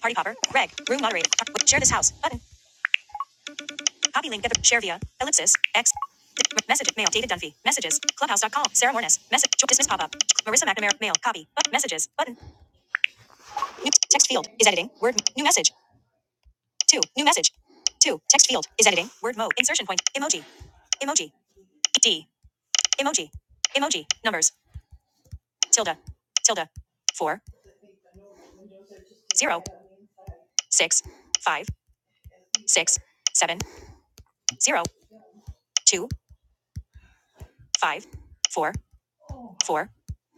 Party popper. Reg. Room moderator. Share this house. Button. Copy link. Get the share via ellipsis x. Message mail. David Dunphy. Messages. clubhouse dot com. Sarah Mornes. Message. Dismiss pop up. Marissa McNamara. Mail. Copy. But messages. Button. New text field is editing. Word. New message. Two. New message. Two. Text field is editing. Word mode. Insertion point. Emoji. Emoji. D. Emoji. Emoji. Numbers. Tilde. Tilde. Four. Zero. Six. Five. Six. Seven. Zero. Two. Five. Four. Four.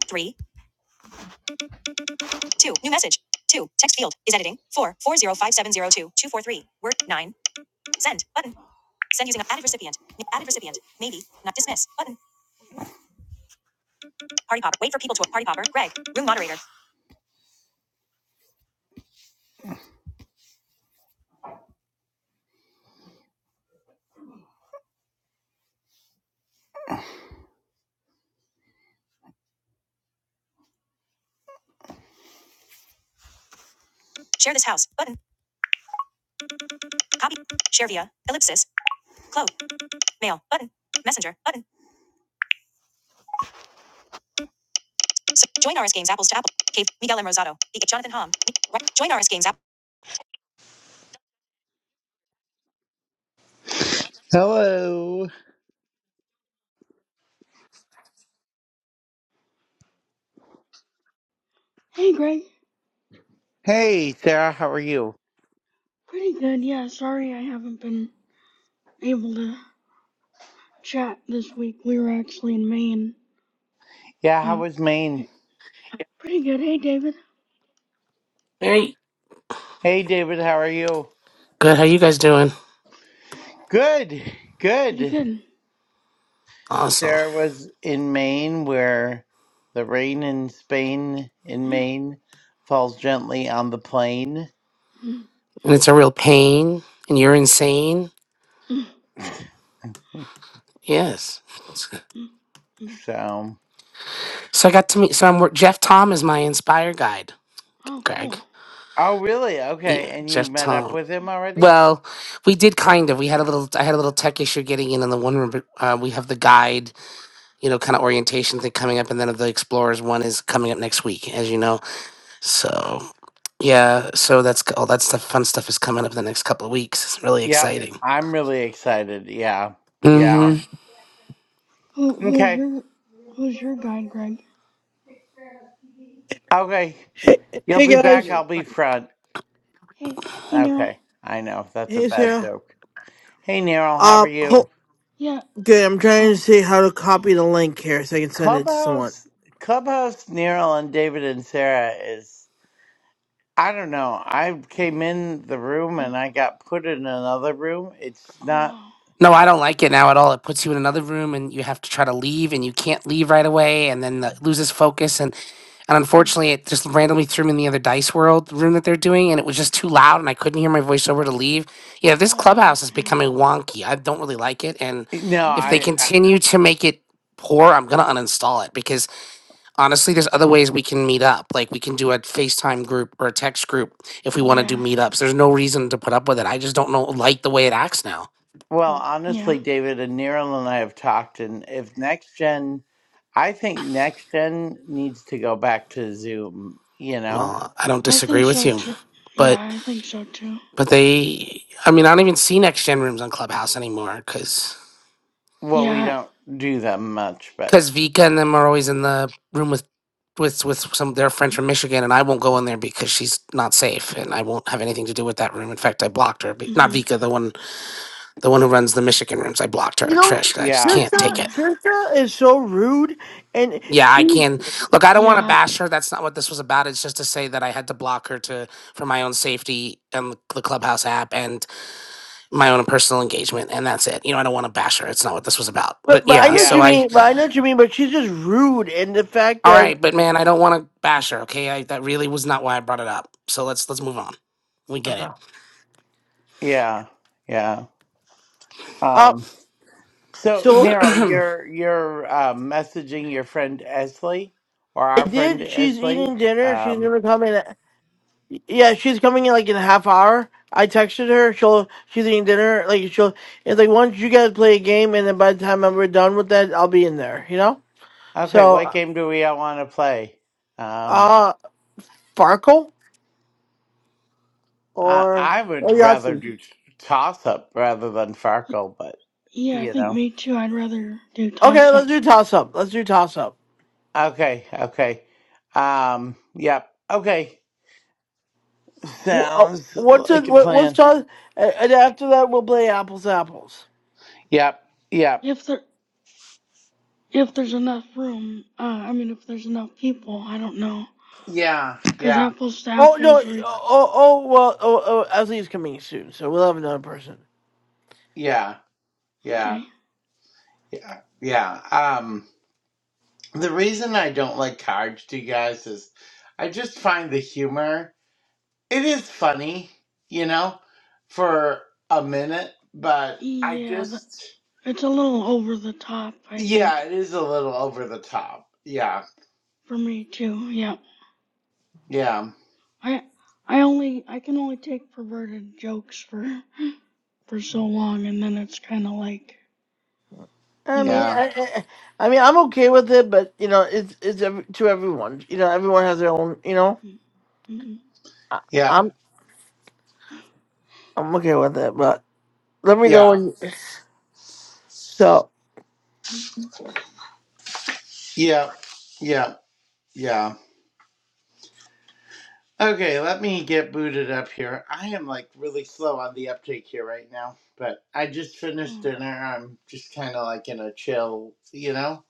Three. Two. New message. Two. Text field is editing. Four. Four zero five seven zero two two four three. Word nine. Send button. Send using a added recipient. Added recipient. Maybe. Not dismiss. Button. Party popper. Wait for people to party popper. Greg. Room moderator. Share this house. Button. Copy. Share via. Ellipsis. Close. Mail. Button. Messenger. Button. S- join RS Games Apples to Apple. Cave. Miguel M. Rosado. E- Jonathan Hom. E- Join RS Games Apple. Hello. Hey Greg, Hey, Sarah. How are you? pretty good. Yeah, sorry I haven't been able to chat this week. We were actually in Maine. Yeah, how Uh, was Maine? hey, pretty good. Hey David, Hey, Hey, David. How are you? good. How you guys doing? Good. pretty Good. good. Awesome. Sarah was in Maine, where the rain in Spain, in Yeah. Maine, falls gently on the plain. And it's a real pain, and you're insane. Yes. So, So I got to meet. So I'm wor- Jeff Tom is my inspire guide. Oh, Greg. cool. oh, really? Okay. Yeah, And you Jeff met up Tom. with him already? Well, we did kind of. We had a little. I had a little tech issue getting in on the one room, but uh, we have the guide, you know, kind of orientation thing coming up, and then the explorers one is coming up next week, as you know. So yeah, so that's all that stuff. Fun stuff is coming up the next couple of weeks. It's really Yep. exciting. I'm really excited. Yeah. Yeah. Who who's Okay. your who's your guide, Greg? Okay. You'll Hey be guys. back. I'll be front. Hey, hey Daryl. Okay. I know. That's a Hey bad Sarah. joke. Hey, Neryl, how Uh, are you? ho- Yeah. good. I'm trying to Oh. see how to copy the link here so I can send it to someone. Clubhouse, Clubhouse, Neryl, and David and Sarah is. I don't know. I came in the room mm, and I got put in another room. It's Oh not. wow. No, I don't like it now at all. It puts you in another room and you have to try to leave and you can't leave right away and then the, loses focus and and Mm, unfortunately it just randomly threw me in the other dice world room that they're doing and it was just too loud and I couldn't hear my voiceover to leave. Yeah, this Oh wow. clubhouse is Yeah. becoming wonky. I don't really like it and No, if hmm they I. I continue to make it poor, I'm going to uninstall it because honestly there's other ways we can meet up. Like we can do a FaceTime group or a text group if we want to do Yeah. meetups. There's no reason to put up with it. I just don't know like the way it acts now. well, mm, Yeah. honestly, David and Neryl and I have talked, and if next gen, I think next gen needs to go back to Zoom. You know. Well, I don't I disagree think with so you, too. Yeah, but I think so too. but they, I mean, I don't even see next gen rooms on Clubhouse anymore because Well, we Yeah. don't do them much, but because Vika and them are always in the room with with with some their friend from Michigan, and I won't go in there because she's not safe, and I won't have anything to do with that room. In fact, I blocked her. be- Not hmm Vika, the one the one who runs the Michigan rooms. I blocked You her, know, Trish. 'cause I just yeah, can't take Trisha, Uh-huh. it. Trisha is so rude, and Yeah, I she's. can. Look, I don't want to Yeah, bash her. That's not what this was about. It's just to say that I had to block her to for my own safety and the Clubhouse app and my own personal engagement and that's it. You know, I don't want to bash her. It's not what this was about. But But but I yeah, know what so you yeah, I mean. But I yeah, know what you mean. But she's just rude, and the fact all that. right, but man, I don't want to bash her, okay? I that really was not why I brought it up. So let's let's move on. We get Okay. it. yeah, yeah. Uh, Um. So, so Neryl, you're you're uh, messaging your friend Esley or I our friend did. She's Esley. eating dinner. She's Um. gonna come in. Yeah, she's coming in like in a half hour. I texted her. She'll she's eating dinner. Like she'll. It's like once you guys play a game, and then by the time I'm we're done with that, I'll be in there. You know. Okay, what So, game do we all want to play? Um, uh, Farkle I or I or would rather Yahtzee? do toss up rather than y- Farkle, but yeah, I you think know. me too. I'd rather do Okay, toss let's up. do toss up. Let's do toss up. Okay, okay. Um, yep. Okay, Wh- uh, sounds What's it? like a what- What's plan. toss? And and after that, we'll play apples to apples. Yep, yep. If there if there's enough room, uh, I mean if there's enough people, I don't know. Yeah, 'Cause yeah, apples to Oh no! apples, Oh Rick. oh oh, well. Oh, oh Leslie's coming soon, so we'll have another person. yeah, yeah, Okay. yeah, yeah. Um, the reason I don't like cards, to you guys, is I just find the humor. it is funny, you know, for a minute, but I Yeah, the, just it's a little over the top, I think, yeah, it is a little over the top. Yeah. for me too. Yeah. Yeah. I I only I can only take perverted jokes for for so long, and then it's kind of like, I you know. mean, Yeah. I, I, I mean, I'm okay with it, but you know, it's it's ev- to everyone. You know, everyone has their own. You know, mm, mm, mm, I, Yeah. I'm I'm okay with it, but let me know Yeah. when. So. mm, Yeah. Yeah. Yeah. Okay, let me get booted up here. I am like really slow on the uptake here right now, but I just finished oh, dinner. I'm just kind of like in a chill, you know,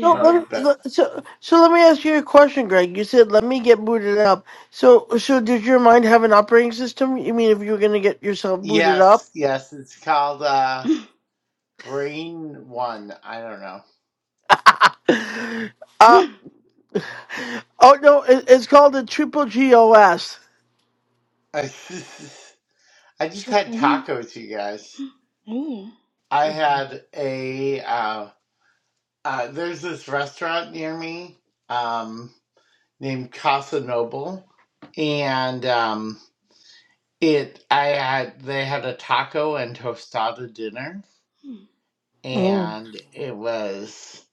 So mode, let me, but so so let me ask you a question, Greg. You said let me get booted up. So so did your mind have an operating system? You mean if you were gonna get yourself booted up? yes, yes, it's called uh Brain One. I don't know. uh oh no, it, it's called a triple GOS. I I just had Triple. tacos, you guys. Ooh. I had a uh, uh, there's this restaurant near me um, named Casa Noble, and um, it I had they had a taco and tostada dinner, Hmm, Mm. and it was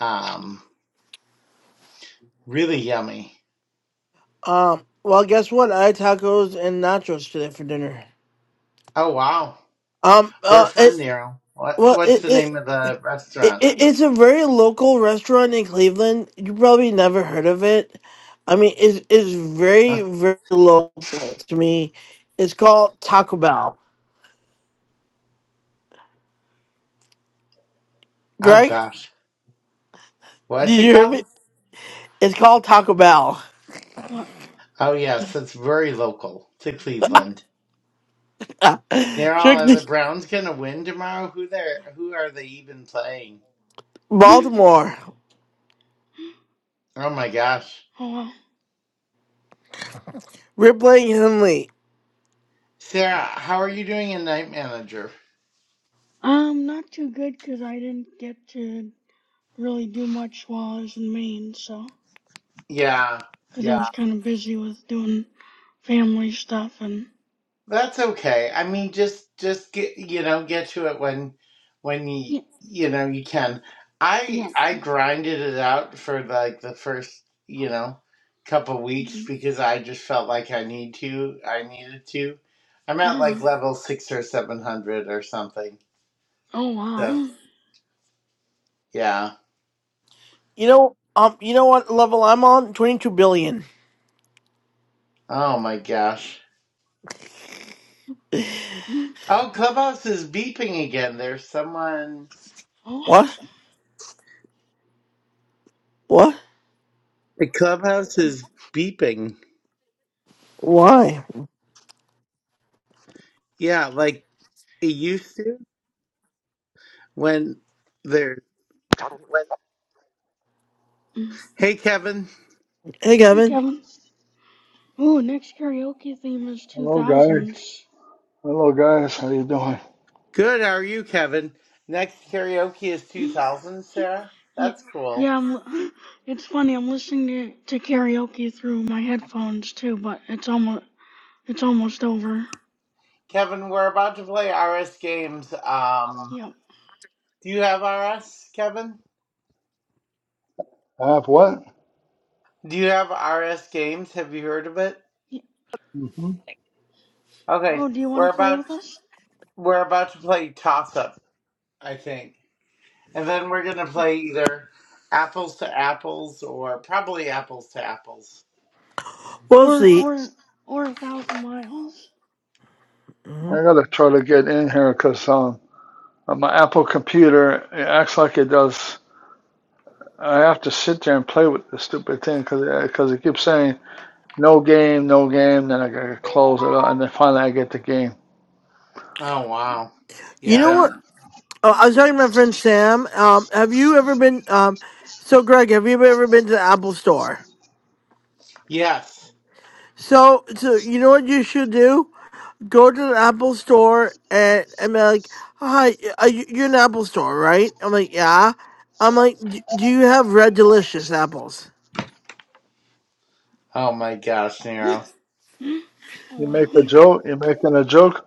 um, really yummy. Um, well, guess what? I had tacos and nachos today for dinner. Oh wow, Um, we're uh, it from Nero. What well, what's it, the it, name of the It, restaurant? it, it's a very local restaurant in Cleveland. You probably never heard of it. I mean, it's, it's very, very local to me. It's called Taco Bell. Oh Greg, gosh, what's did it you hear called? me? It's called Taco Bell. What? Oh yes, it's very local to Cleveland. They're Trick are the the- Browns gonna win tomorrow? Who they who are they even playing? Baltimore. Oh my gosh. Hold on. Ripley Henley. Sarah, how are you doing in night manager? Um, not too good 'cause I didn't get to really do much while I was in Maine, so. Yeah, Because I Yeah. was kind of busy with doing family stuff and. That's okay. I mean, just just get you know get to it when when you Yeah. you know you can. I Yeah. I grinded it out for like the first you know couple weeks Mhm. because I just felt like I need to. I needed to. I'm at like Uh, level six or seven hundred or something. oh, So wow. yeah. You know, um, you know what level I'm on? Twenty-two billion. Oh my gosh. Mhm. Oh, Clubhouse is beeping again. There's someone. Oh. What? What? The Clubhouse is beeping. Why? Yeah, like it used to. when there. mm. Hey, Kevin. Hey, Hey, Kevin. Kevin. Ooh, next karaoke theme is Hello, guys. 2000s. Hello, guys. How you doing? Good. How are you, Kevin? Next karaoke is Mhm. 2000, Sarah. Yeah. That's cool. Yeah, I'm, li- it's funny. I'm listening to, to karaoke through my headphones too, but it's almost it's almost over. Kevin, we're about to play RS games. Um, Yeah. do you have RS, Kevin? I have what? Do you have RS games? Have you heard of it? yeah. hmm Okay, Oh, do you we're want to play about with us? we're about to play toss up, I think, and then we're gonna Yeah. play either apples to apples or probably apples to apples. We'll Or see. or or a thousand miles. Mhm. I gotta try to get in here because um, on my Apple computer it acts like it does. I have to sit there and play with the stupid thing because it, 'cause it keeps saying no game, no game. Then I gotta close it out, and then finally I get the game. Oh wow, You know yeah, what? Yeah. Oh, I was Oh talking to my friend Sam. Um, have you ever been? Um, so, Greg, have you ever been to the Apple Store? yes. So, so you know what you should do? Go to the Apple Store and and be like, "Hi, are you, you're an Apple Store, right?" I'm like, "Yeah." I'm like, "D- "Do you have Red Delicious apples?" Oh my gosh, wow. Nero. oh You make a joke. You're making a joke.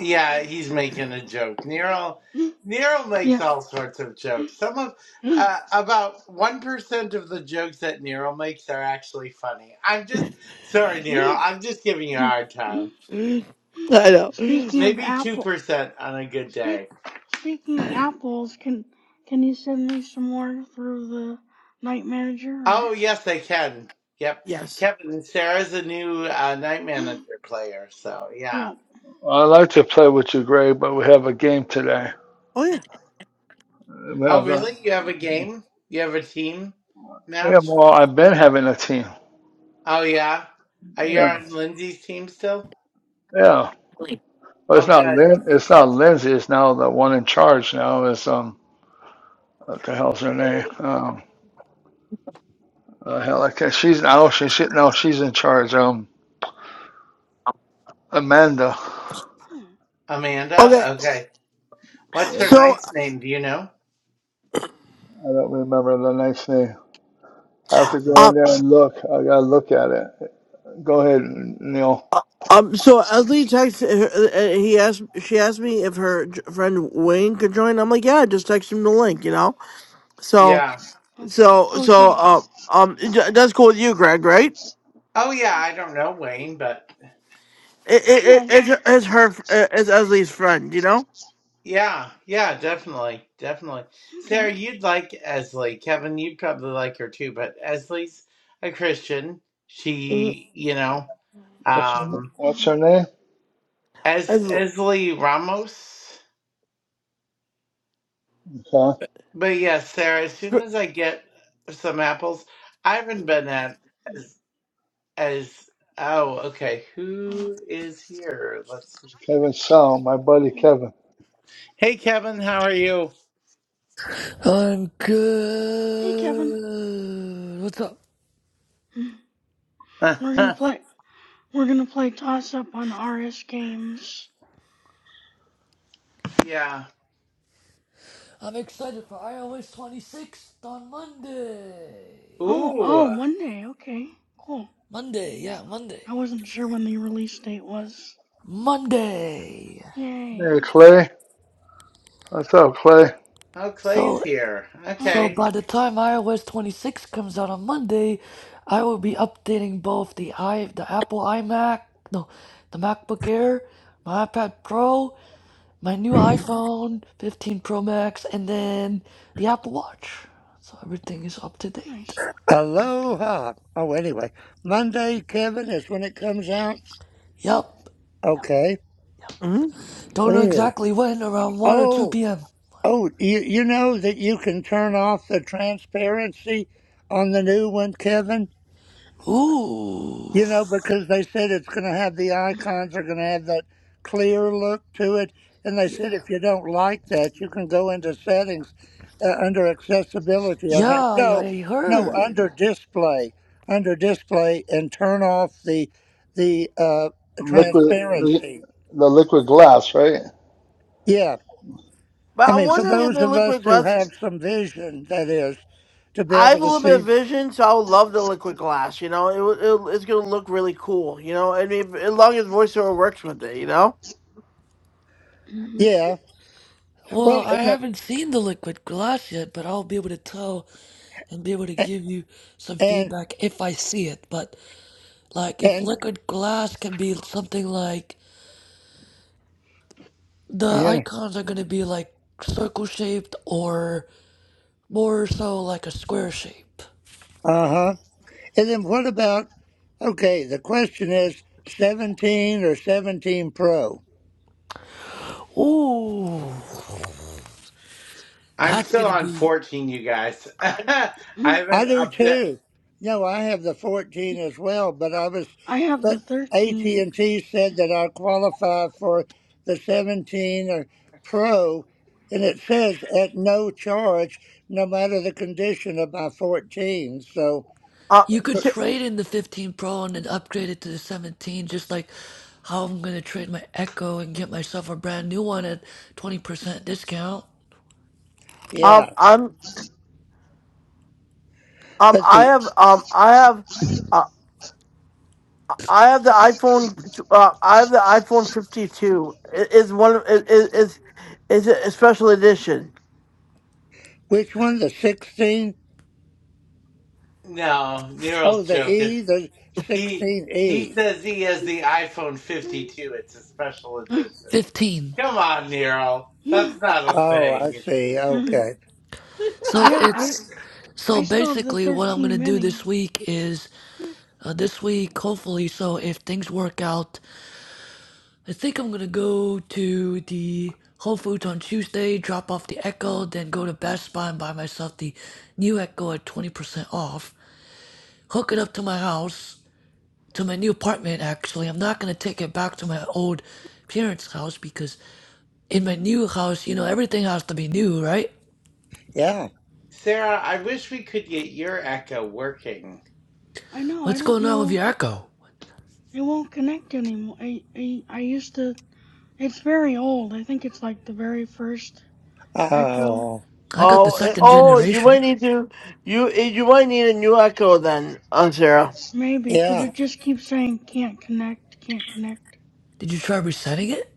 Yeah, he's making a joke. Nero wow. Nero makes yeah. all sorts of jokes. Some of uh, about one percent of the jokes that Nero makes are actually funny. I'm just sorry, Nero. I'm just giving you a hard time. I know. speaking of Maybe two apple, percent on a good speak. day. Speaking of apples, can can you send me some more through the night manager? Or? Oh yes, they can. Yep, Yes. Kevin. Sarah's a new uh, night manager player. So yeah. yeah. I like to play with you, Greg, but we have a game today. Oh yeah. We Oh have a, really? You have a game? You have a team we have match? well, I've been having a team. Oh yeah. Are you Yeah. on Lindsay's team still? Yeah. Well, it's Oh not good. Lin. It's not Lindsay. It's now the one in charge. Now is um what the hell's her name? Um, the hell, I can't. She's now she, she no, she's in charge. Um, Amanda. Huh. Okay. Amanda? Okay. What's Yeah, her So, knight's name? Do you know? I don't remember the next name. I have to go um, in there and look. I gotta look at it. Go ahead, Neil. uh, um, so Leslie texted her. Uh, he asked. She asked me if her j- friend Wayne could join. I'm like, "Yeah, just text him the link," you know. So, Yeah. Okay. so, Oh, so, so uh, um, yeah. j- that's cool with you, Greg, right? Oh, yeah. I don't know, Wayne, but It, it, it Yeah. it's, it's her, it's Esley's friend, you know? yeah. Yeah, definitely. Definitely. Okay. Sarah, you'd like Esley. Kevin, you'd probably like her too, but Esley's a Christian. Mm, She, you know, What's her, na- um, what's Uh-huh. her name? as Esley. Esley Ramos. Okay. But yeah, Sarah, as soon as I get some apples, I haven't been at as, as oh, okay. Oh, Who is here? Let's Kevin Sal, my buddy oh. Kevin. Hey Kevin, how are you? I'm Hey, Kevin. good. What's up? Uh-huh. We're gonna play. We're gonna play toss up on RS Games. yeah. I'm excited for iOS 26 on Monday. Oh, Ooh, oh, oh one day. Okay, cool. Monday, yeah, Monday. I wasn't sure when the release date was. Monday. Yay. Hey Clay, what's up, Clay? Clay's So, here. Oh, so Okay. by the time iOS 26 comes out on Monday, I will be updating both the i the Apple iMac, no, the MacBook Air, my iPad Pro, my new iPhone 15 Pro Max, and then the Apple Watch. So everything is up to date. nice. Aloha. Oh, anyway, Monday, Kevin, is when it comes out. Yep. Okay. hmm Don't know Ugh. exactly when, around 1 or 2 Oh, p.m. oh, you you know that you can turn off the transparency on the new one, Kevin. Ooh. You know, because they said it's going to have the icons are going to have that clear look to it. And they Y- said if you don't like that, you can go into settings uh, under accessibility, I Yeah, think. I, No, I no, heard. under display, under display and turn off the, the uh, Liquid, the transparency. liquid glass, right? Yeah. But I I'm mean, for wondering if those the of us liquid who glass, have some vision, that is, to be I able have a to little bit of see. vision, so i would love the liquid glass, you know? It, will- it, it's gonna look really cool, you know? I mean, as long as voiceover works with it, you know? hmm Yeah. Huh. Well, Well, I and, haven't seen the liquid glass yet, but I'll be able to tell and be able to and, give you some and, feedback if I see it. But, like, if and liquid glass can be something like the yeah. icons are going to be like circle shaped or more so like a square shape. Uh huh. And then what about, okay, the question is 17 or 17 Pro? Ooh. I'm That's still going to on be 14, you guys. I Mm-hmm. I haven't do upda too. No, I have the 14 as well, but I was, I have the but 13. AT&T said that I qualify for the 17 or Pro, and it says at no charge, no matter the condition of my 14. So, Uh, You could trade in the 15 Pro and then upgrade it to the 17, just like how I'm gonna trade my Echo and get myself a brand new one at 20% discount. um, yeah. I'm, um, But I the, have, um, I have. uh, I have the iPhone. Uh, I have the iPhone 52. It is one. It is is a special edition. which one, the 16? No, Nero's Oh, the joking. E, the He he 16E. says he has the iPhone 52. It's a special edition. 15. Come on, Nero. That's I not a Oh, I thing. see. Okay. So I it's so I still have the basically what I'm gonna 13 do mini. this week is uh, this week hopefully. So if things work out, I think I'm gonna go to the Whole Foods on Tuesday, drop off the Echo, then go to Best Buy and buy myself the new Echo at 20% off. Hook it up to my house to my new apartment actually. I'm not gonna take it back to my old parents' house because in my new house, you know, everything has to be new, right? Yeah. Sarah, I wish we could get your echo working. I know. I What's don't going on with know. your echo? It won't connect anymore. I I I used to. It's very old. I think it's like the very first Echo. Oh, I got the Oh, eh, second oh, you might generation. need to. You eh, you might need a new Echo then, uh, Sarah. Maybe, because yeah. it just keeps saying can't connect, can't connect. Did you try resetting it?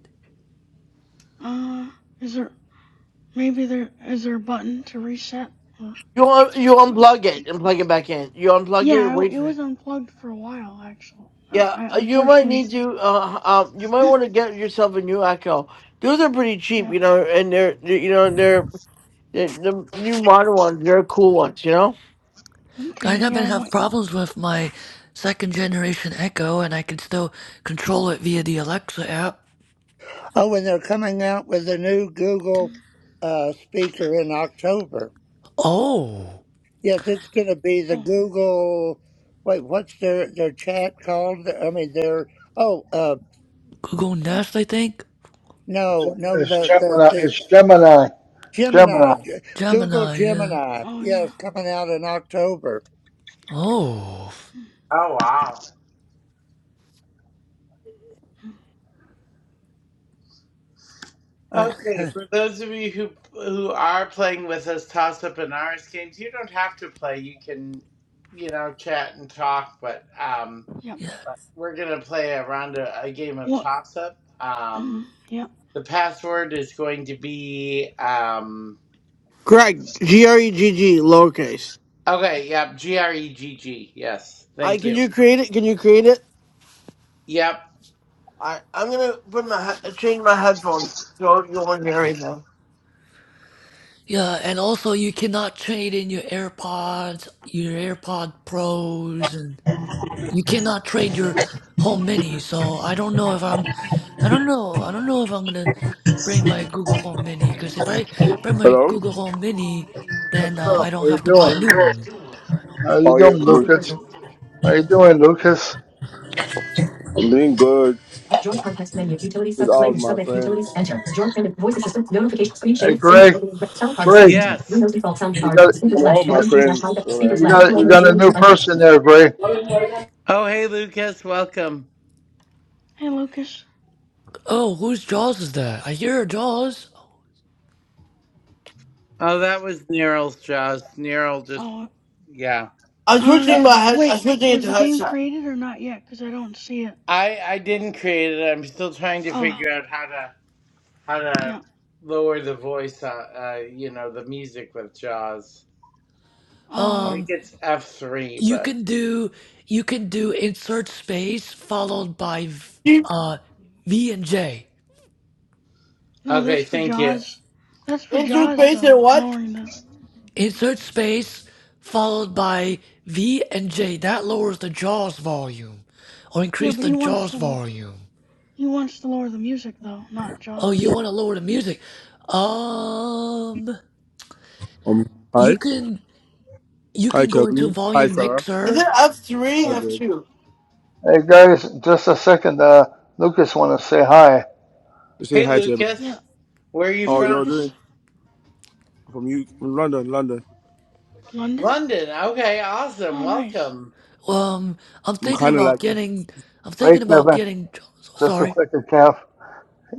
Uh, is there, maybe there, is there a button to reset? Or, You un- you unplug it and plug it back in. You unplug it. yeah, it, Wait it for it. was unplugged for a while, actually. Uh, Yeah, I uh, you might unfortunately, need to. Uh, um, you might want to get yourself a new Echo. Those are pretty cheap, yeah. you know, and they're they're- you know they're, they're the new modern ones. They're cool ones, you know. I Okay, yeah, haven't I have might. problems with my second generation echo and I can still control it via the Alexa app. Oh, and they're coming out with a new Google mm, uh, speaker in October. Oh Yes, it's going to be the Oh, Google. Wait, what's their their chat called? I mean, their oh uh Google Nest I think? no no It's the the Gemini. the It's Gemini. Gemini. Gemini G- Google Gemini, yeah. Gemini. oh yeah. Yes, coming out in October. Oh Oh wow. mm, Okay, Okay. for those of you who who are playing with us toss up and ours games, you don't have to play. You can, you know, chat and talk, but um Yep. but we're gonna play a round of a game of What? toss up. mm, Um Yep. the password is going to be um Greg, G R E G G, lowercase. okay, yep, G R E G G. Yes. I Thank can you. you create it? Can you create it? Yep. I I'm gonna put my he- change my headphones so you won't hear anything. Yeah, and also you cannot trade in your AirPods, your AirPod Pros, and you cannot trade your home mini. So I don't know if I'm, I don't know, I don't know if I'm gonna bring my Google Home Mini. Because if I bring my Hello? Google Home Mini, then What's uh, I up? How don't you have to buy a doing? new one. How you Oh yeah, doing, Lucas? bro. How you doing, Lucas? I'm doing good mm, with all of my friends. Hey, Greg. Greg, Yes. you got you, I'm all of you my got friends. So you like, mm. got you got a new person there, Greg. Oh hey Lucas, welcome. Hey, Lucas. Oh, whose Jaws is that? I hear Jaws. Oh that was Nero's Jaws. Nero just Oh, yeah. I'm uh, switching my d- head. I'm wait, switching it was to the game headset. created or not yet? Because I don't see it. I I didn't create it. I'm still trying to Oh, figure out how to how to yeah. lower the voice. Uh, uh you know, the music with Jaws. Oh, I yeah. think Um, it's F three, you but can do, you can do insert space followed by, v- Keep uh, V and J. No, that's okay. for Thank you. Jaws. That's for Jaws interface though. and what? Lowering the Insert space followed by V and J. That lowers the JAWS volume or yeah, increase but the he wants JAWS to lo- volume. he wants to lower the music though, not Oh, you Jaws. want to lower the music? Um, um, you hi, can you hi can go into Kelvin, hi volume Sarah, Is it mixer. F three hi Hello. F Greg. two? Hey guys, just a second. Uh, Lucas want to say hi. Just saying Hey, hi to everyone. Yeah. Lucas, where are you Hey, How are y'all from? Lucas. doing? From you, from London, London. London. London. Okay, awesome. Oh, nice. Welcome. Um, I'm I'm thinking kind of about like, it getting I'm thinking Wait, about Kevin. getting Just a sorry. second, Kev.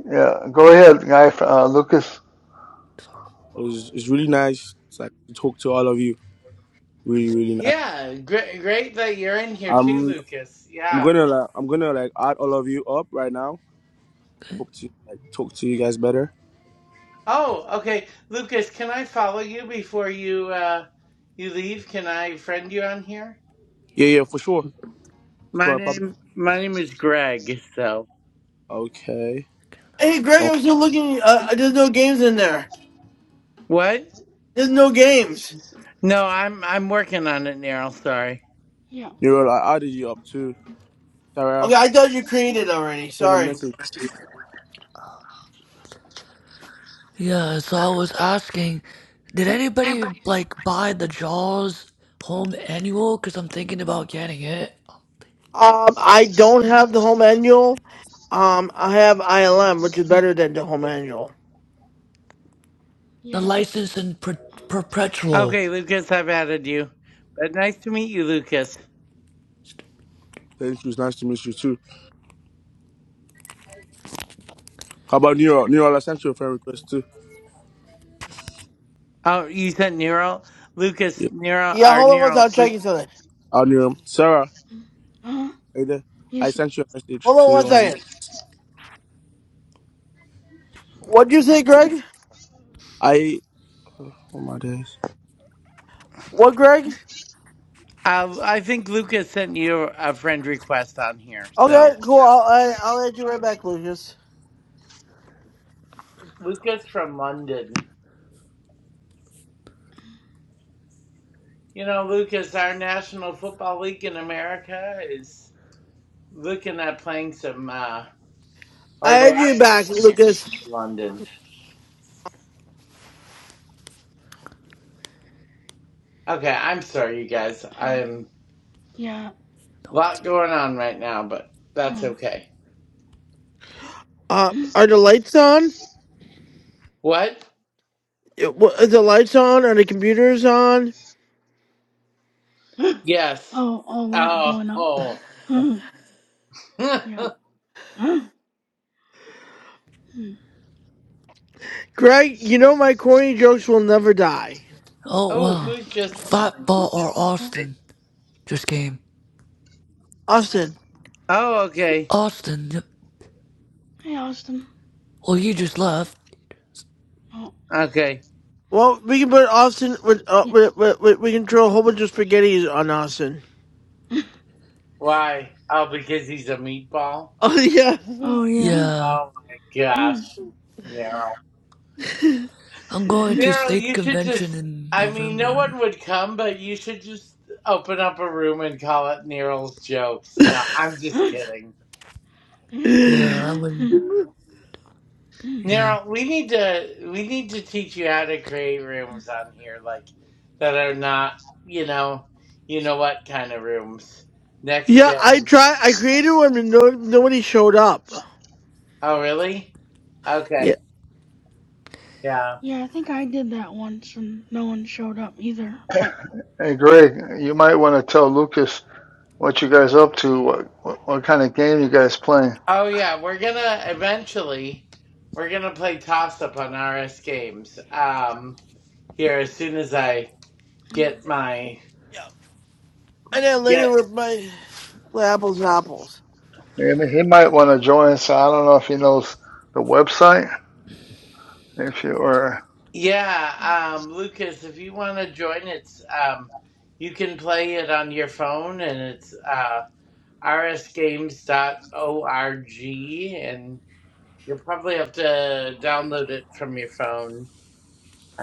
Yeah, go ahead, guy. Uh, Lucas. Sorry. was, it's really nice. It's like to talk to all of you. Really, really nice. Yeah, great. Great that you're in here too, I'm, Lucas. I'm Yeah. gonna like, I'm gonna like add all of you up right now. Hope to like talk to you guys better. Oh, okay, Lucas. Can I follow you before you uh you leave? Can I friend you on here? Yeah, yeah, for sure. That's My not a problem. name my name is Greg. So. Okay. Hey Greg, Um, I'm still looking. Uh, uh, there's no games in there. What? There's no games. No, I'm I'm working on it, Neryl. Sorry. Yeah. Neural, I added you up too. Sarah. Okay, I thought you created already. Send a Sorry. message. Yeah, so I was asking, did anybody like buy the JAWS home annual cuz I'm thinking about getting it. Um, I don't have the home manual. Um, I have ILM, which is better than the home manual. The Yeah. license and per- perpetual. Okay, Lucas, I've added you. But nice to meet you, Lucas. Thank you. It's nice to meet you too. How about Nero? Nero, I sent you a friend request too. Oh, you sent Nero, Lucas, Yeah. Nero, Yeah, or hold on one second. Nero, I'm Luke. checking something. I'll Nero. Sarah, Uh huh. are you there? I He's sent you a message Hold on too one second. on What'd you say, Greg? I. Oh my days. What, Greg? Uh, I think Lucas sent you a friend request on here. So Okay, cool. I'll I, I'll add you right back, Lucas. Lucas from London. You know, Lucas, our National Football League in America is looking at playing some, uh, or I they add are you playing back, some games Lucas. in London. Okay, I'm sorry, you guys. I'm yeah. lot going on right now, but that's Huh. okay. Uh, are the lights on? What? It- wha- Is the lights on? Are the computers on? Yes. oh, a lot Oh. going on. Oh, Hmm. yeah. Hmm. Greg, you know my corny jokes will never die. Oh oh wow. who's just Fat listening? Who or just oh. joined? Austin just came. Austin. Oh, okay. Austin. Yep. Hey, Austin. Well, he just left. Oh. Okay. Well, we can put Austin with uh, Yeah. with, with, with, we can throw a whole bunch of spaghettis on Austin. Why? Oh, because he's a meatball? Oh yeah, oh yeah. Yeah. Oh my gosh. Meryl. I'm going to Meryl, state you should convention just in I mean no November. one would come, but you should just open up a room and call it Neryl's jokes. No, I'm just kidding. yeah. Yeah, I'm going. Yeah. Nero, we need to we need to teach you how to create rooms on here, like that are not, you know, you know what kind of rooms. Next yeah. I gen. try. I created one, and no, nobody showed up. Oh, really? Yeah, Okay. Yeah. Yeah, I think I did that once and no one showed up either. But Hey, Greg. You might want to tell Lucas what you guys up to. What what, what kind of game you guys playing? Oh, yeah. We're gonna eventually we're gonna play toss up on RS games. Um, here as soon as I Mhm. get my yeah. And then later get. with my with apples and apples. I mean, he might want to join. So I don't know if he knows the website. If you or, Yeah. Um, Lucas, if you want to join, it's um, you can play it on your phone, and it's uh. r s games dot org and you'll probably have to download it from your phone.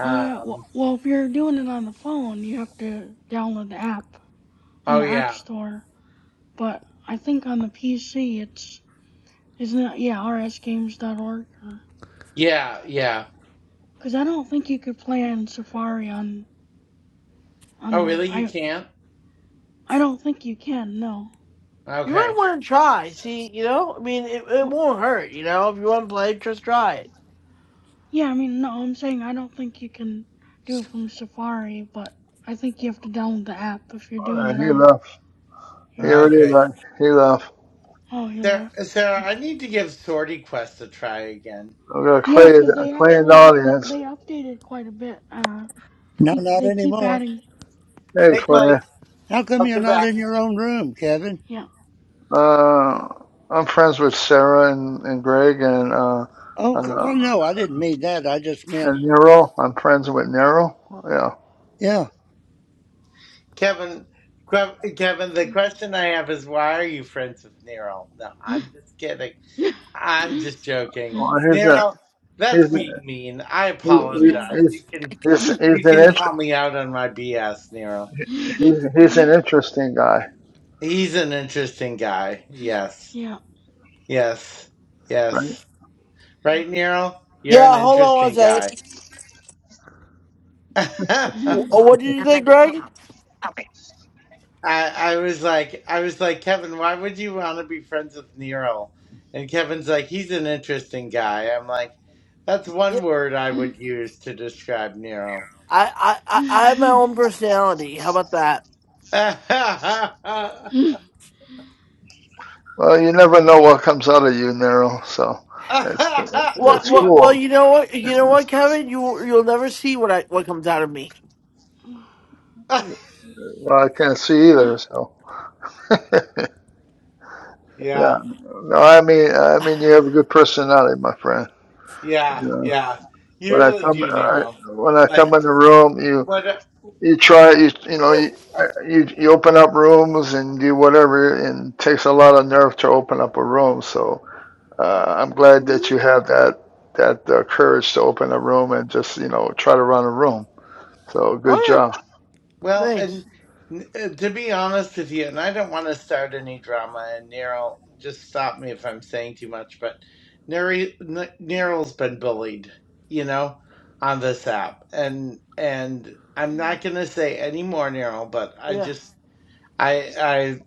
uh, w- well, if you're doing it on the phone, you have to download the app in oh, the App yeah. Store. But I think on the PC, it's isn't it? Yeah, rsgames.org. Yeah, yeah. Because I don't think you could play in Safari on on Oh, the really? You I can't? I don't think you can. No. You might Okay. want to try. See, you know, I mean, it, it Well, won't hurt. You know, if you want to play, just try it. yeah, I mean, no, I'm saying I don't think you can do it from Safari, but I think you have to download the app if you're doing or it he on left. your Here it phone. is. Okay. I, he left. Oh, he Sarah, left. Sarah, I need to give Sortie Quest a try again. I've got Yeah, Clay, 'cause they Clay in the actually up audience. they updated quite a bit. Uh, No, he not they keep anymore. adding Hey, Hey, they k- Clay. Clay. How come you're Welcome not back. in your own room, Kevin? yeah. Uh, I'm friends with Sarah and, and Greg and uh, Oh, uh, well, no, I didn't mean that. I just meant. and Nero. I'm friends with Nero. Yeah. Yeah. Kevin, Kev- Kevin, the question I have is why are you friends with Nero? No, I'm just kidding. I'm just joking. Well, You he's a know, that's he's a- being mean. I he, he, Yeah, that. apologize. You he's can he's you he's an can call inter- me out on my BS, Nero. he's he's an interesting guy, He's an interesting guy. Yes. Yeah. Do Yes. right? Yes. Right, Nero? You're an Yeah, hold on one interesting guy. second. I Wh- What did you think, Greg? I was like I was like, Kevin, why would you want to be friends with Nero? And Kevin's like, he's an interesting guy. I'm like, that's Yeah, one word I would use to describe Nero. I, I, I I have my own personality. How about that? Well, you never know what comes out of you, Nero. So it's cool. Well, It's well, well, cool. you know what? You know what, Kevin? You you'll never see what I what comes out of me. Well, I can't see either. So. yeah, Yeah. No, I mean, I mean, you have a good personality, my friend. yeah, You know, yeah. You when I really come, do, I, Nero. when I Like, come in the room, you what? you try, you you know, you I- you you open up rooms and do whatever, and it takes a lot of nerve to open up a room. So uh, I'm glad that you Mhm. have that that uh, courage to open a room and just you know try to run a room. So good Oh yeah, job. Well, and thanks. uh, to be honest with you, and I don't want to start any drama, and Nero, just stop me if I'm saying too much, but Nero, N- Nero's been bullied, you know, on this app, and and I'm not gonna say any more, Nero, but I Yeah, just, I, I,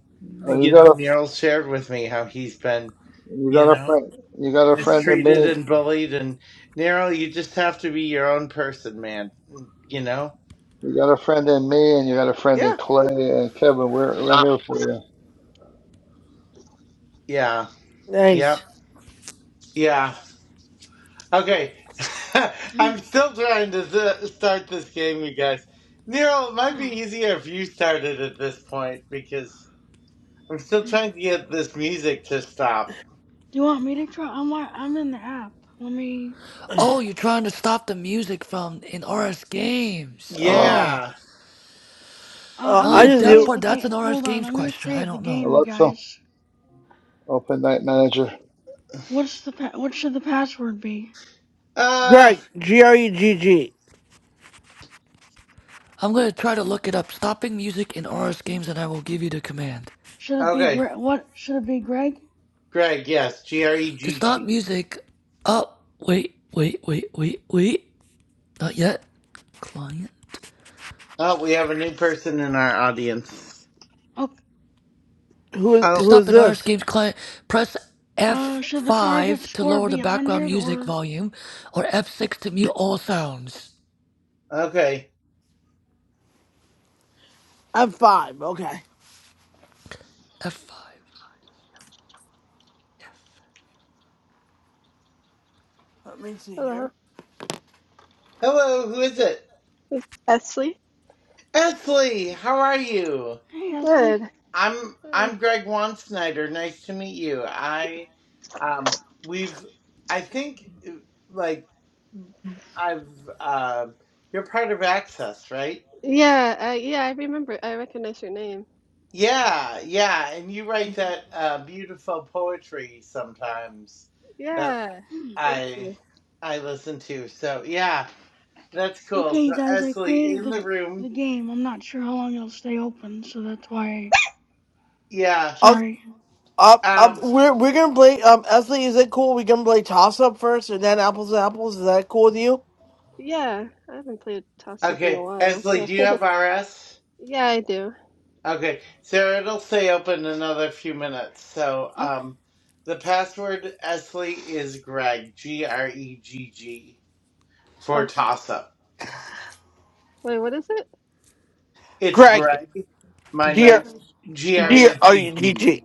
Uh, you you got know, a Nero shared with me how he's been. you You got a know? friend you got a friend in me. mistreated and bullied and Nero, you just have to be your own person, man. mm, You know? You got a friend in me, and you got a friend in yeah, Clay and Kevin. We're we're here for you. Yeah. Yep. thanks. Yeah. Okay. I'm still trying to th- start this game, you guys. Nero, it might be easier if you started at this point because I'm still trying to get this music to stop. you want me to try? I'm wa- I'm in the app. Let me. Oh, you're trying to stop the music from in RS Games. Um, Oh, Yeah. Uh, Uh, I'm I uh, gonna just that create do. part. the That's game. an RS Hold on. Games I'm gonna question. I create the don't know. game, you Alexa, guys. open night manager. What's the pa- what should the password be? Uh Greg, G R E G G. I'm gonna try to look it up. Stopping music in RS Games, and I will give you the command. Should it be okay. Greg? What should it be, Greg? Greg, yes, G R E To G stop G. music. Oh, wait, wait, wait, wait, wait. Not yet. Client. Oh, we have a new person in our audience. Okay. Who To Oh, who stop is an R S this? game's client, press Uh, should the target F5 to score lower the be a background hundred music or? volume or F6 to mute all sounds. okay. I'm five. Okay. F5. Let me see here. Hello, Hello, who is it? is Esley? Esley, how are you? Hey, Good. Ashley. I'm Hi. I'm Greg Wansnyder. Nice to meet you. I um we've I think like I've uh you're part of Access, right? Yeah, uh, yeah, I remember. I recognize your name. Yeah, yeah, and you write that uh beautiful poetry sometimes that Yeah, Hmm. thank I you. I listen to. So yeah, that's cool. Okay, So you guys, I Esley created in the the the room. game. I'm not sure how long it'll stay open, so that's why. I, Yeah. sorry. Um, um, Um we're we're gonna play. Um, Esley, is it cool? We're gonna play toss up first, and then apples to apples. Is that cool with you, Yeah, I haven't played Toss Up in a okay, while, Esley, but do you have RS? yeah, I do. Okay, so it'll stay open another few minutes. So, Okay. um, the password Esley is Greg, G R E G G, for Okay. toss up. Wait, what is it? It's Greg? Greg, my Dear, Greg. name, G R Greg. dear, E are you G G. DT?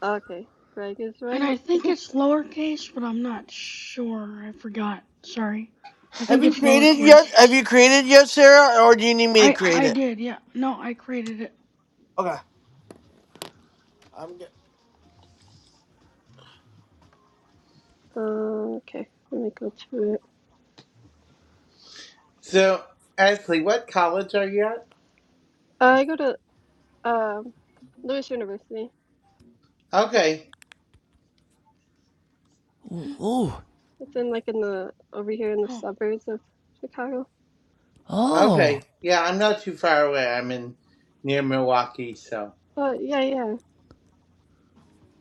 Okay, Greg is And I right. think it's lowercase, but I'm not sure. I forgot. Sorry. I Have think you it's created yet? lowercase. Have you created yet, Sarah, or do you need me to I create I it? did. Yeah. No, I created it. Okay, I'm good. Um, okay, let me go to it. So, Esley, what college are you at? Uh, I go to um Lewis University. Okay, Ooh, ooh. It's in like in the over here in the Oh. suburbs of Chicago. Oh, okay. Yeah, I'm not too far away. I'm in near Milwaukee, so. But yeah, yeah.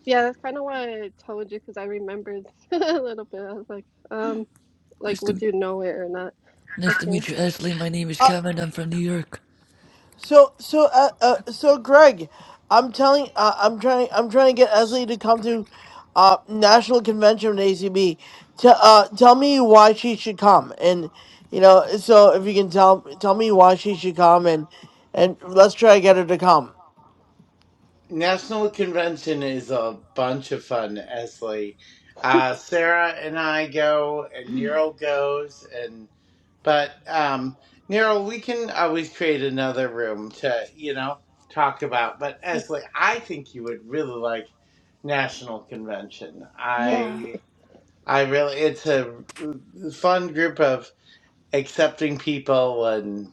Yeah, that's kind of why I told you because I remembered a little bit. I was like, um, like, nice would to, you know it or not? nice to Okay. meet you, Ashley. My name is Kevin. I'm from New York. So so uh, uh so Greg, I'm telling uh, I'm trying I'm trying to get Esley to come to uh national convention with ACB. To uh tell me why she should come and you know so if you can tell tell me why she should come and and let's try to get her to come. National Convention is a bunch of fun, Esley. Uh, Sarah and I go, and Nero goes, and but um, Nero, we can always create another room to you know talk about. But yeah. Esley, I think you would really like National Convention. That's, Yeah. I I really, it's a fun group of accepting people, and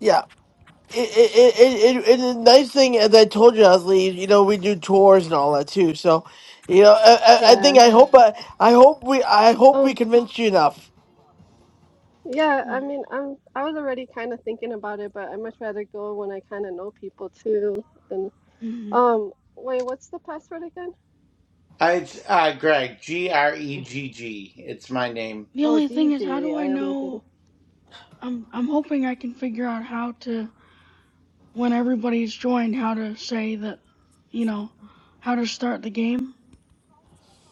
Yeah. It, it, it, it, it, the nice thing, as I told you, Esley, you know, we do tours and all that too. So, you know, I, I I think yeah. I hope I, I hope we I hope we Oh, convinced you enough. yeah. I Hmm. mean, I'm, I was already kind of thinking about it, but I much rather go when I kind of know people too. And, Hmm. um, wait, what's the password again? I, it's uh, Greg G R E G G. It's my name The Oh, only thing is, how Gigi. do I I only did know? I'm I'm hoping I can figure out how to when everybody's joined, how to say that, you know, how to start the game.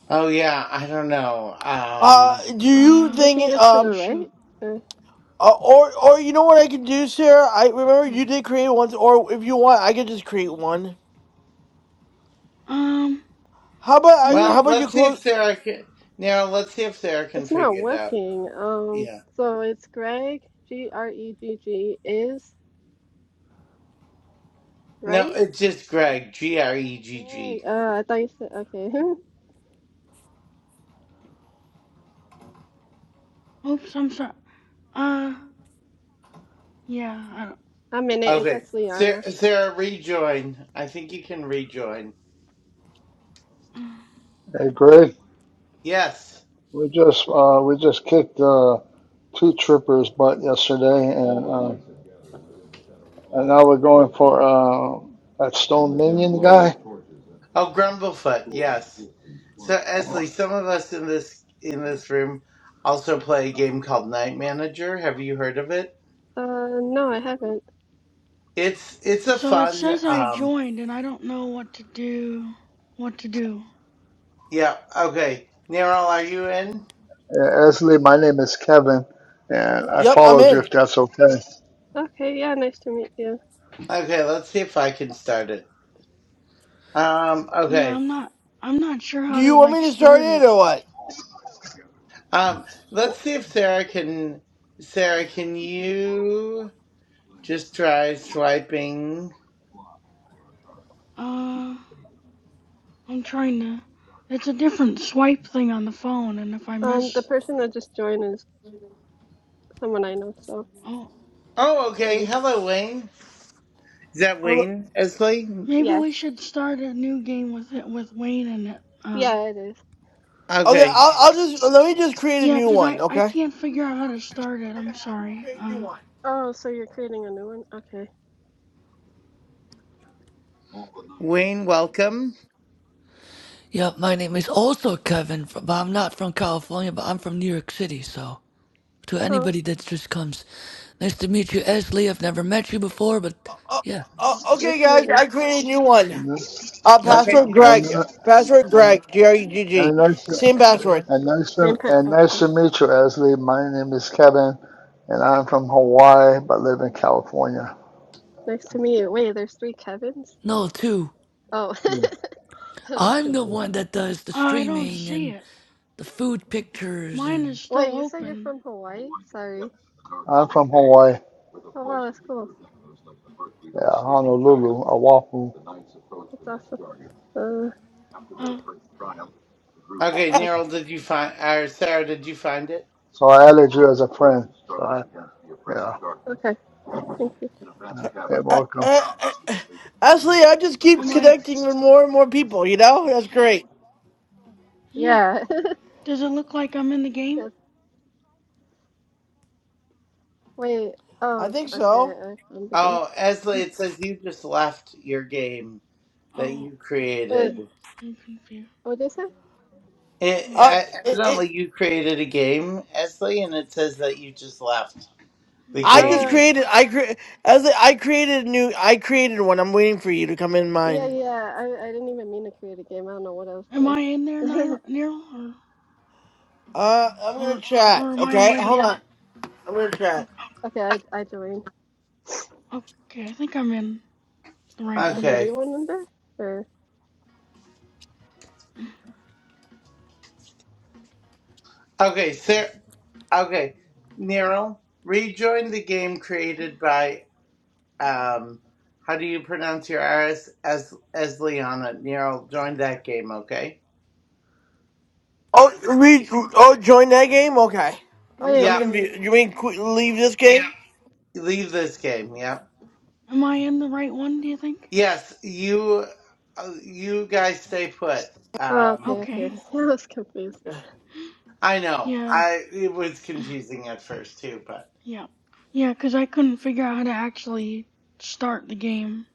Oh yeah, I don't know. Uh, Um, do you Uh, two think? fingers to the Um, right. shoot. Uh, Uh, or, or you know what I can do, Sarah? I remember Hmm. you did create one, or if you want, I could just create one. Um, How about let I? me. well, How about you let's see if close? Sarah can. Now, let's see if Sarah can It's not figure it out. working. Um, Yeah. so it's Greg, G R E G G, is, No, right? it's just Greg. G R Oh, E G G. great! Uh, I thought you said okay. Oops, I'm sorry. Uh, yeah. I don't, I'm in it. It's Okay. that's Liana. Sarah, Sarah, rejoin. I think you can rejoin. uh, Hey, Greg, Yes. we just uh, we just kicked uh, two trippers' butt yesterday, and uh, and now we're going for uh, that Stone Minion guy. Oh, Grumblefoot. Yes. So, Esley, some of us in this in this room also play a game called Night Manager. Have you heard of it? Uh, no, I haven't. It's it's a so it fun. says I Um. joined, and I don't know what to do. What to do? Yeah. Okay. Neryl, are you in? Yeah, Esley, my name is Kevin, and I Yep, I'm followed you in. if that's okay. Okay, yeah, nice to meet you. Okay, let's see if I can start it. Um, Yeah, okay. I'm not. I'm not sure Do how to you want like me to start start it it. or Um, let's see if Sarah can. Sarah, can you just try swiping? Uh. I'm trying to. It's a different swipe thing on the phone, and if I Um, the mess, person that just joined is someone I know, so oh, Oh, okay. Wayne. Hello, Wayne. Is that what? Wayne Esley? maybe Yeah, we should start a new game with it with Wayne in it. Uh, yeah, it is. Okay, Okay, I'll, I'll just let me just create a yeah, new 'cause one. I I Okay. can't figure out how to start it. I'm sorry. Uh, Oh, so you're creating a new one? Okay. Wayne, welcome. Yeah, my name is also Kevin, but I'm not from California, but I'm from New York City, so. to Oh, anybody that just comes. Nice to meet you, Ashley. I've never met you before, but yeah, Uh, okay, nice to meet guys, you. I created a new one. And then- Uh, yep. Okay, Okay. password and Greg. Password and, Greg. G R E G and G. nice to, Same the password. and nice same to, pet. and nice Okay, to meet you, Esley. My name is Kevin, and I'm from Hawaii but live in California. nice to meet you. Wait, there's three Kevins? No, too. Oh, I was I'm the confused. one that does the Uh, I don't streaming see and it. the food pictures Mine and is still Wait, you said you're open. from Hawaii? Sorry. I'm from Hawaii. Oh, wow, that's cool. Yeah, Honolulu, Oahu. That's awesome. Uh, Uh, Okay, that's- Neryl, did you find? Or Sarah, did you find it? So I added you as a friend. So I, yeah, okay, thank you. Uh, Uh, welcome. uh, uh, Ashley, I just keep am I? connecting with more and more people. You know, that's great. Yeah. Yeah. Does it look like I'm in the game? Yes. Wait. I Oh, think okay. so. I, I'm thinking. Oh, Esley, No. it says you just left your game that Oh, you Wait, I'm created. I'm confused. what did you say? It, Uh, Oh, I- evidently, you created a game, Esley, and it says that you just left the hmm. I just game. Oh, created. I cre- as I I created a new. I created one. I'm waiting for you to come in yeah, mine. yeah. I, I didn't even mean to create a game. I don't know what I was Am I doing. in there, Nir- Nero, or Uh, I'm gonna or chat. or am I in Okay, the other? hold on. I'm gonna chat. Oh, Okay, I, I joined. okay, I think I'm in. The right Is one. Okay. everyone in there? Or Okay, sir. Okay. Nero, rejoin the game created by, um, how do you pronounce your Iris? Es- Esley on Nero, join that game, okay? Oh, we. Oh, join that game. Okay. I'm. wait, I'm Yep. wait, wait, confused. You wait, what? mean qu- leave this game? Leave this game, yep. Am I in the right one, do you think? Yes, you, uh, you guys stay put. Oh, okay, Um, okay. Okay. I was confused. Yeah. I know. Yeah. I, it was confusing at first, too, but. Yeah. Yeah. Cause I couldn't figure out how to actually start the game.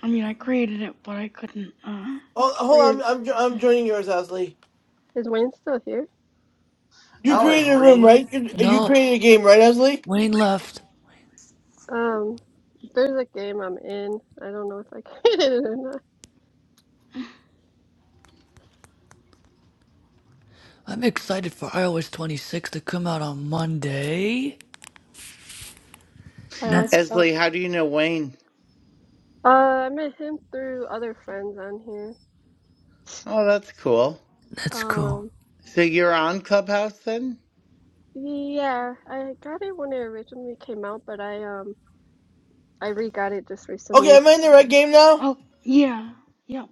I mean, I created it, but I couldn't, uh. Oh, hold Wait, is, on. I'm. jo- I'm joining yours, Ashley. is Wayne still here? You Oh, it's created a room, right? Wayne? You, you no, created a game, right, Ashley? Wayne Okay. left. Um, there's a game I'm in. I don't know if I created it or not. I'm excited for iOS 26 to come out on Monday, and I was that's um, Esley, how do you know Wayne? uh, I met him through other friends on here. Oh, that's cool. that's cool. Um. So you're on Clubhouse then? Yeah, I got it when it originally came out, but I um I re-got it just Okay. recently. Am I in the right game now? Oh, yeah. Yep.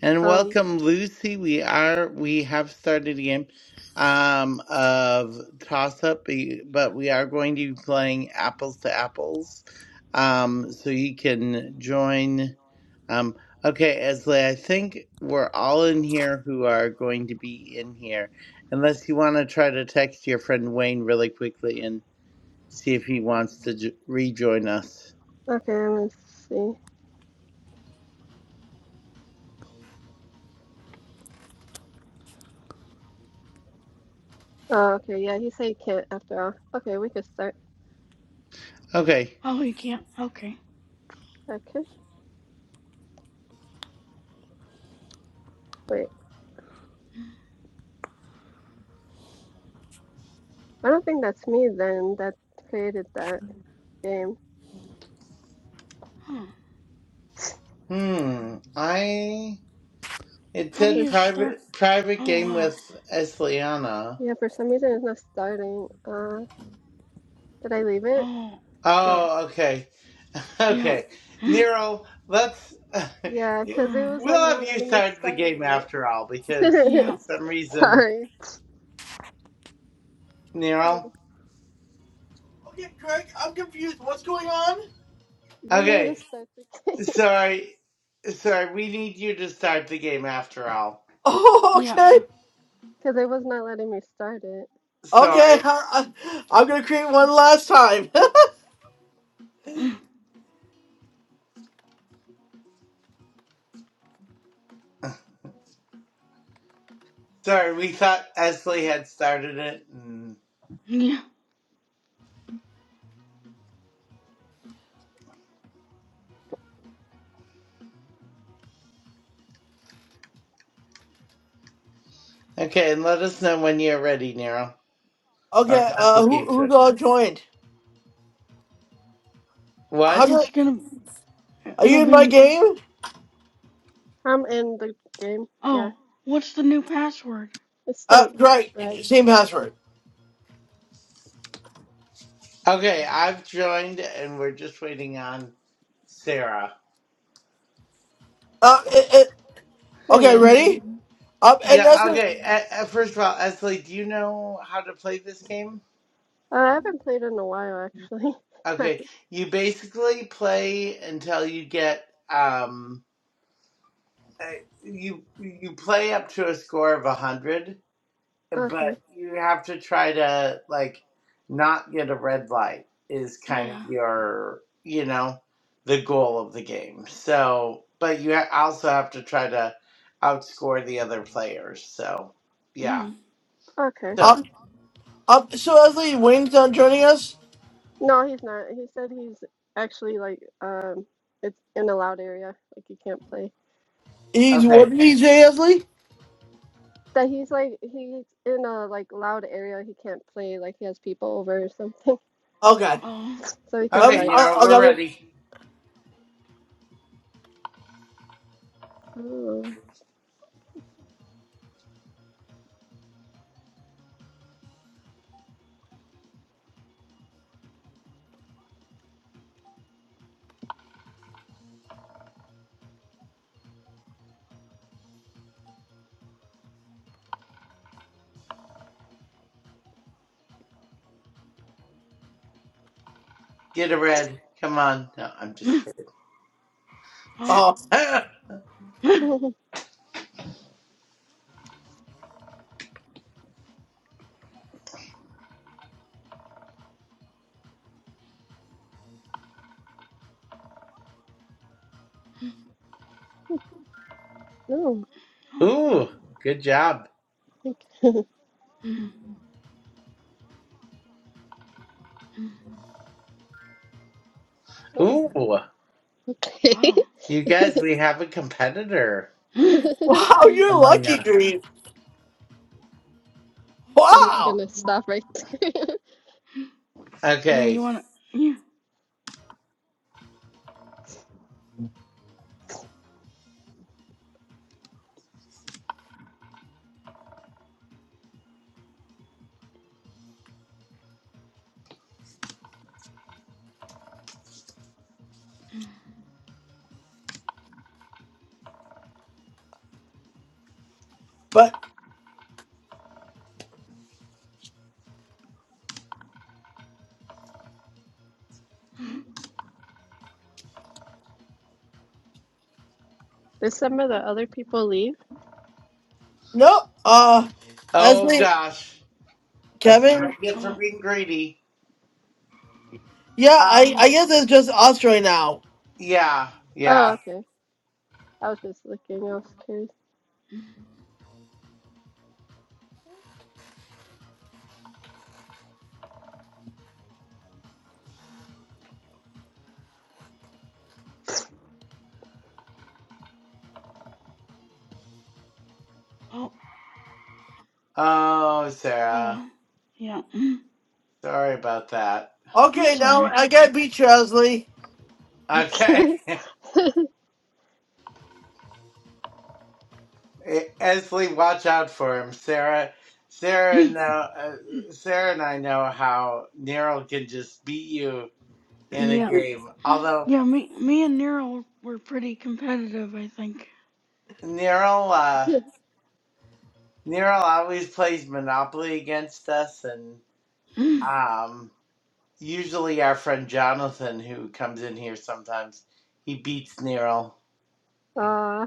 And Um, welcome, Lucy. We are we have started a game um, of toss up, but we are going to be playing apples to apples. Um, so you can join. Um, okay, Esley, I think we're all in here who are going to be in here, unless you want to try to text your friend Wayne really quickly and. see if he wants to j- rejoin us. okay, let me see. Oh, okay, yeah, you say you can't after all. Okay, we could start. Okay. Oh, you can't. Okay. Okay, wait. I don't think that's me then that created that game. Huh. Cause Hmm. I it How do said you start? private private Oh, game wow. with Esliana. yeah, for some reason it's not starting. Uh, did I leave it? Oh. No. Oh, okay, Yeah. okay. Nero, let's. Yeah, yeah, cause it Huh. was like we'll not have you letting me start the start game after all because it. for Yeah. some reason, Sorry. Nero. Okay, Greg. I'm confused. What's going on? You need to Okay, start the game. sorry, sorry. We need you to start the game after all. Oh, Yeah. okay. Because it was not letting me start it. Okay, Sorry, I, I, I'm gonna create one last time. sorry. We thought Esley had started it. and. Yeah. Okay, and let us know when you're ready, Nero. Or Okay, when uh, the who game's who's ready. all joined? How What? do I, It's gonna. are It'll you in my be. game? I'm in the game. Yeah, Oh. What's the new password? it's Uh, still right, right. same password. Okay, I've joined and we're just waiting on Sarah. Uh, it, it, There okay, you go. ready? Um, and Yeah, Esli, okay. Uh, uh, first of all, Esley, do you know how to play this game? Uh, I haven't played in a while, actually. Okay, you basically play until you get, um, uh, you you play up to a score of 100 okay, but you have to try to like not get a red light is kind of Yeah. your you know the goal of the game so but you ha- also have to try to outscore the other players so yeah Mm. okay. so um, um, so Esli, Wayne's not joining us. No, he's not. He said he's actually like um, it's in a loud area. Like you can't play. He's what okay did he say, Esli? That he's like he's in a like loud area. He can't play. Like he has people over or something. Okay, Oh. So he Um, could uh, okay, I'm, okay start. I, Nero, I we're got it. ready Oh. get a red come on no i'm just Mm. Oh. Oh, kidding Mm. oh. Oh, cool. ooh good job Okay. Mm. Mm. Oh. ooh Wow. you guys Okay. we have a competitor Mm. wow, Mm. you're among lucky, us Green. I'm just Wow, gonna stop right there. Yeah, you okay wanna? Yeah. but Mm. There's some of the other people leave. no, uh, oh Esli, gosh That's what I Kevin, get for Oh. being greedy. yeah, I, Um, Oh. I guess it's just us right now. yeah, Oh, yeah. okay. I was just looking. I was curious. Oh. Oh, Oh Sarah, well. Yeah. Mm. sorry about that. Okay, That's all now right. I gotta beat you, Esli. Okay, Okay. Esley, watch out for him, Sarah. Sarah Mm. know, uh, Mm. Sarah and I know how Neural can just beat you in a Yeah. game. Although Yeah. Me. Me and Nero were pretty competitive, I think. Neural, uh, Neural always plays Monopoly against us, and Mm. um, usually our friend Jonathan, who comes in here sometimes, he beats Neural. Uh,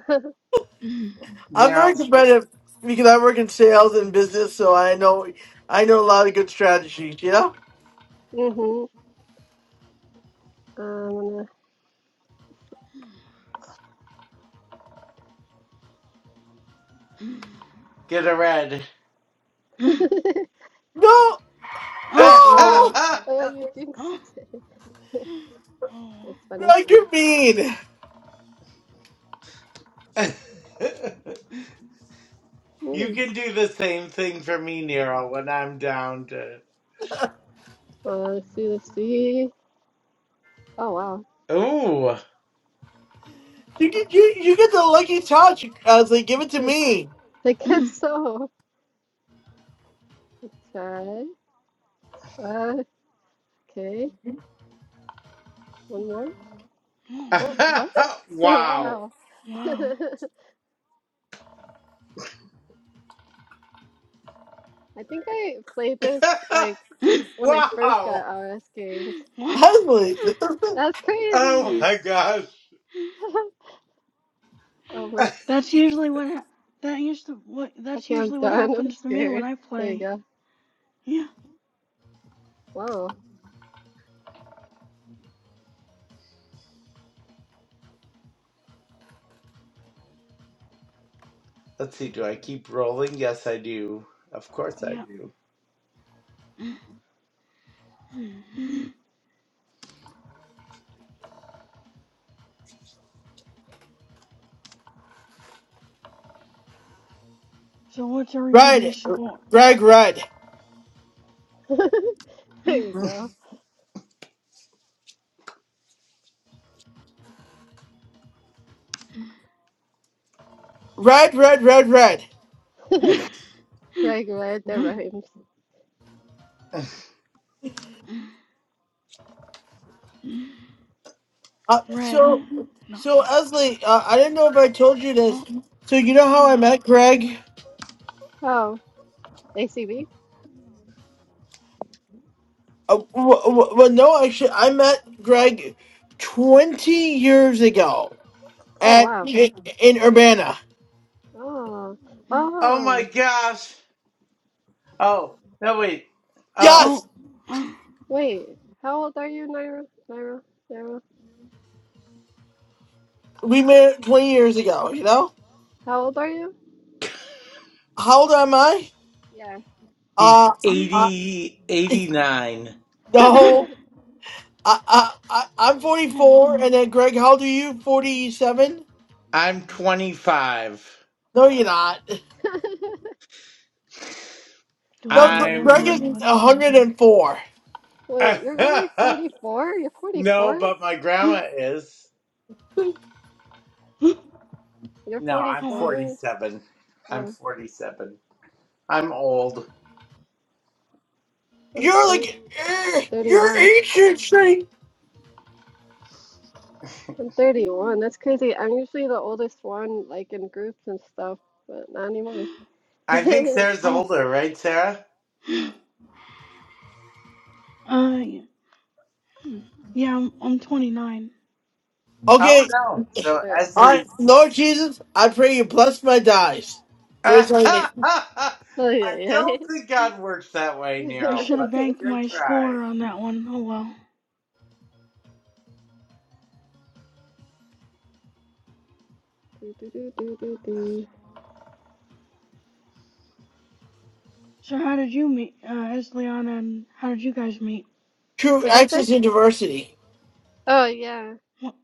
Mm. I'm Now very competitive because I work in sales and business, so I know I know a lot of good strategies. You know? mm-hmm. I'm gonna. Mm. get a red. Mm. No, Oh. Mm. Oh, no, oh, you jinxed Oh. it. Oh. That's funny. like you're mean. Mm. you Mm. can do the same thing for me, Nero, when I'm down to. Uh, let's see. Let's see. Oh, wow. Ooh. You get you, you get the lucky touch. I was like, give it to Like, me. I guess Mm. so. Let's try. Uh, okay. One more. Oh, Oh. what? wow. Wow. Wow. I think I played this like. when I first got wow. RS games. I was like, That's Oh crazy. my gosh. Oh my, That's usually what ha- that used to what that's okay, I'm usually what done. I'm happens to me when scared. I There you play. go. Yeah, Wow. Let's see, do I keep rolling? Yes, I do. Of course I yeah. do. So what's red, everybody's score? red, red, There you go. red, red, red, red. Greg read the rhymes. Uh, Red. so, No. so Esley, uh, I didn't know if I told you this. No. So you know Oh how I wow. met Greg? Oh, ACB? Uh, w- w- well, no, actually, I met Greg twenty years ago. Oh, at wow. in, in Urbana. Oh, Oh my oh. gosh. Oh, no, wait. Oh, Oh. Yes, Oh Wait, how old are you, Naira? Naira? Naira? we met 20 years ago. You know, How old are you? how old am I? Yeah. he's Uh, 8089 Oh no, I, I, I I'm wow. 44, and then Greg, how old are you? 47? I'm 25. No, you're not. Do I No, Wait, you, Gre- roll you- I'm. Greg is again? Let's see. 104. wait, you're really 44? You're no, 44? but my grandma is. You're No, I'm Oh wow. 44? 47. I'm Oh, 47. I'm old. I'm You're 30, like eh, you're 31. ancient, Shane. I'm 31. That's crazy. I'm usually the oldest one, like in groups and stuff, but not anymore. I think Sarah's Oh. older, right, Sarah? Uh. Yeah. Yeah, I'm I'm 29. Oh, Oh, Okay, no. so I'm So, older. all Okay. right, Esley. Lord Jesus, I pray you bless my dies. Pray I name, Oh, yeah, yeah. don't think God works that way, Do, I Nero, should have but banked good my try. score on that one. Oh well. do, do, do, do, do. So how did you meet, uh, Esliana, and how did you guys meet? true What'd you say? access and diversity. Oh, yeah. What?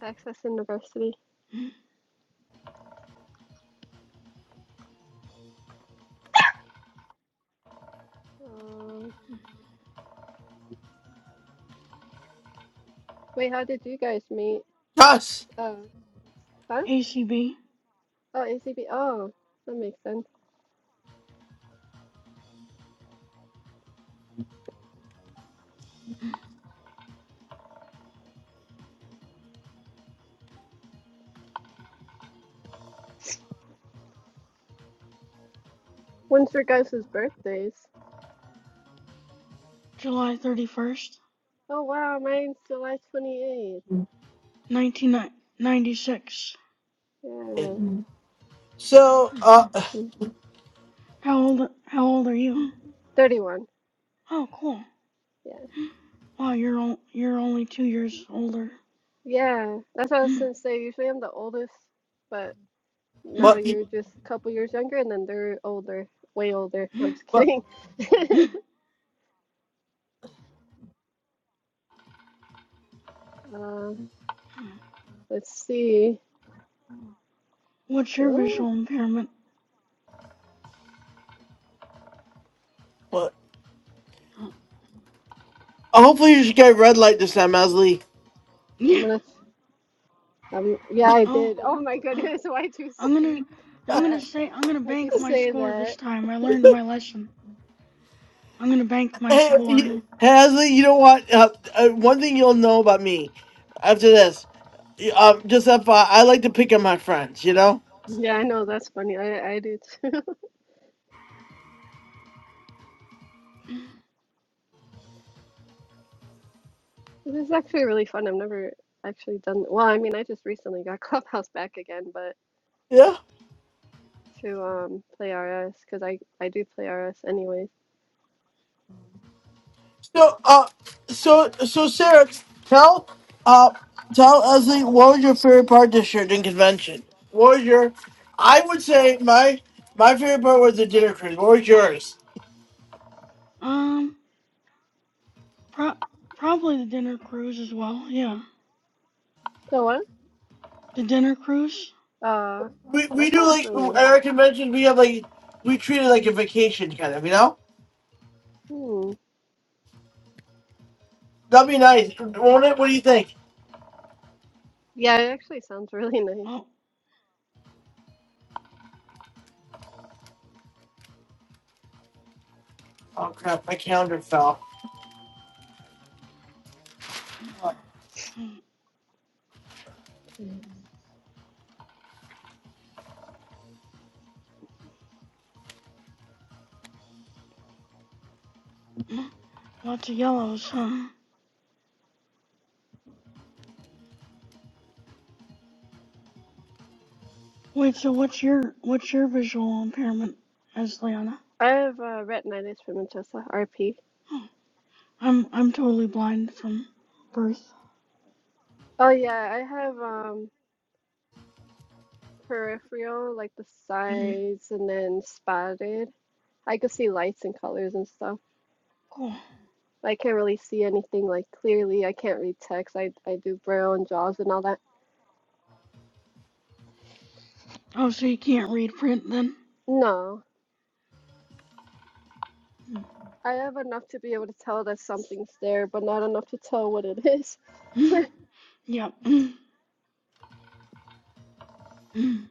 Access University. Um, wait, how did you guys meet? Yes. Uh, huh? ACB, Oh, ACB. Oh, that makes sense. When's your guys' birthdays? July 31st, Oh, wow. Mine's July 28th. 1996. Yeah. So, uh, I'm How old, how old are you? 31. Oh, cool. Yeah. Wow, you're, you're only two years older. Yeah, that's what I was gonna say. Usually I'm the oldest, but now but, you're just a couple years younger, and then they're older, way older. I'm just but, kidding. Uh, let's see. What's your Oh, visual impairment? what? Hopefully, you should get a red light this time, Asley. I'm Yeah. gonna. Um, yeah, I Oh, did. Oh my uh, goodness, why'd you I'm gonna, speak I'm gonna that? say, I'm gonna Why'd you bank my say score this that? time. I learned my lesson. I'm gonna bank my Hey, score. you- hey, Asley, you know what? Uh, uh, one thing you'll know about me after this, y- um, just FYI, I I like to pick on my friends. You know? Yeah, I know that's funny. I I do too. This is actually really fun. I've never actually done. Well, I mean, I just recently got Clubhouse back again, but. Yeah. to um play RS because I I do play RS anyways. So, uh, so, so, Sarah, tell, uh, tell Asley what was your favorite part this year in convention? What was your? I would say my my favorite part was the dinner cruise. What was yours? Um, pro- probably the dinner cruise as well. Yeah, So what? the dinner cruise. Uh, We that we do sounds like really. at our conventions we have like we treat it like a vacation kind of, you know. Hmm. That'd be nice, won't it? What do you think? Yeah, it actually sounds really nice. Oh, Oh crap, my calendar fell. mm, Yes. mm, lots of yellows, huh? Wait, so what's your what's your visual impairment, as Liana? I have uh, retinitis pigmentosa (RP). Oh, I'm I'm totally blind from birth. Oh yeah, I have um peripheral like the hmm sides and then spotted. I could see lights and colors and stuff. Cool. I can't really see anything like clearly. I can't read text. I I do braille and JAWS and all that. Oh, so you can't read print then? No. I have enough to be able to tell that something's there, but not enough to tell what it is. Mm. Yep. Mm. Mm.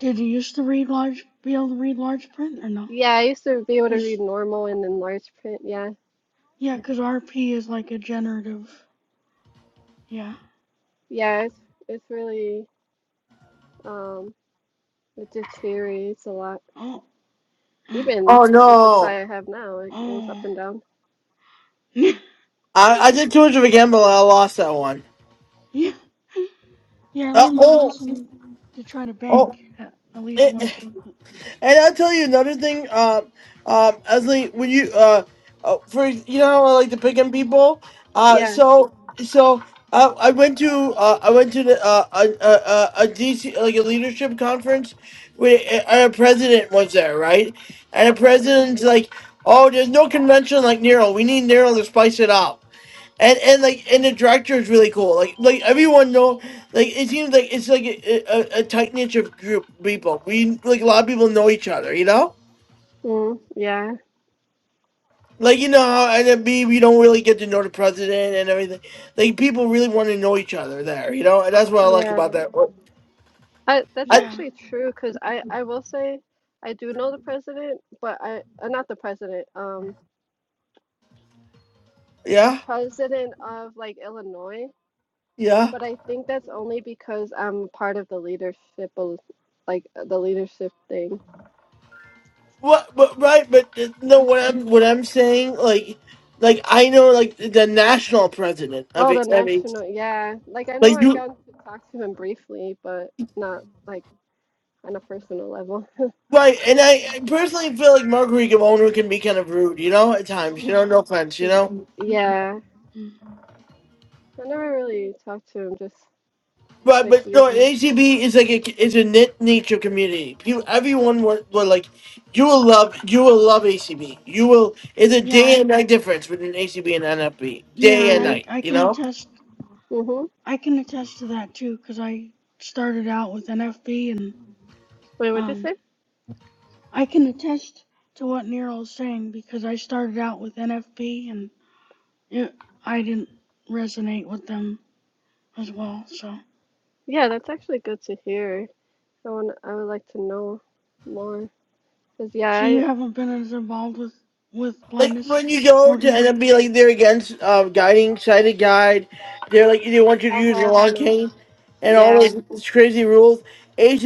Did you used to read large, be able to read large print or no? Yeah, I used to be able to Cause read normal and then large print. Yeah, yeah, cause RP is like a generative Yeah. yeah, it's it's really um it deteriorates a lot. Oh. Even Oh with the no, sight I have now, it goes up Oh. and down. yeah. I, I did too much of a gamble. and I lost that one. Yeah, Yeah. I Uh, learned my oh, lesson to try to oh, bank at, at least It, once. And I'll tell you another thing, uh, um, Esley, when you, uh, uh, for you know, how I like to pick on people. Uh, Yeah. so, so uh, I went to, uh, I went to the, uh, a, DC like a leadership conference, where a, a president was there, right? And the hmm president's like, "Oh, there's no convention like Nero. We need Nero to spice it up." and and like and the director is really cool. Like like everyone know like it seems like it's like a, a, a tight knit group of people. We like a lot of people know each other, you know. Mm, yeah, Like you know how NMB we don't really get to know the president and everything. Like people really want to know each other there, you know. And that's what I like about yeah. that. Well, I that's I Yeah. actually true because I I will say I do know the president, but I uh, not the president. Um, the yeah president of like Illinois. yeah. But I think that's only because I'm part of the leadership, of- like uh, the leadership thing. What but right but uh, no what I'm what I'm saying like like I know like the national president of Oh, the it. I mean national, yeah. Like I know like I've you gotten to talk to him briefly, but not like on a personal level. right and I, I personally feel like Marguerite Gavon can be kind of rude, you know, at times. You know, Oh. no offense, you Y- know. Mm. Yeah, mm. I never really talked to him just But but quickly. no, ACB is like a is a knit nature community. People, everyone were, were like, you will love you will love ACB. You will. It's a Yeah. I- day and night difference between ACB and NFB. Yeah, Day and and I Mm, night, I you can know. attest mm-hmm. I can attest to that too, 'cause I started out with NFB and Wait, what'd you um say? I can attest to what Nero is saying because I started out with NFB and it I didn't resonate with them as well. So. Yeah, that's actually good to hear. I want, I would like to know more. Cause yeah, So you I, haven't been as involved with with Like blindness when you go to organization? NFB, like they're against uh, guiding sighted guide. They're like they want you to I use the have long no, cane, and all those yeah, those crazy rules.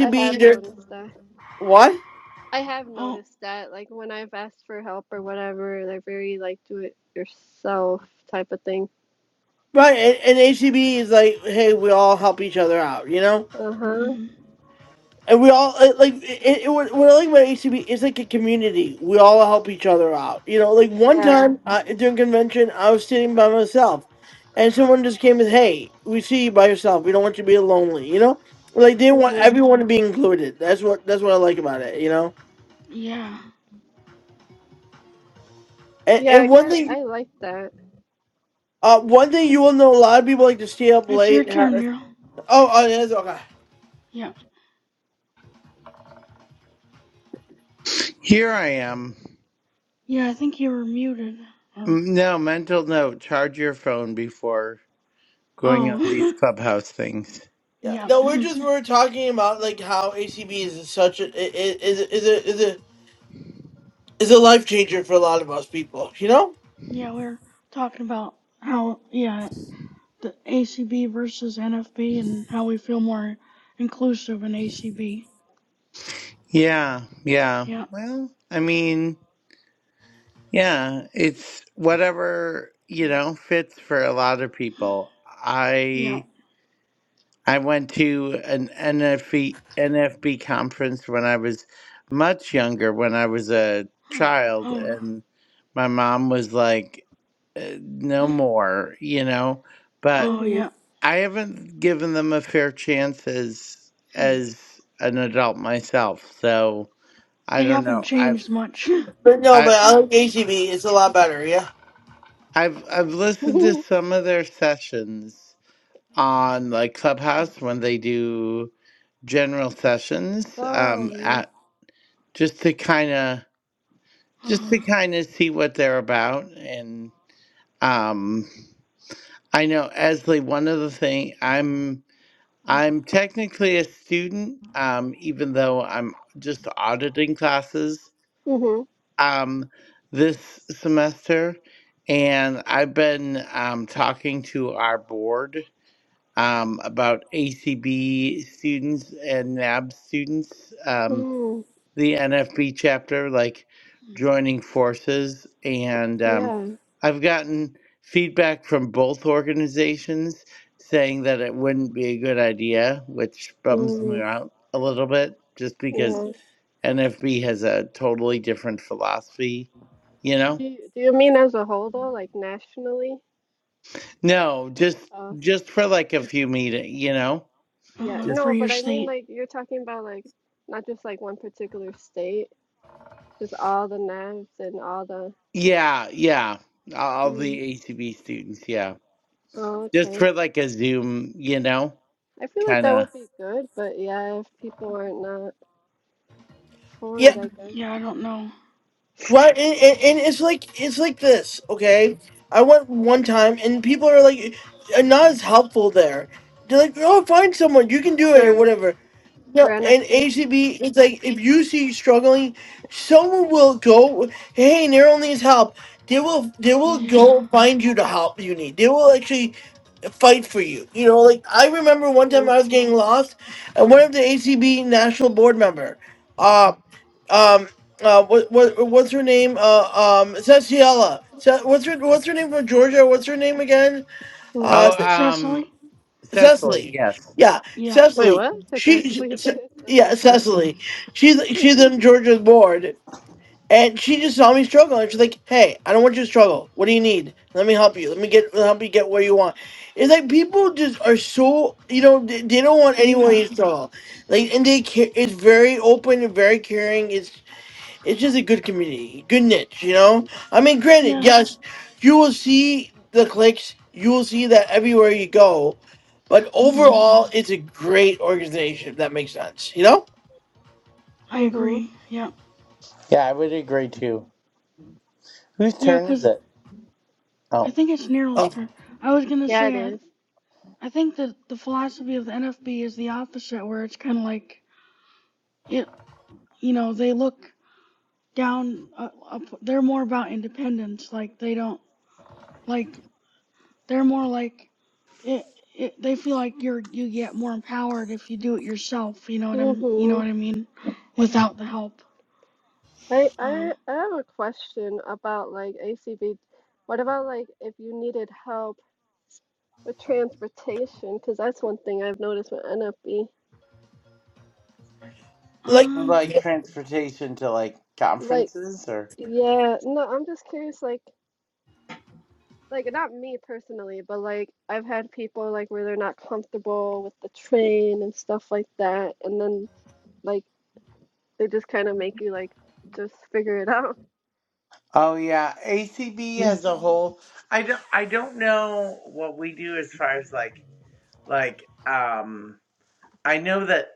I have they're noticed what? I have Oh, noticed that, like when I've asked for help or whatever, they're very like do it yourself type of thing. Right, and, and ACB is like, hey, we all help each other out, you know Uh-huh. mm, And we all it, like it, it. What what I like about HCB is like a community. We all help each other out. You know, like one Yeah. time uh, during convention, I was sitting by myself, and someone just came with, "Hey, we see you by yourself. We don't want you to be lonely." You know, like they want Mm-hmm. mm, everyone to be included. That's what that's what I like about it. You know, yeah. and Yeah, I and one kind thing, I like that. uh, one thing you will know, a lot of people like to stay up It's your late. and turn, have- Neil. Oh, oh, yeah, that's okay. Yeah, Here I am. yeah. I think you were muted. Or M- No, mental note charge your phone before going on these oh, clubhouse things. Yeah, yeah, no, we're just we're talking about like how ACB is such a is is is a is a It's a life changer for a lot of us people, you know. yeah. We are talking about how yeah the ACB versus NFB and how we feel more inclusive in ACB. Yeah, yeah. Yeah, Well, I mean. Yeah, it's whatever, you know, fits for a lot of people. yeah. I I went to an NFB NFB conference when I was much younger, when I was a child, Oh, re- and my mom was like, "Uh, "No more," you know, oh but yeah. Mm-hmm. I haven't given them a fair chance as Hmm. as an adult myself, so I They don't haven't know. I changed much. But no, I but I like ACB. It's a lot better. Yeah, I've I've listened to some of their sessions on like Clubhouse when they do general sessions Oh, um yeah. at just to kind of just to uh-huh. kind of see what they're about and um I know Esley one of the thing I'm Mm-hmm. I'm technically a student um even though I'm just auditing classes Mm-hmm. um this semester and I've been um talking to our board um, about ACB students and NAB students, um, Mm. the NFB chapter, like joining forces. And um, Yeah. I've gotten feedback from both organizations saying that it wouldn't be a good idea, which bums me Mm. out a little bit just because Yeah. NFB has a totally different philosophy, you know? Do you, do you mean as a whole though, like nationally? No, just Uh, just for like a few meetings, you know? yeah. Uh, just. for No, but your I mean state. like you're talking about like not just like one particular state, just all the navs and all the. Yeah, yeah. All the Mm. ACB students, yeah. Oh, Just okay. for like a Zoom, you know, I feel like kind that of. would be good, but yeah, if people are not for yeah. it, I guess. Yeah, I don't know. Right, and, and, and it's like it's like this. Okay, I went one time, and people are like, are not as helpful there. They're like, oh, find someone. You can do it or For whatever. for No, and NFB. ACB, it's like if you see struggling, someone will go. Hey, Neural needs help. They will. They will Yeah. go find you the help you need. They will actually fight for you. You know, like I remember one time Hmm. I was getting lost, and one of the ACB national board member, uh, um, uh, what, what what's her name? Uh, um, Cecilia. Ce- what's her What's her name from Georgia? What's her name again? Hmm. Uh, Oh, Ce- um, Cecily? Cecily, Cecily. yes. Yeah, Yeah. Wait, Cecily. what? Did I She, she sleep? Ce- It's so yeah, close to me. Cecily. She's she's on Georgia's board, and she just saw me struggle, and she's like, "Hey, I don't want you to struggle. What do you need? Let me help you. Let me get help you get where you want." It's like people just are so you know they, they don't want anyone Yeah. to struggle, like and they care. It's very open and very caring. It's it's just a good community, good niche. You know, I mean, granted, Yeah. yes, you will see the clicks, you will see that everywhere you go, but Mm, overall, it's a great organization. If that makes sense, you know, I Mm-hmm. agree. Yeah. Yeah, I would agree too. Whose Yeah. turn is Cause it? I Oh, think it's Nero's uh, turn. I was gonna Yeah, say, it I, is. I think that the philosophy of the NFB is the opposite, where it's kind of like, it, you know, they look down, uh, up, they're more about independence. Like, they don't, like, They're more like it, it, they feel like you're you get more empowered if you do it yourself. You know what I'm you know Mm-hmm. what I mean? Without the help. I, Uh, I I have a question about like ACB. What about like if you needed help with transportation? Because that's one thing I've noticed with NFB. like. um. like transportation to like Like, conferences or? yeah, no, I'm just curious. Like, like not me personally, but like I've had people like where they're not comfortable with the train and stuff like that, and then like they just kind of make you like just figure it out. Oh yeah, ACB as a whole. I don't. I don't know what we do as far as like like. Um, I know that.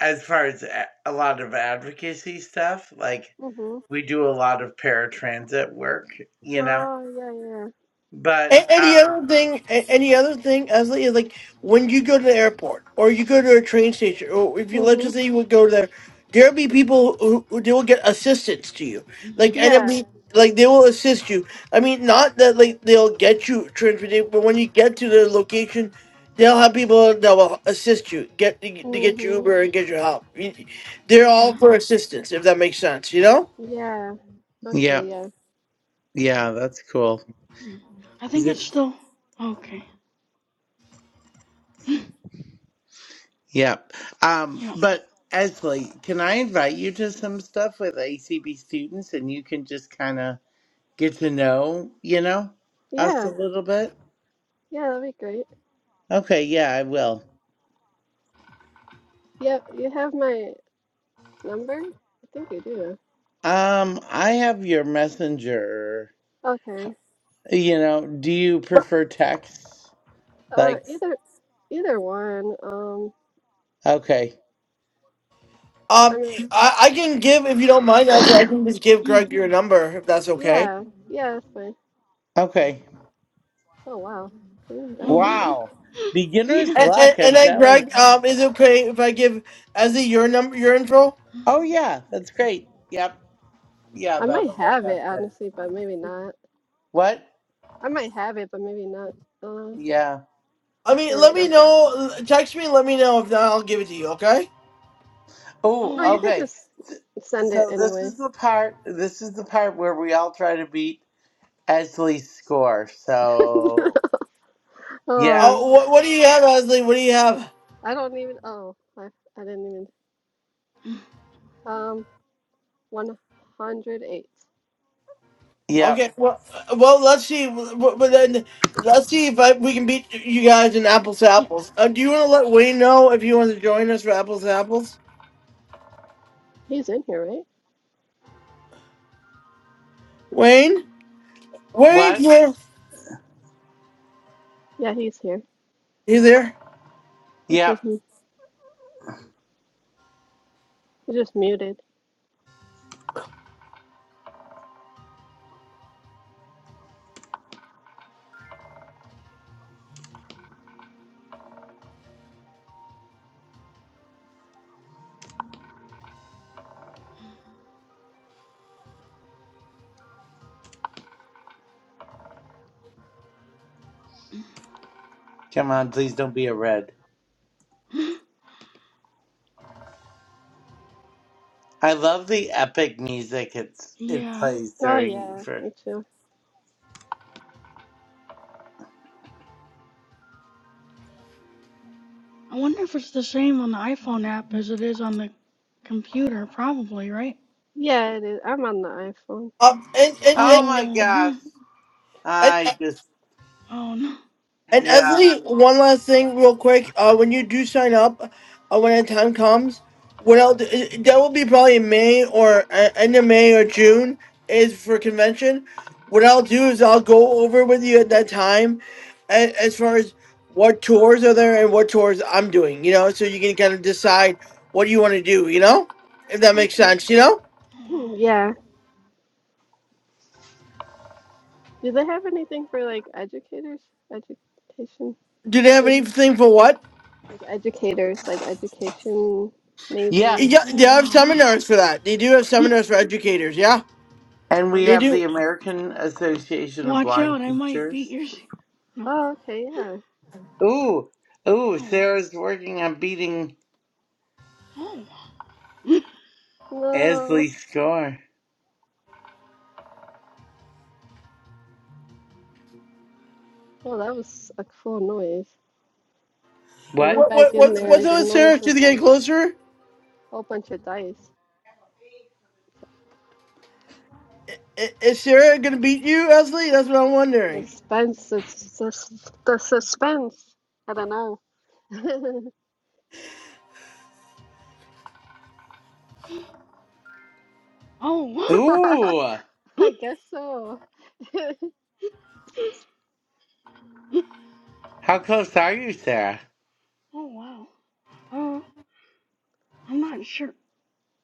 as far as a, a lot of advocacy stuff, like Mhm. we do a lot of paratransit work, you know. Oh yeah, yeah. But A- any um, other thing? a- Any other thing? As is like when you go to the airport or you go to a train station, or if you let's just Mhm. say you would go there, there'll be people who, who they will get assistance to you. mm, Like and it'll Yeah. be like they will assist you. I mean, not that like they'll get you transported, but when you get to the location, they'll have people that will assist you get to, get- to get your Mhm. Uber and get your help. You- They're all Yeah. for assistance, if that makes sense. You know. Yeah. yeah, Okay. Yeah. yeah, that's cool. mm. I Is think it? it's still okay. yeah. Yeah. Um, but Esley, can I invite you to some stuff with ACB students, and you can just kind of get to know, you know, us a Yeah. little bit? Yeah. That'd be great. Okay. Yeah, I will. Yeah. You have my number? I think you do. Um, I have your messenger. Okay. You know, do you prefer text? Uh, Like, either, either one. Um, okay. I Um, mean, I, I can give if you don't mind. I, I can just give Mm, Greg your number if that's okay. yeah. Yeah. That's fine. Okay. Oh wow. Green dye. oh. Wow. yeah. Beginner's And, and, luck, and I'm then telling you. Greg, um, is it okay if I give Ezzy your number, your info? Mm, Oh, yeah, that's great. Yep. Yeah, I might that'll work have mm. it out good. honestly, but maybe not. What? I might have it, but maybe not. Uh, okay, Yeah. I mean, there let we me go. know. Text me. Let me know. If not, I'll give it to you. Okay. Oh Oh, No, you wow. could okay. just Th- send it So this anyway. is the part, this is the part where we all try to beat Esley's score. So, Oh yeah. Oh, no, what what do you have, Ezzy? What do you have? I don't even. Oh, I, I didn't even. Mm, Um, 108. Yep. Okay. Well, uh, well, let's see. w- w- But then let's see if I, we can beat you guys in apples to Yeah. apples. Uh, do you want to let Wayne know if you want to join us for apples to apples? He's in here, right? Wayne, Wayne, What? here. Yeah, he's here. He's there. It's Yep. just m- he's just muted. Come on, please don't be a red. I love the epic music it's it Yeah. plays Oh during yeah, for. me too. I wonder if it's the same on the iPhone app as it is on the computer. Probably, right? Yeah, it is. I'm on the iPhone. Um, and, and, and Oh my gosh. Oh. And, I just Oh no. and yeah. Esley, one last thing, real quick. Uh, when you do sign up, uh, when the time comes, what I'll do, i- that will be probably in May or uh, end of May or June is for convention. What I'll do is I'll go over with you at that time, a as far as what tours are there and what tours I'm doing. You know, so you can kind of decide what you want to do. You know, if that makes Okay. sense. You know, Yeah. Do they have anything for like educators? Education? do they have anything for what? like educators, like education majors Yeah, Yes. they Oh have wow. Oh, seminars for that. They do have wow. seminars for educators. Yeah, or And we something. they have do. the American Association of Watch Blind out, I might beat Teachers. your No. Oh, okay, yeah. Ooh, ooh, Oh wow. Sarah's working on beating No, Esley's score. well, that was a cool noise. I What? went What back what in what's there what's and the up with noise Sarah? She's was getting like closer. a whole bunch of dice. I- I- Is Sarah gonna beat you, Ashley? That's what I'm The wondering. suspense, the, sus- the suspense. I don't know. Oh wow. Oh wow. Ooh, I guess so. how close are you, Sarah? Oh wow. Uh, I'm not sure.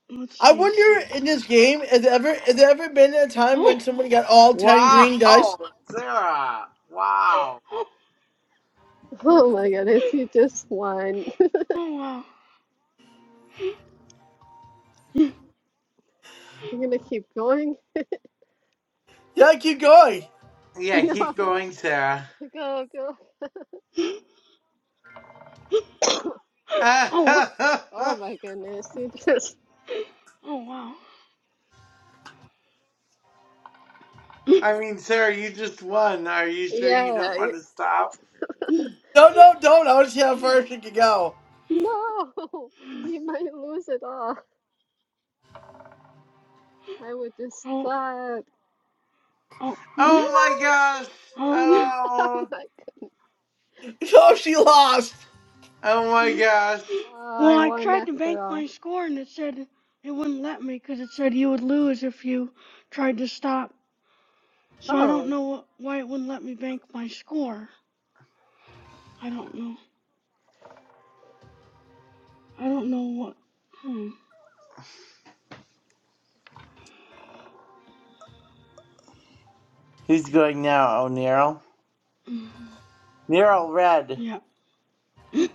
Let's I see. wonder in this game, has there ever has there ever been a time when Oh. someone got all ten Wow, green dice? Sarah. Wow. Oh my goodness, you just won. Oh, oh wow. You're gonna keep going? Yeah, keep going. Yeah, keep No, going, Sarah. go, go. Oh wow. Oh my goodness, you just, Oh wow. I mean, Sarah, you just won. Are you sure you don't yeah. want to stop? No, no, don't. I want to see how far she can go. No, he might lose it all. I would just Oh. Oh. stop. Oh. You Oh my lost gosh. Oh no. it. Oh Oh, my god. Oh, she lost. oh my gosh. Oh, Well, I I won tried to after bank all. my score and it said it wouldn't let me because it said you would lose if you tried to stop. So I don't Oh, know what, why it wouldn't let me bank my score. I don't know. I don't know what. Hmm. Who's going now, O'Neill? Mm. You're all red. Yeah.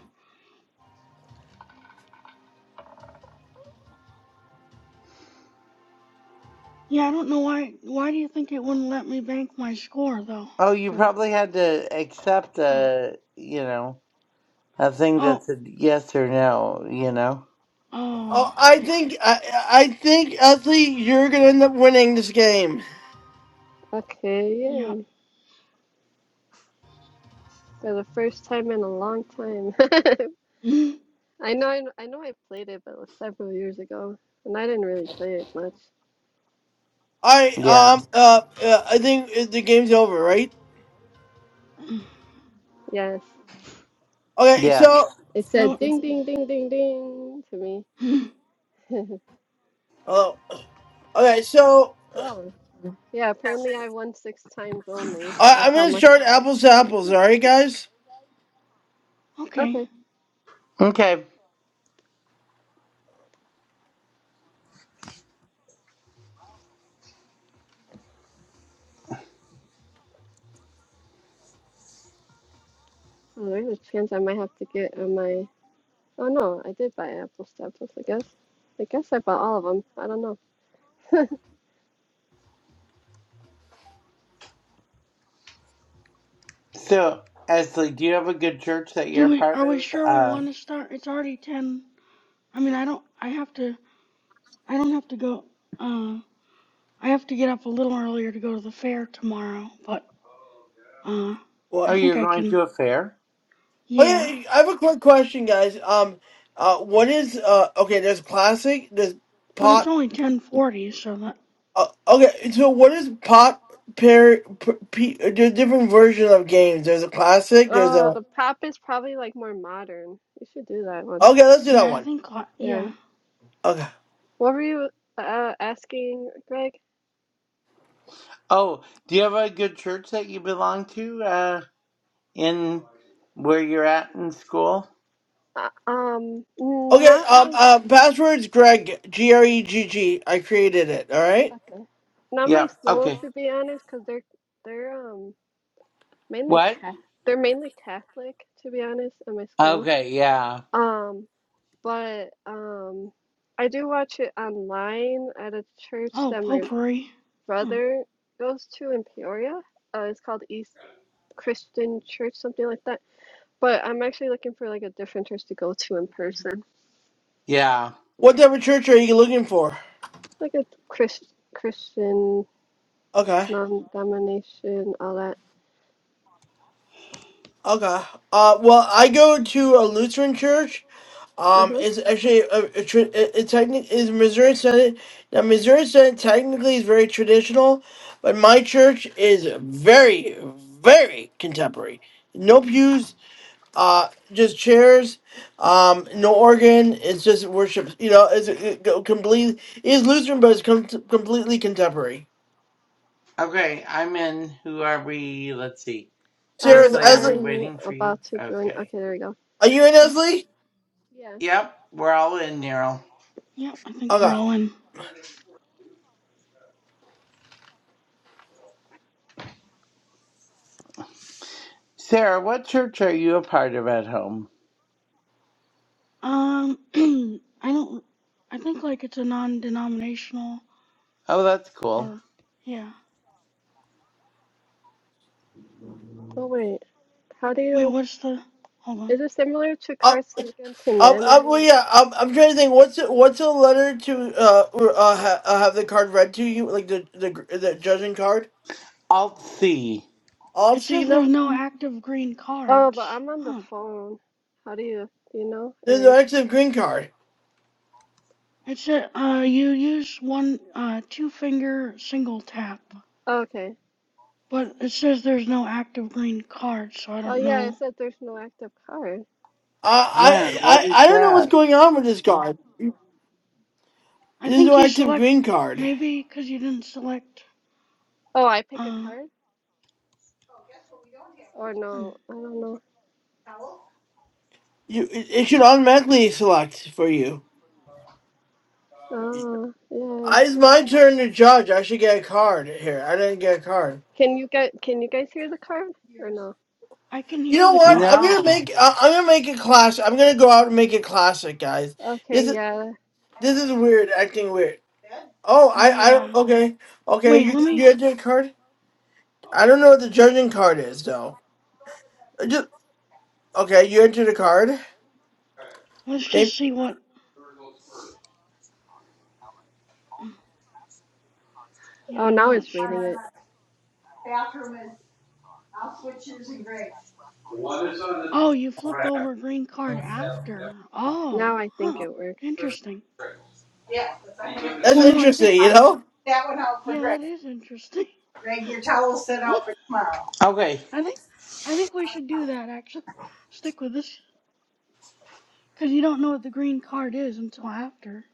Yeah, I don't know why. Why do you think it wouldn't let me bank my score though? Oh, you For probably had to accept huh. a, you know, a thing oh that's a yes or no, you know? Oh, oh I yeah think I I think Ashley, you're gonna end up winning this game. okay, yeah. yay. For the first time in a long time. Mm. I know I, I know I played it, but it was several years ago, and I didn't really play it much. All right. Yeah. Um. Uh. uh I think uh, the game's over, right? Mm. Yes. Okay. So. Yes. It said Oh, ding ding ding ding ding to me. mm. Hello. Okay. So. Oh, yeah, apparently I won six times only. I, That's I'm how gonna much. start apples to apples. All right, guys. Okay. Okay. Okay. Oh, there's a chance I might have to get uh, my. Oh no, I did buy apple to I guess. I guess I bought all of them. I don't know. So, Esley, do you have a good church that Do you're we part are we of? sure we Uh, want to start? It's already ten I mean, I don't. I have to. I don't have to go. Uh, I have to get up a little earlier to go to the fair tomorrow. But uh, I oh, What? think you're I going can. to a fair? Oh Yeah, yeah, I have a quick question, guys. Um, uh, what is uh? Okay, there's classic. There's but it's pot. only ten forty, so that. Uh, okay, so what is pot pair? P, p, there's different versions of games. There's a classic. There's Oh, a. the pop is probably like more modern. You should do that one. Okay, let's do that Yeah, I one. think. I- Yeah. Yeah. Okay. What were you uh, asking, Greg? Oh, do you have a good church that you belong to uh, in where you're at in school? Uh, um, Okay. not Um. my. s- Uh. Password's Greg. G R E G G. I created it. All right. Okay. Not my Yeah. school, Okay. to be honest, because they're they're um mainly What? ca- they're mainly Catholic, to be honest, at my school. Okay. Yeah. Um, But um, I do watch it online at a church Oh, that my potpourri. Huh. brother goes to in Peoria. Uh, it's called East Christian Church, something like that. But I'm actually looking for like a different church to go to in person, Yeah. What type of church are you looking for? like a Chris Christian Okay. non-denomination, all that. Okay. Uh. Well, I go Hmm. to a Lutheran church. Um, Uh-huh. it's actually a, a, tra- a, a technic is Missouri Senate. Now, Missouri Senate technically is very traditional, but my church is very, very contemporary. No pews, uh, just chairs, um, no organ. It's just worship. You know, it's a, it, go completely is Lutheran, but it's com- completely contemporary. Okay, I'm in. Who are we? Let's see. Sarah's I'm Esley, are we Esley, I'm waiting for you? about to join. Okay. Okay, there we go. are you in Yeah. Esley? Yeah. Yep, we're all in, Nero. Yeah. I think we're Okay. all in. Sarah, what church are you a part of at home? Um. I don't. I think like it's a non-denominational Oh, that's cool. or. Yeah. Oh wait, how do Wait. you? What's the? Hold on. Is it similar to Oh, Cards Against Um, um, Humanity? well, I yeah, um, I'm trying to think. What's what's a letter to uh, or, uh, ha- uh have the card read to you, like the the gr- the judging card? Alt C. It Also, you says there's know, no active green Oh, but cards. I'm on the Huh. phone. How do you, do you know? there's Or no active green card. It said uh, you use one uh, two finger single tap, oh, okay. but it says there's no active green card, so I Oh don't yeah, know. it said there's no active card. Uh, Yeah, I what I is I don't know what's that? going on with this card. I There's no think you active select green card. maybe because you didn't select. Oh, I pick a Uh, card? Or hmm. no, I don't know. You it, it should automatically select for you. Oh, yeah. I, it's my turn to judge. I should get a card here. I didn't get a card. Can you get can you guys hear the card or no? I can You hear know the what? car. I'm gonna No. make uh, I'm gonna make a class. I'm gonna go out and make it classic, guys. Okay, This is yeah. this is weird. Acting weird. Oh, I, I, Yeah. okay, okay. Wait, You, let me. you entered a card. I don't know what the judging card is though. I Just okay. You entered a card. Let's Maybe just see what. Yeah, Oh, I'm now not it's sure. reading it. Bathroom and I'll switch yours and Greg. Oh, you flip over green card after. Oh, Now I huh. think it works. Interesting. Yeah, that's I have. that's Well, no, I think. interesting. You I'm gonna put know. that one out for Yeah, Greg. that is interesting. Greg, your towel's set out for tomorrow. Okay. I think I think we should do that actually. Stick with this because you don't know what the green card is until after.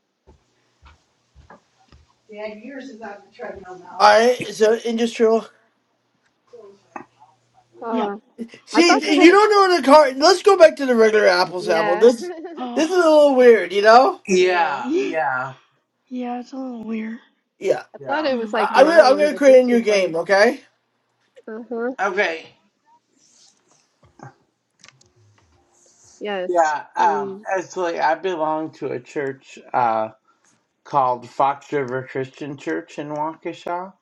Dad, yours is on the treadmill now. All right. So industrial. Yep. Oh, I thought It's this See, kind you of was don't know the different. card. Let's go back to the regular apples apple. Yeah, This, this oh is a little weird. You know. it is. Yeah, Uh, yeah, yeah, it's a little weird. Yeah. I thought yeah. it Hmm. was I, like I'm gonna, I'm modern, gonna but create a this new is game. like, Okay. uh-huh. Okay, Yes, Yeah, um, please. actually, I belong to a church uh, called Fox River Christian Church in Waukesha,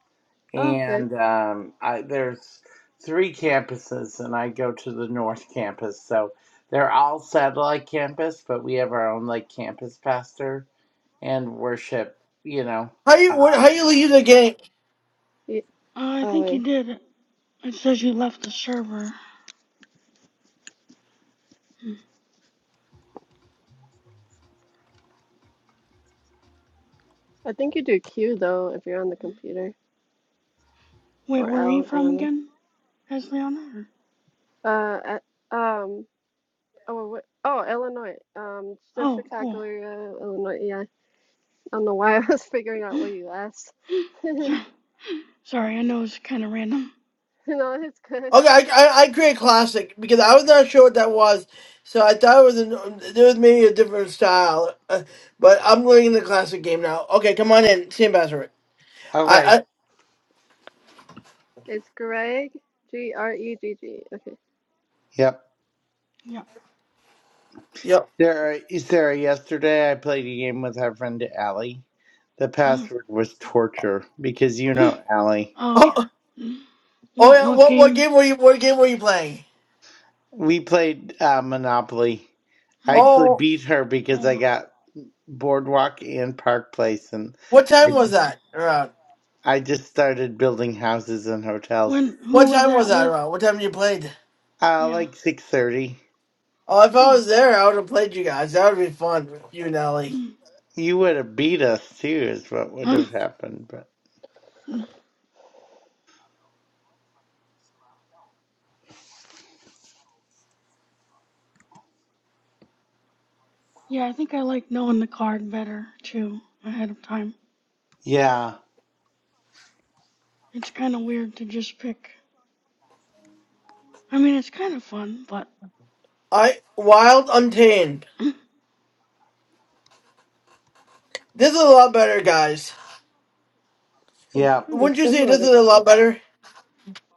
Oh, okay. and um, I, there's three campuses, and I go to the North Campus, so they're all satellite campus, but we have our own like campus pastor and worship. You know. How you, what, Uh, how you leave the game? Ye- Uh, I Oh, think wait. you did. It It says you left the server. Hmm. I think you do Q though if you're on the computer Wait, or where are you L. I from don't know. again? As Leona? Uh, I- um. Oh, what, oh, Illinois. Um, the Oh, cool. Chicago area, Illinois. Yeah. I don't know why I was figuring out what you asked. So- Sorry, I know it's kind of random. No, it's good. Okay, I, I, I create classic because I was not sure what that was, so I thought it was an, there was maybe a different style. Uh, but I'm looking at the classic game now. Okay, come on in, Sam Bassett. I, okay. I It's Greg. G R E G G. Okay. Yep. Yeah. yep. There, Sarah. Yesterday, I played a game with our friend Allie. The Uh, password was torture because you uh, know Allie. oh yeah. Oh, Hmm. oh What yeah. what What what game? game were you What game were you playing? We played uh, Monopoly. I Hmm. actually Oh, beat her Oh because I wow. got Boardwalk and Park Place, and what time I was Oh. just that around? I just started building houses and hotels. When who What was time was that that with? around? What time you played? Uh, Yeah. like six thirty. Oh, if I Oh. was there, I would have played you guys. That would be fun. You and Ellie. You would have beat us too, is what would have happened. But Yeah, I think I like knowing the card better too ahead of time. yeah, It's kind of weird to just pick. I mean, it's kind of fun, but. I Wild Untamed. This is a lot better, guys. It's yeah. kind of Wouldn't you say similar this to. is a lot Craig. better?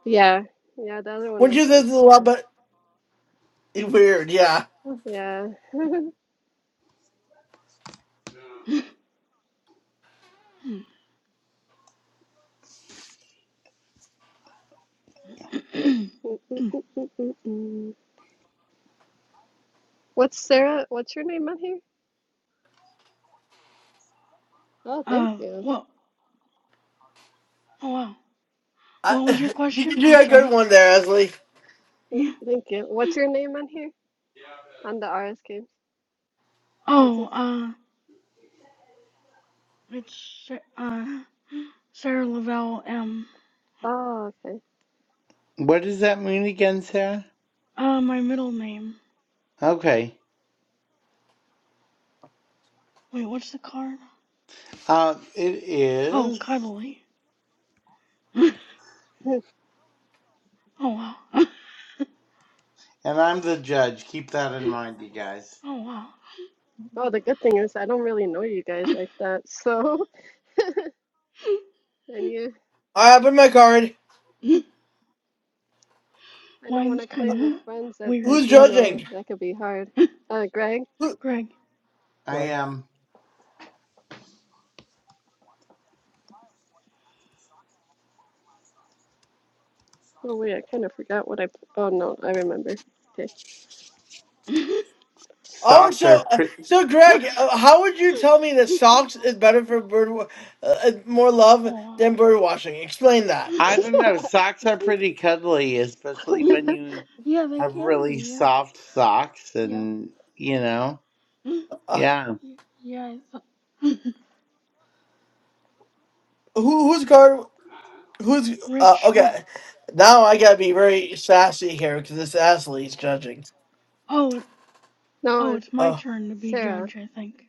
Yeah. Yeah. The other one Wouldn't was you say this like. is a lot better? It's Weird, yeah. Yeah. What's Sarah? What's your name on here? Oh, thank uh, you. Well. Oh wow. I, What was your you question? can do I'm a good sorry. one there, Esley. Yeah. Thank you. What's your name on here? On the RS games. What's this? Oh, uh, it's uh Sarah Lavelle M. Oh, okay. What does that mean again, Sarah? Uh, my middle name. Okay. Wait, what's the card? Uh, it Oh, is, Cuddly. oh wow. and I'm the judge. Keep that in mind, you guys. Oh wow. Oh, the good thing is I don't really know you guys like that. So, and you, All right, I put my card. I know when Mine's I play with kinda friends that I weird, Who's do but know judging? that could be hard. Uh, Greg? Who, Greg. I Greg. am. Oh, wait, I kind of forgot what I, p- oh no, I remember. Okay. oh Oh, Socks so are. uh, Pr so Greg, uh, how would you tell me that socks is better for bird wa- uh, uh, more love wow. than bird watching? Explain that. I don't know. Socks are pretty cuddly, especially Yeah, when you yeah, they have can really be, yeah. soft socks Yep. and, you know, Yeah, Uh, yeah. Yeah, who whose card? Who's uh, Rich, well, okay? Now I gotta be very sassy here because this Esley's judging. oh, No, oh, it's it's my Uh, turn to be Sarah. judge, I think.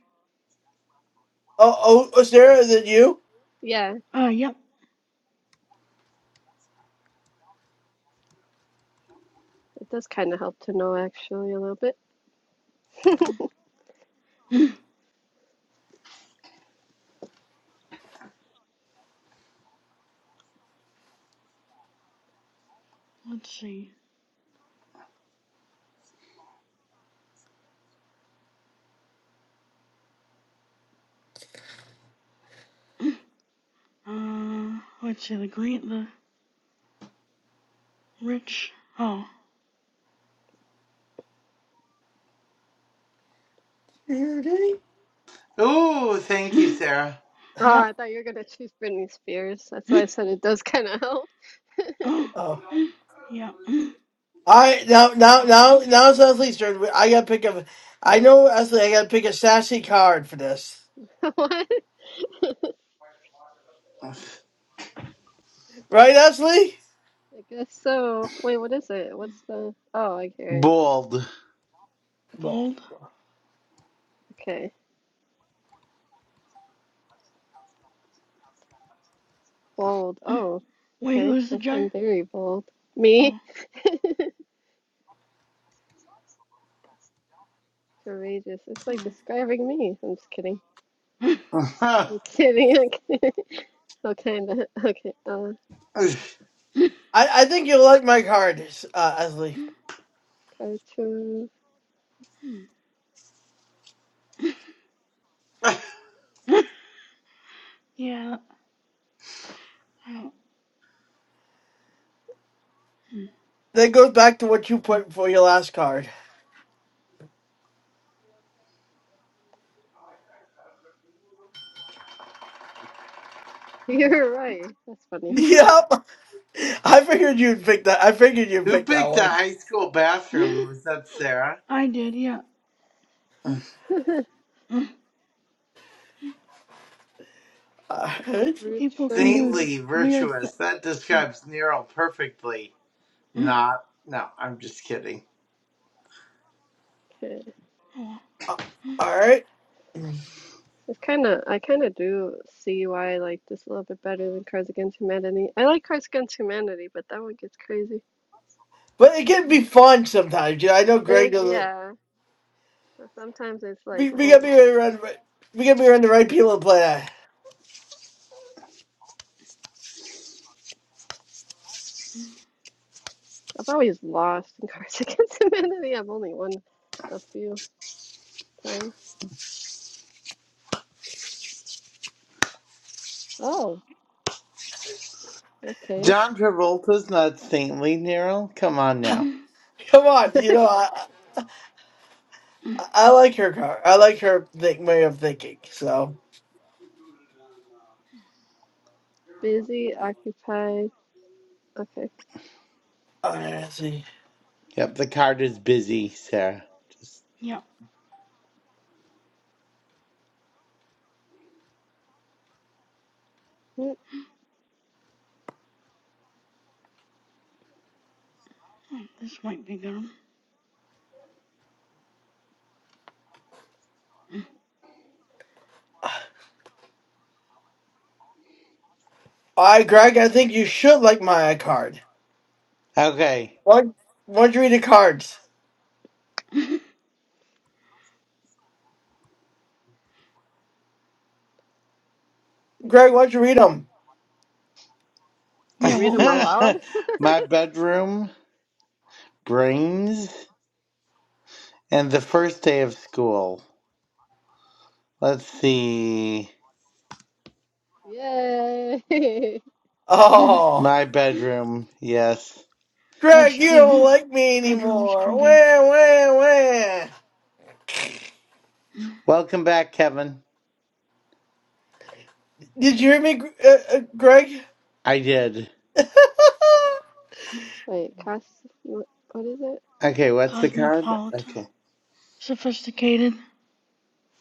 oh, oh, oh, Sarah, is it you? Yeah, Uh, yep. it does kind of help to know actually a little bit. Let's see. Uh, let's see, the green, the rich, oh. Really? Ooh, thank you, Sarah. Oh, I Yep. thought you were gonna choose Britney Spears. That's why I said it does kind of help. Oh. Yep. I now now now now it's Leslie's turn. I gotta pick up. I know Ashley. I gotta pick a sassy card for this, What? I right, Ashley? guess so. Wait, what is it? What's the? Oh, I hear it. Bold. Well, Bold. Okay, bold. Oh, Wait, okay. who's the I'm, judge? I'm very bold. Me? Oh. Courageous. It's like Hmm. describing me. I'm just kidding. I'm kidding. I'm kidding. Okay, that, okay. Uh, Who I I think you'll like my card, uh, Ashley. cartoon. yeah. I hmm. That goes back to what you put for your last card. You're right. That's funny. Yeah. Yep, I figured you'd pick that. I figured you'd pick that picked a one. high school bathroom? Was that Sarah? I did, yeah. All right, People can do Retro. Saintly, weird things. virtuous. That Yeah. describes Nero perfectly. Oh, Not. No, I'm just kidding. Okay. well. all right. It's kind of, I kind of do see why I like this a little bit better than Cards Against Humanity. I like Cards Against Humanity, but that one gets crazy. But it can be fun sometimes. You know, I know Greg Eh, doesn't. yeah. But sometimes it's We, like, we gotta whoa, be around. We gotta be around the right people to play that. I've always lost in Cards Against Humanity. I've only won a few times. Oh, okay. John Travolta's not saintly, Nero. Come on now. Come on, you know. I like her car. I like her think way of thinking. So Busy, occupied. Okay. I see. Yep, the card is busy, Sarah. Just, Yeah. Hmm. Hmm, This might be good. I Greg, I think you should like my card. okay. Why why'd you read the cards? Greg, why'd you read them? Yeah, Like read what them was this? aloud? My bedroom, brains, and the first day of school. Let's see. Yay! Oh, My bedroom, yes. That's Greg, you don't true. like me Bedrooms anymore. can be Wah wah wah. Welcome back, Kevin. Did you hear me, Gr- uh, uh, Greg? I did. Wait, cost. What, what is it? Okay, what's the card? cosmopolitan, Okay. sophisticated.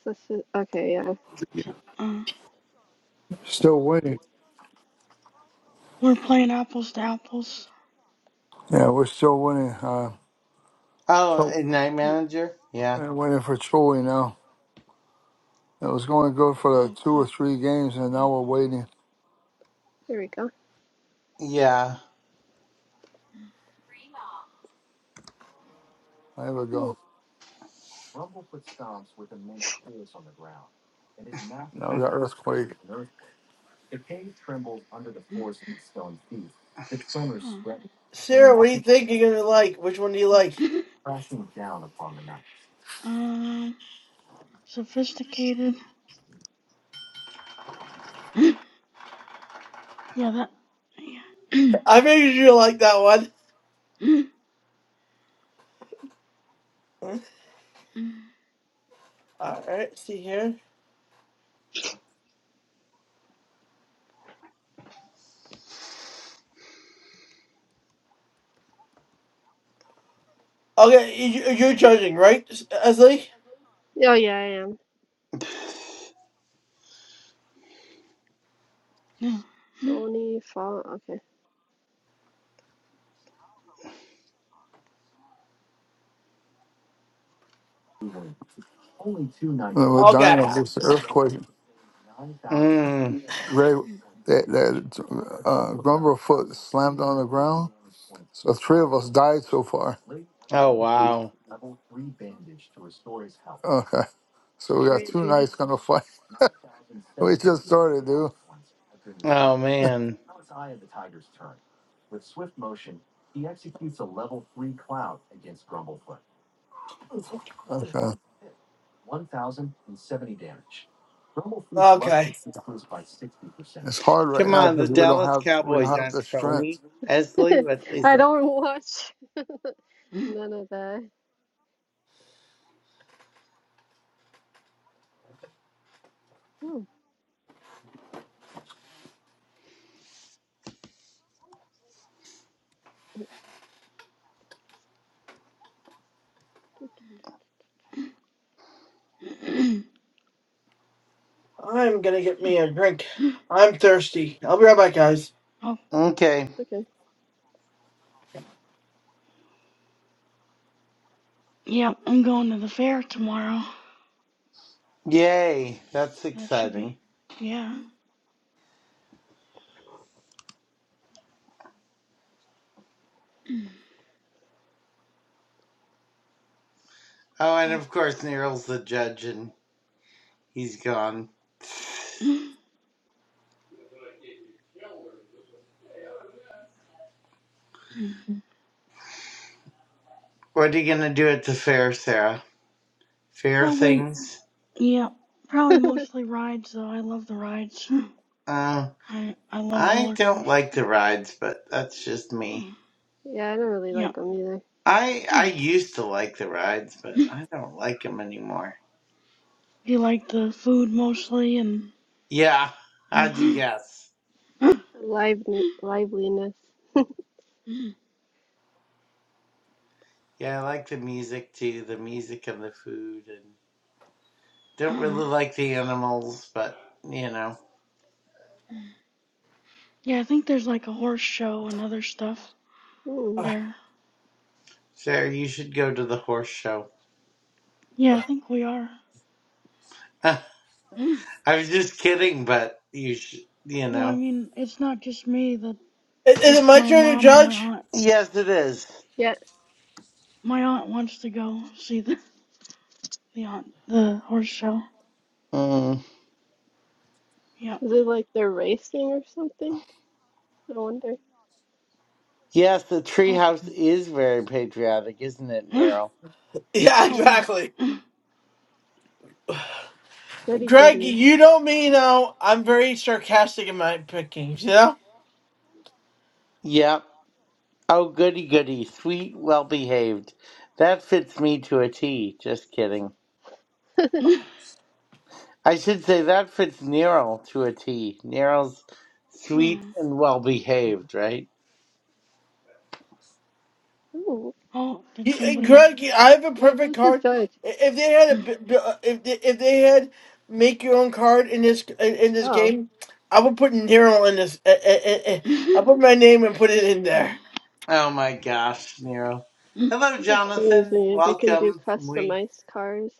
Is, Okay, yeah. Uh, Still waiting. we're playing apples to apples. Yeah, we're still waiting. Uh, Oh, so, a night Uh, manager? Yeah. and waiting for Choli now. It was going good for the Oh, two or cool. three games, and now we're waiting. Here we go. Yeah. There we Hmm. go. Now we got earthquake. Mm, Huh. Sarah, what do you think you're gonna like? Which one do you like? Um, sophisticated. Yeah, that. Yeah. I figured you like that one. All right, see here. Okay, you, you're judging, right, Esley? Oh, yeah, I am. No. Sony fall. Okay. Well, dying Okay. of this earthquake, Mm. Ray, that, that uh, number of foot slammed on the ground. So three of us died so far. Oh, wow. Okay, so we got two Sorry, nights gonna fight. we just started, dude. Oh, man. Okay, Okay. it's hard right Come now on, the because we don't Dallas have we don't Cowboys have aren't the strength. phony. Esley, there. what is I it? don't watch none of that. Hmm. I'm gonna get me a drink. I'm thirsty. I'll be right back, guys. Oh, Okay. Okay. yeah, I'm going to the fair tomorrow. Yay. That's That should exciting. be. Yeah. Oh, and Oh. of course Nero's the judge and he's gone. What are you gonna do at the fair, Sarah? Fair Probably, things? yeah, probably mostly rides though. I love the rides. Uh, I I love I roller don't coasters. like the rides, but that's just Huh. me. Yeah, I don't really Yeah. like them either. I I used to like the rides, but I don't like them anymore. you like the food mostly and Yeah, how'd you guess? Lively, liveliness. Yeah, I like the music too, the music and the food, and don't Uh, really like the animals, but you know, yeah, I think there's like a horse show and other stuff Hmm. Uh, there. Sarah, you should go to the horse show. Yeah, I think we are. I well, was just kidding, but you should, you I know. mean, it's not just me that Is, is it it's my my turn to mom and my judge? aunt. Yes, it is. Yeah. My aunt wants to go see the the aunt the horse show. Mm. Yeah. Is it like they're racing or something? I wonder. Yes, the Oh. treehouse is very patriotic, isn't it, Nero? oh Yeah, wow. exactly. Goody Greg, goody. you know me now. I'm very sarcastic in my pickings, you know? Yep. Oh, goody goody, sweet, well behaved. That fits me to a T. Just kidding. I should say that fits Nero to a T. Nero's sweet and well behaved, right? Ooh. oh, did You, uh, somebody? Greg, I have a Wait, perfect who's the card. judge? I- If they had a, b- b- uh, if they, if they had make your own card in this in in this Oh, game, I would put Nero in this. I, I, I, I put my name and put it in there. hey, Oh my gosh, Nero. Hello, that'd be Jonathan. crazy if you can do Welcome. We customized cars.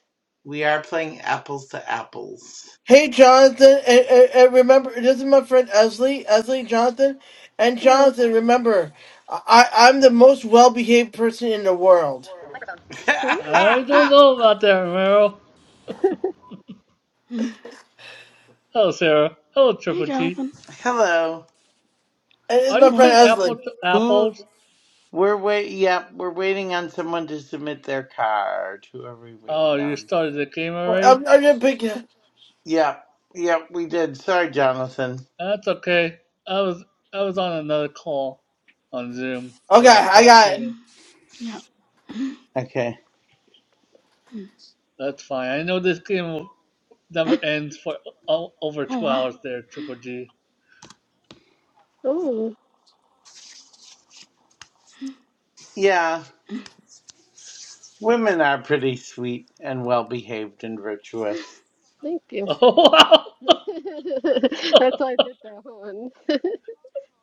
we are playing apples to apples. Hey Jonathan, and, and, and remember, this is my friend Esley, Esley Jonathan, and All right. Jonathan. Remember, I, I'm the most well-behaved person in the world, Hmm. I don't know about that, Romero. Hello, Sarah. Hello, Triple Jonathan. G. Hello. and it's Are you my friend Well. playing Apple Esley. to Who? Apples? We're wait. Yep, we're waiting on someone to submit their card. Who are we Oh, waiting you on? started the game Oh, already? I'm, I'm just picking. Yep, yep, we did. Sorry, Jonathan. That's okay. I was I was on another call on Zoom, so Okay, that's I why I got came it. in. Yeah. Okay. That's fine. I know this game will never ends for o- over Oh two hours wow. there, Triple G. Oh, Yeah, women are pretty sweet and well behaved and virtuous, thank you. Oh, wow! That's why I did that one.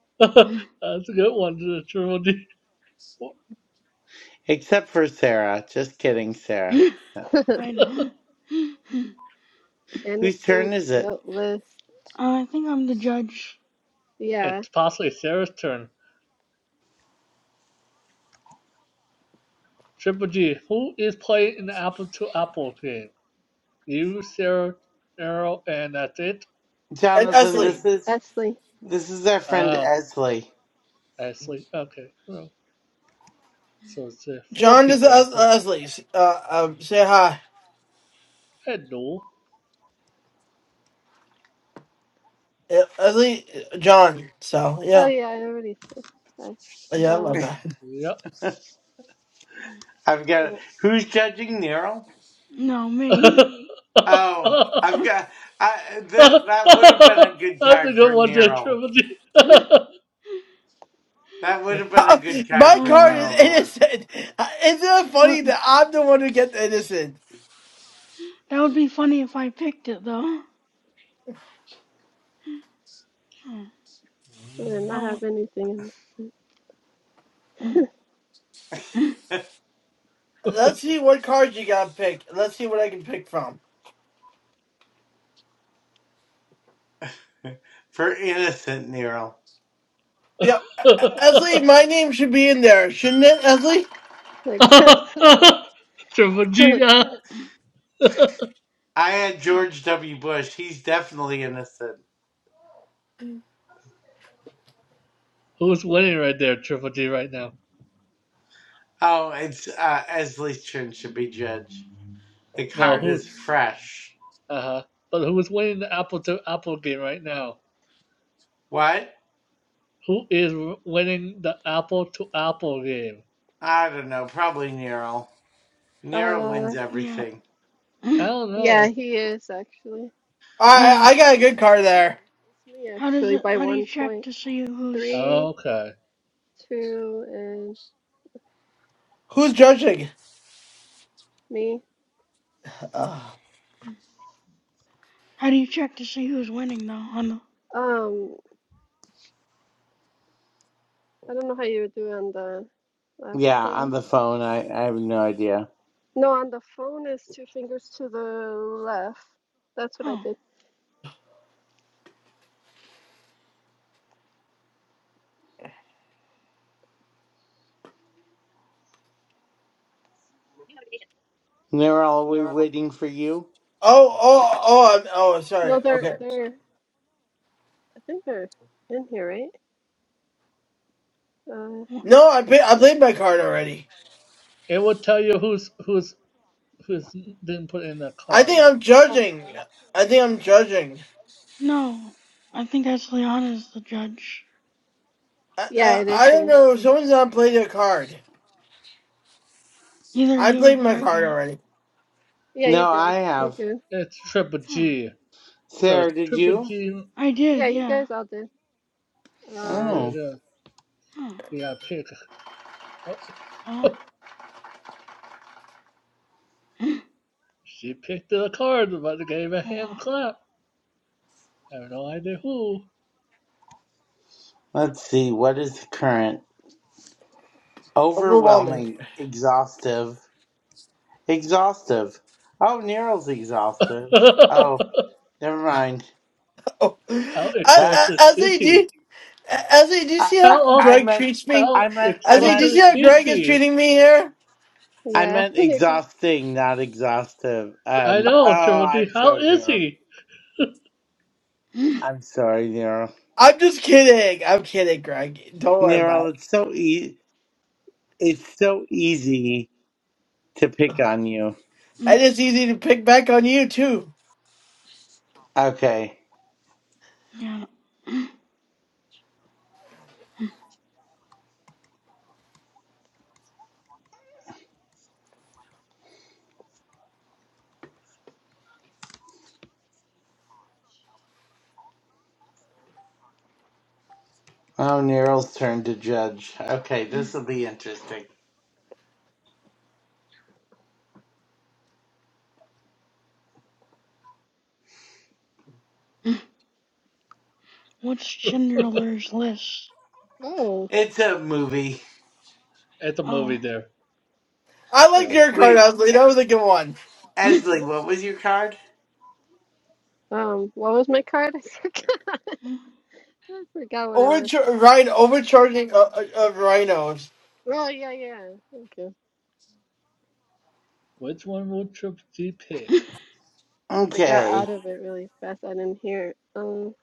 that's a good one, Triple G. except for Sarah. Just kidding, Sarah. No. I know. Whose Innocent, turn is it? guiltless. I think I'm the judge. Yeah. It's possibly Sarah's turn. Triple G, who is playing an Apple to Apple game? You, Sarah, Errol, and that's it? And Jonathan, And Esley, this is Esley. this is our friend Ah, Esley. Ashley. Okay. Well, so it's uh, four John is Es- people. Esley. Uh, um, say hi, Hello. Uh, Esley, uh, John. So Oh yeah, yeah, I already said hi. yeah, Uh, I okay. Yep. I've got. won't. Who's judging Nero? No, that's me. Oh, I've got. I that that would have been a good a card good for one there, Nero. Triple G. That would have been a good card my for Oh card is Nero the wow. one innocent. Isn't it funny What? that I'm the one who gets innocent? That would be funny if I picked it though. I did not Oh. have anything in this. Let's see what cards you got picked. Let's see what I can pick from. For innocent Nero. Yeah, Esley, my name should be in there, shouldn't it, Esley? Like that's so. Triple G. Uh, I had George W. Bush. He's definitely innocent. who's winning right there, Triple G, right now? Oh, it's uh, Esley's turn to be judge. The No, card who's. is fresh. Uh huh. But who's winning the apple to apple game right now? What? Who is winning the apple to apple game? I don't know. Probably Nero. Nero Uh, wins Yeah. everything. I don't yeah, know. he is actually. I Oh. I Oh got a wait, good no, card it's me. there. It's me How does actually it? by How do you one check point. to see who's? Three, Okay. two, and Who's judging? me. Uh, How do you check to see who's winning though? On the. Um, I don't know how you would do on the left. Yeah, Huh? on the phone. I, I have no idea. No, on the phone is two fingers to the left. That's what I Oh. did. Nero, are You we know, waiting for you? oh, oh, oh, I'm, oh, sorry. No, they're Okay. they're. I think they're in here, right? Uh, wh- No, I pay, I played my card already. It will tell you who's who's who's didn't put in the I card. think I'm oh judging. yeah. I think I'm judging. No. I think that's Liana's the judge. I, Yeah, I, it is I don't me. know. Someone's not played their card. Either I you or played my Greg. card I. already. Yeah, you No, did. I You're have. good. It's triple Huh. G. So Sarah, it's did triple you? G. I Yeah, did. you Yeah. guys all did. So Uh, there it Oh. is. Huh. Yeah, pick. Oh, Oh. Oh she picked the card, but gave a hand wow. clap. I have no idea who. Let's see. What is the current? Overwhelming. Overwhelming. Exhaustive. Exhaustive. Oh, Nero's exhaustive. how Oh, never mind. Oh, I, I, exhausted That's is Esley, do you- he? Ezzy, do you I, see How I, how off? I Greg meant treats me? I How meant I Ezzy, do you meant see exhausted how is Greg is he? treating me here? I yeah. meant you're good. exhausting, not exhaustive. I Um. know Oh, triple G. I'm How so is Nero. he? I'm sorry, Nero. I'm just kidding. I'm kidding, Greg. Don't worry about Nero, it. it's so e- it's so easy to pick on you. And it's easy to pick back on you, too. Okay. Yeah. Oh, Nero's turn to judge. Okay, this will be interesting. What's Chandler's list? Oh, It's a movie. It's a Oh. movie there, I liked Sarah. your card, Wait, Asley. That was a good one. Esley, thank what you. was your card? Um, what was my card? I forgot. I forgot what it was. Overchar- Ryan, overcharging of, of rhinos. Oh yeah, yeah. Thank you. Which one will triple G pick? I got Okay. out of it really fast. I didn't hear it. Um,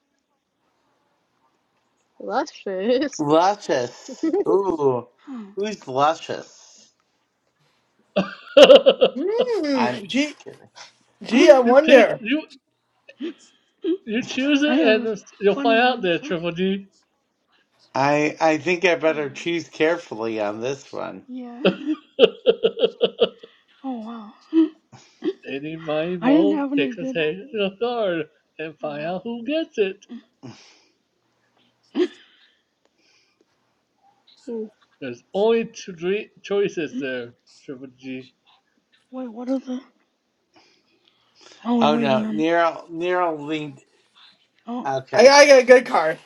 luscious. Luscious. Ooh, who's luscious? I'm Mmm. just Gee, kidding. gee, I You pick wonder. you you choose I it have and a it's- you'll funny find out one there, for. Triple G. I I think I better choose carefully on this one. Yeah. Oh wow. Any mighty I didn't mole have any pick a good. second card and find Oh out who gets it. wow. Hmm. There's only two three choices there, Triple G. Wait, what are the? Oh, we're Oh waiting no, on. Nero Nero linked. Oh. I, Okay, I got a good card.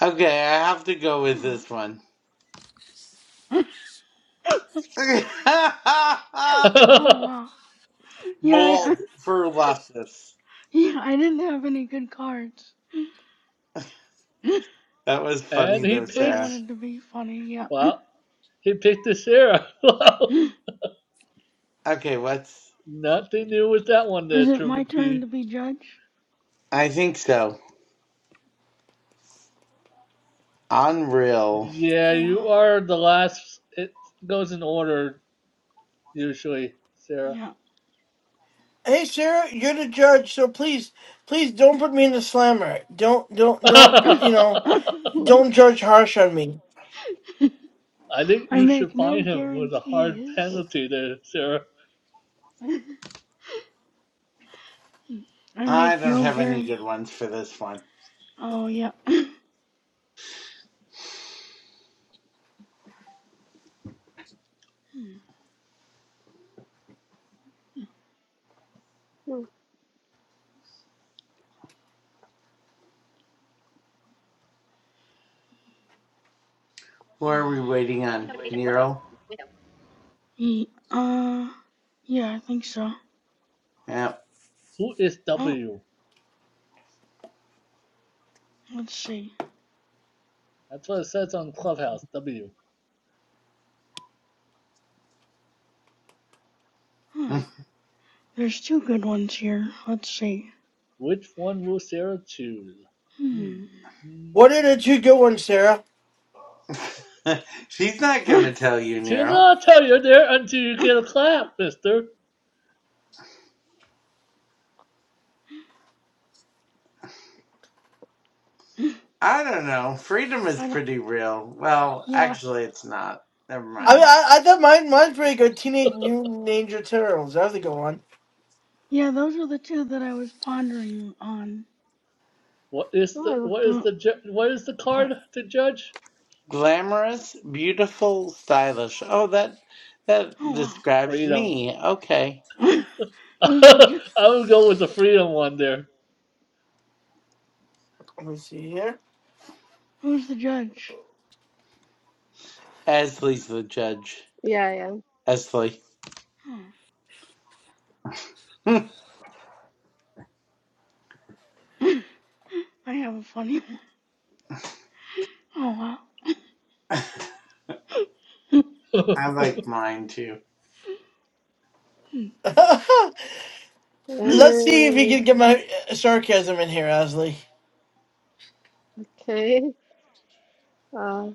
okay, I have to go with this one. Oh and wow. Yeah, I, I, Mold for luscious. yeah. I didn't have any good cards. That was funny he though, I Sarah. picks wanted to be funny, yeah. Wow, he picked the Sarah. Wow, Is Okay, what's? Nothing new with that one there, it Triple my turn G. to be judge? I think so. Unreal. Yeah, Oh, wow. you are the last it goes in order usually, Sarah. Yeah. Hey, Sarah, you're the judge, so please, please don't put me in the slammer. Don't, don't, don't, you know, don't judge harsh on me. I think I you make should fine no him with a hard guarantees. penalty there, Sarah. I I make don't no have any guarantee. good ones for this one. Oh, yeah. Who are we waiting on? Nero. Ye- uh, yeah, I think so. Yeah. Who is Oh, W? let's see. That's what it says on Clubhouse, W. Hmm. There's two good ones here. Let's see. Which one will Sarah choose? Hmm. Hmm. Hmm. What are hmm. the two good ones, Sarah? She's not going I to tell you, She'll Nero. not tell you there until you get a clap, mister. I don't know. Freedom is don't. pretty real. Well, Yeah. actually, it's not. Never I mean, mind. Huh. I, I thought mine mine's pretty good. Teenage Mutant Ninja Turtles. That was a good one. Yeah, those are the two that I was pondering on. What is the Oh, what is the The ju- what is the Fuck. card to judge? Glamorous, beautiful, stylish. Oh, that Oh that wow. describes Freedom. me. Okay. Who's the I ju- would go with the freedom one there. Let me see here. Who's the judge? Esley's the judge. yeah, yeah. Esley. Oh. I I have a funny one. Oh wow. like mine too. Let's Glamour see if you is can get my uh, sarcasm in here, Asley. okay. Uh,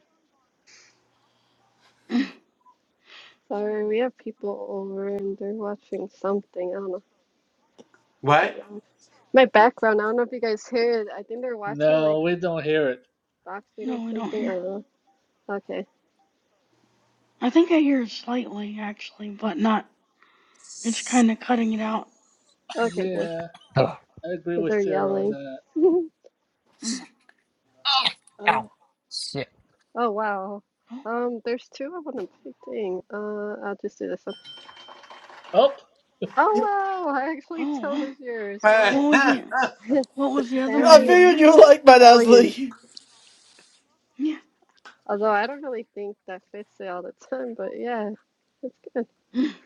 sorry, we have people over and they're watching something. I don't know. So What? loud. My background. I don't know if you guys hear it. I think they're watching like no, we don't hear it. boxing or No, we don't something. I hear. don't know. Okay. I think I hear it slightly actually, but not. It's kind of cutting it out. Okay, good. Yeah, Oh, I agree 'Cause with they're Sarah on yelling. that. Oh. Uh, ow. Shit. oh wow. Um, there's two I wouldn't pick. Dang. Uh, I'll just do this one. Oh, Oh wow, I actually Oh. chose yours. What What? was oh, the What was the other one I you Family, were? figured you like family my values. Asley. Yeah. Although I don't really think that fits it all the time, but yeah,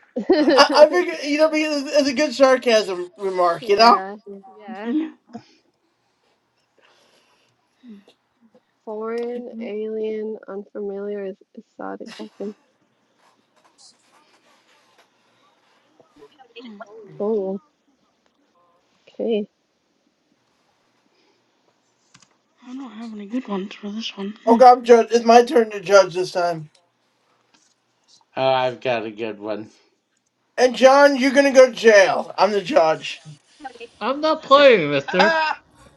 it's I, good. I figured you know because it's, it's a good sarcasm remark, you know. Yeah, yeah. Yeah. Foreign, alien, unfamiliar is exotic. Okay. Oh, Oh, okay. I don't have any good ones for this one. Okay, I'm judge. It's my turn to judge this time. I've got a good one. And John, you're gonna go to jail. I'm the judge. I'm not playing, mister.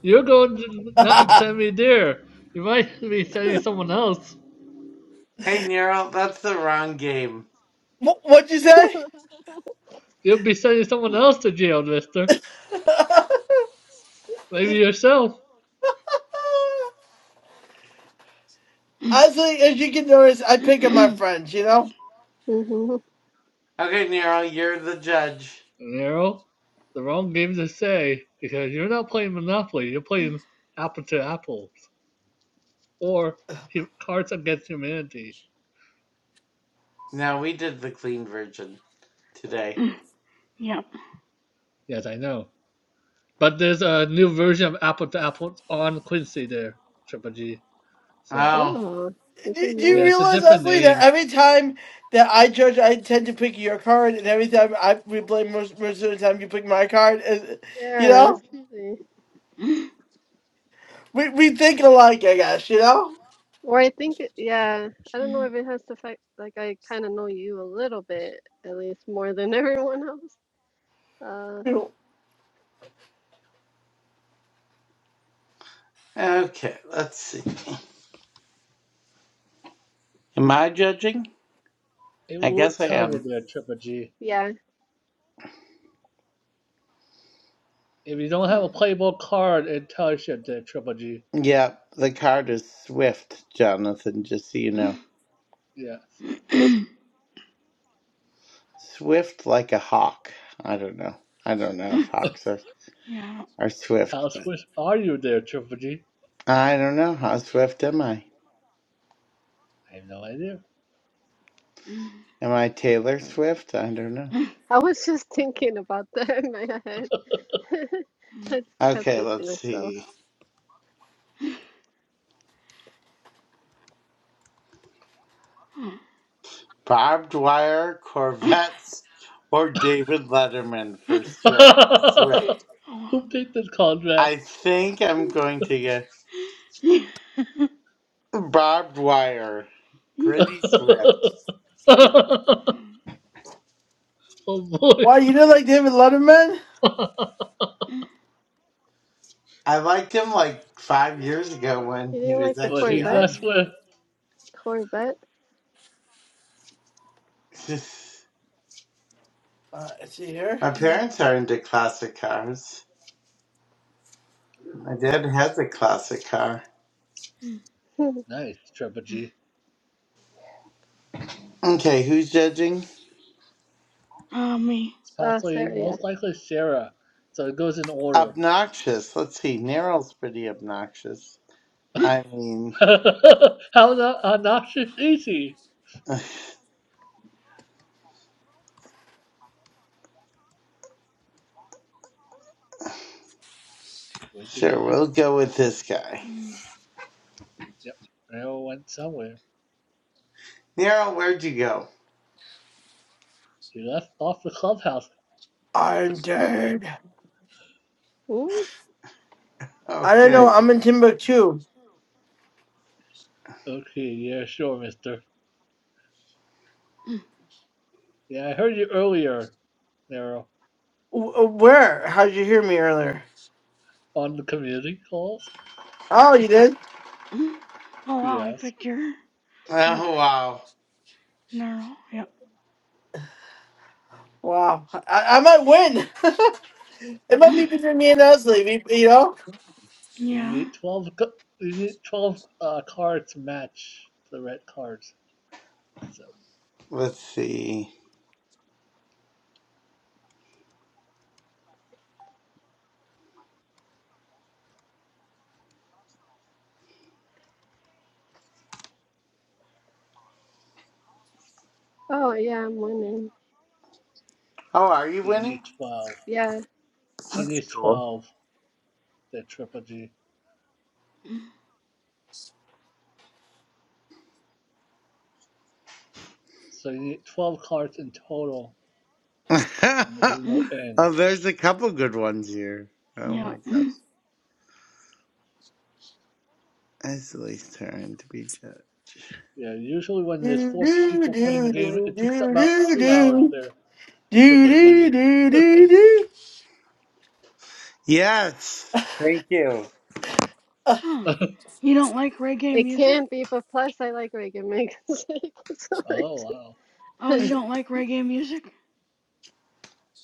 You're going to not what, send me there. You might be sending someone else. hey, Nero, that's the wrong game. what'd you say? You'll be sending someone else to jail, mister. Maybe yourself. Asley, as you can notice, I pick on my friends, you know. Mm-hmm. Okay, Nero, you're the judge. Nero, the wrong game to say because you're not playing Monopoly. You're playing Apple to Apples or Cards Against Humanity. Now we did the clean version today. Yep. Yes, I know. But there's a new version of Apple to Apples on Quincy there, Triple G. So, Oh, Oh, it Do, didn't do you yeah, matter. it's a realize, different Leslie, that name. every time that I judge, I tend to pick your card, and every time I we blame most, most of the time you pick my card. And, you Yeah, that's know, crazy. we we think alike, I guess. You know, Or I think, it- yeah, I don't Yeah. know if it has to affect, like, I kind of know you a little bit, at least more than everyone else. Uh, You know, okay. Let's see. Am I judging? It I will guess I tell you am. there, Triple G. yeah, If you don't Yeah. have a playable card, intelligent there, Triple G. Yeah, the card is swift, Jonathan, just so you know. Yes. Swift like a hawk. I don't know. I don't know if hawks are, are swift. How Swiss are you there, Triple G? I don't know. How swift am I? I have no idea. Thank Am I Taylor Swift? I don't know. I was just thinking about that in my head. I just kept Okay, it to let's myself. see. Barbed wire, Corvettes, or David Letterman for Swift. Swift. Who picked this contract? I think I'm going to go. Barbed Wire, pretty Swift. oh boy. why you did like David Letterman? I liked him like five years ago when You he didn't like was the but actually he's Corvette? not on. Swiss. Corvette? Uh, let's see Yep. here. My parents are into classic cars. My Yep. dad has a classic car. Nice, Triple G. Okay, who's judging? Oh, me. It's Uh, possibly, sorry, yeah. most likely, Sarah. So it goes in order. Obnoxious. Let's see. Nero's pretty obnoxious. I mean, How the obnoxious is he? Where did he sure, went? we'll go with this guy. Yep. Arrow went somewhere. Nero, where'd you go? He left off the clubhouse. So I'm dead. Hmm? I don't know. Okay. I'm in Timbuktu. Okay, yeah, sure, mister. you. Yeah, I heard you earlier, Daryl, W- uh, where? How'd you hear me earlier? on the community calls. Oh, you did. Oh, wow, I Yes. picked your. Yeah. Oh, wow. Neural. Yeah. Wow. I, I might win. it might be between me and Leslie. We- You know. You Yeah. need 12, c- you need 12 uh, cards to match the red cards. So Let's see. Oh, yeah, I'm winning. Oh, are you you winning? need 12. Yeah, She needs 12, the Triple G. So you need 12 cards in total, and the game will end. oh, there's a couple good ones here. Oh Yeah. my gosh. Esley's turn to be judge. Yeah, usually when there's Do four do do people playing the game, do do it takes about do two hours do there, do Triple G. do do do do. Yes. Thank you. Uh, Huh. You don't like reggae it music? can be, but plus I like Reagan Megan's so Oh, much. wow. Oh, you don't like reggae music?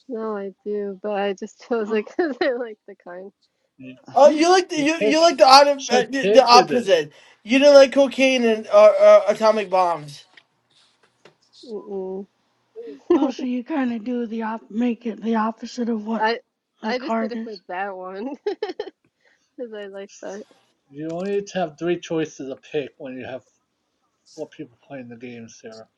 No, I do, but I just chose it Oh. because I like the kind. You, oh, you like the you you, you picked, like the, auto, uh, she the the picked it. opposite. You don't like cocaine and uh, uh, atomic bombs. Mm-mm. Oh, so you kind of do the op, make it the opposite of what I the I just card did it for is. that one because I like that You only have three choices to pick when you have four people playing the games here.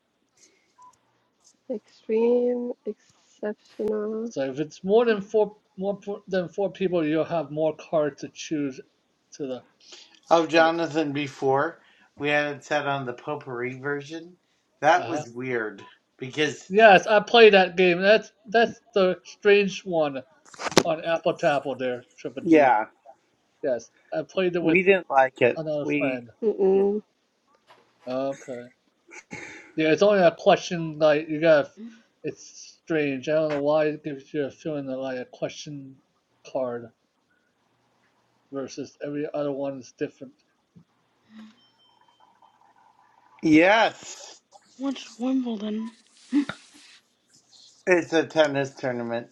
extreme, exceptional, So if it's more than Hmm. four more than four people, you'll have more cards to choose to the Of like. Jonathan before, we had it set on the potpourri version. Uh That huh. was weird because Yes, I played that game. That's that's the strange one on Apple Tapple there, Triple G. yeah, Yes, I played it we with didn't like it. another We friend group. mm-mm, Okay. Yeah, it's only a question like you got. It's strange. I don't know why it gives you a feeling of like a question card. versus every other one is different. yes, What's Wimbledon? it's a tennis tournament.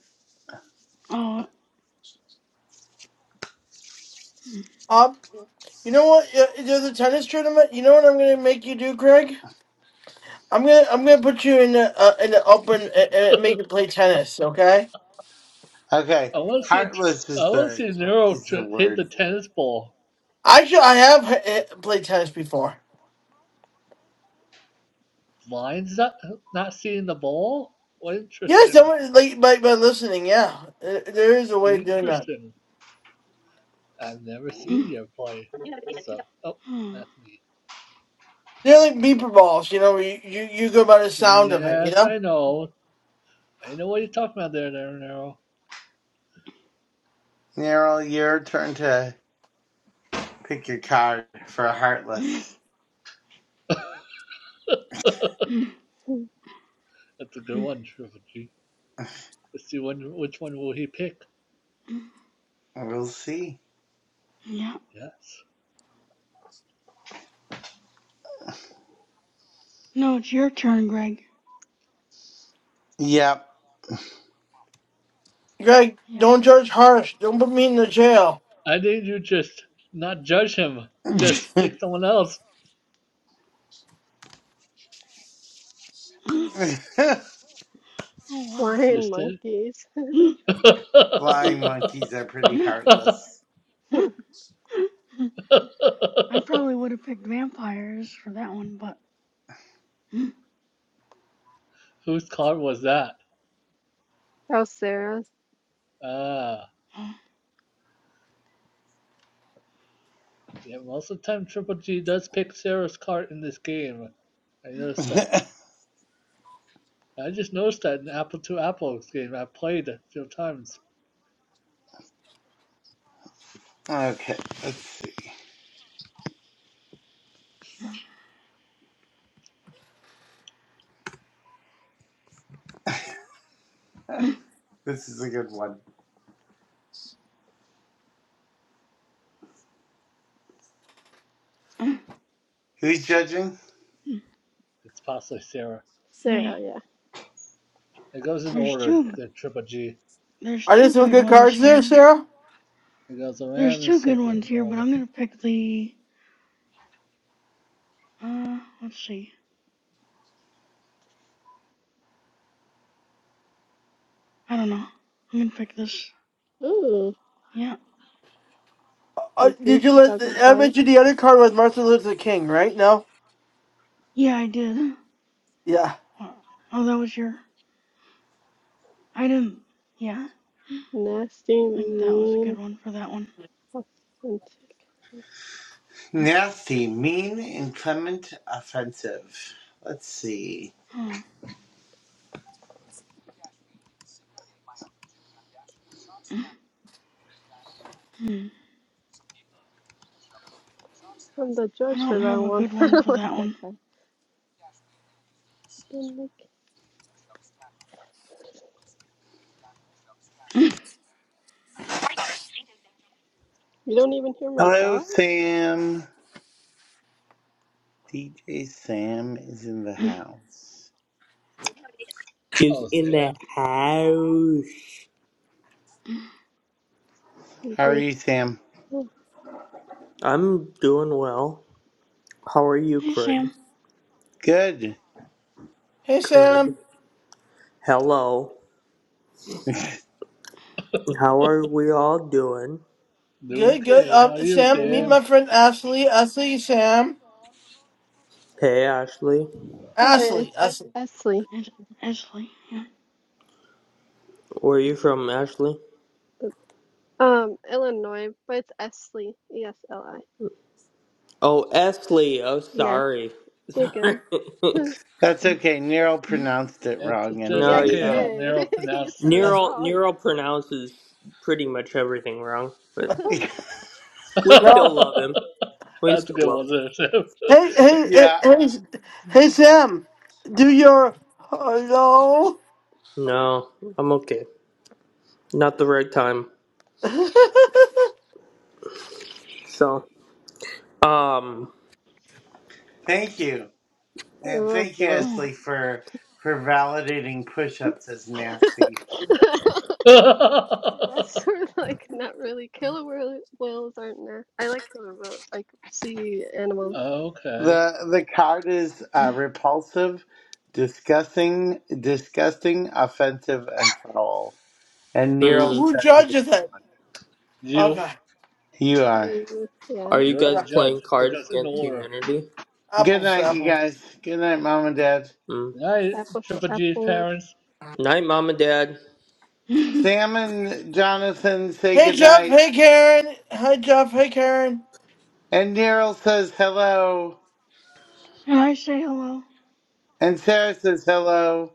Oh, mm, Um, you know what? Uh, There's a tennis tournament. You know what I'm gonna make you do, Greg? I'm gonna I'm gonna put you in the uh, in the open and, and make you play tennis. Okay? Okay, I want to see it. heartless is I want to the see Nero is the hit word. the tennis ball. Actually, I have uh, played tennis before. Blinds not not seeing the ball. What Yeah, interesting. someone like by by listening. Yeah, Uh, there is a way of doing that. Interesting. I've never seen mm, you play. So, oh, mm, that's me. They're like beeper balls, you know. You, you you go by the sound of it, you Yes, know. I know. I know what you're talking about there, there, Nero. Neural, your turn to pick your card for mm, heartless. mm, That's a good one, Triple G. Let's see when, which one will he pick. mm. We'll see. yeah. Yes. No, it's your turn, Greg. Yep. Greg, Yeah. don't judge harsh. Don't put me in the jail. I think you just not judge him. Mm, Just pick someone else. mm. Oh wow. flying Just said. monkeys. Mm, mm, Flying monkeys are pretty mm, heartless. mm, that mm. I probably would have picked vampires for that one, but mm, Whose card was that? was Sarah. Ah, mm, yeah, most of the time Triple G does pick Sarah's card in this game. I noticed that. I just noticed that in Apple to Apples game. I played a few times. okay, let's see. This is a good one. mm, Who's judging? mm. It's possibly Sarah. me. Sarah, yeah. It goes in There's order, I two. don't the Triple G. There's Are there two some good good ones cards there, here. Sarah? It goes There's around in a two good circle ones in here, but order. I'm gonna pick the. Uh, let's see. I don't know. I'm gonna pick this. Ooh, Yeah. Uh, like did great you let? Chicago I fly, mentioned the other card with Martin Luther King, right? No. Yeah, I did. Yeah. Oh, oh, that was your. I didn't. Yeah, nasty, I think that was a good mean, one for that one. authentic. Nasty, mean, inclement, offensive. Let's see. Hmm. Hmm. I'm the I judge for don't that have a one. good I one don't for like that that one. guy. Don't like. You don't even hear my Hello, dogs, Sam. DJ Sam is in the house. She's Oh, in the Sam. house. How are DJ. you, Sam? Oh, I'm doing well. How are you, Hey, Greg? Sam. Good. Hey, Good. Sam. Hello. How are we all doing? Good, good. Okay, how Um, are you, Sam, hi, meet Hmm. my Sam? friend Ashley. Ashley, Sam. Hey, Ashley. hi, it's Ashley. Ashley. Es- Esley. It's Esley. Yeah. Where are you from, Ashley? Um, Illinois, but it's Esley. E S L I. Oh, Esley. Oh, Yeah, sorry. you're Sorry. good. That's okay. Nero Hmm. pronounced it It's wrong just Yeah, no, anyway, he okay yeah. so. Yeah. how did. Nero You pronounces said it it. Ashley. Neural wrong. Neural pronounces pretty much everything wrong, but we still No. love him. We That's a still good love one there, Hey, hey, hey, yeah. hey, S- hey, Sam. Do your hello. him. No, I'm okay. Not the right time. So, um, Thank you. And You're thank you, welcome. Oh. Ashley, for for validating push-ups as nasty. The Sam. rest were like not really killer whale- whales aren't there. I like killer whales, like sea animals. Okay. The the card is uh, repulsive, disgusting, disgusting, offensive, and foul. And I hmm. don't. Nero's Who judging judges this it? one. You, Okay. You are. You, yeah, Are you you're the guys Okay. judge playing Cards because in Against order. Humanity? Good Apples to night, you apples. guys. Good night, Mom and Dad. Mm. I, apples to Triple G's apples. parents, Night, Mom and Dad. Can Sam and Jonathan say Hey good Jeff, night. hey Karen, hi Jeff, hey Karen. And Nero says hello. I say hello? And Sarah says hello.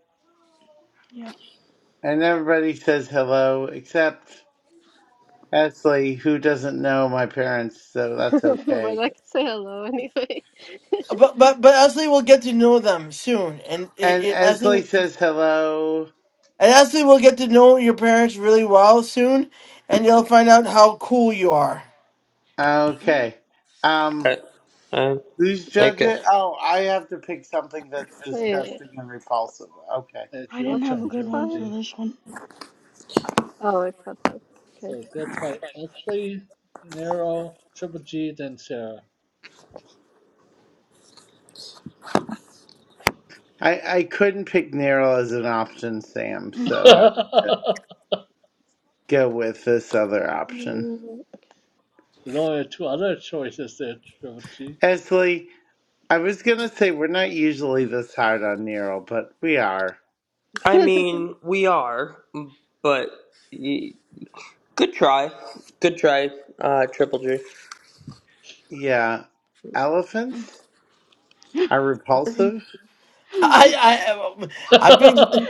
And everybody says hello except Esley, who doesn't know my parents, so that's But I Yeah. okay. can say hello anyway. But but but Ashley will get to know them soon, and it, And it, Ashley and Esley says hello. Ashley will get to know your parents really well soon, and you will find out how cool you are. Okay. Uh, Um, uh, who's judge okay. it? Oh, I have to pick something that's Wait, disgusting and repulsive. Okay. it's I your didn't what's have a the turn, good Triple one for card? G. this one. Oh, I passed it. Okay. So it goes by Ethly, Nero, Triple G, then Sarah. I, I couldn't pick Nero as an option, Sam, so I had to go with this other option. There's only two other choices there, Triple G. Esley, I was gonna say we're not usually this hard on Nero, but we are. I No. mean, we are, but y- good try, good try, uh, Triple G. Yeah. Elephants are I repulsive? I I've been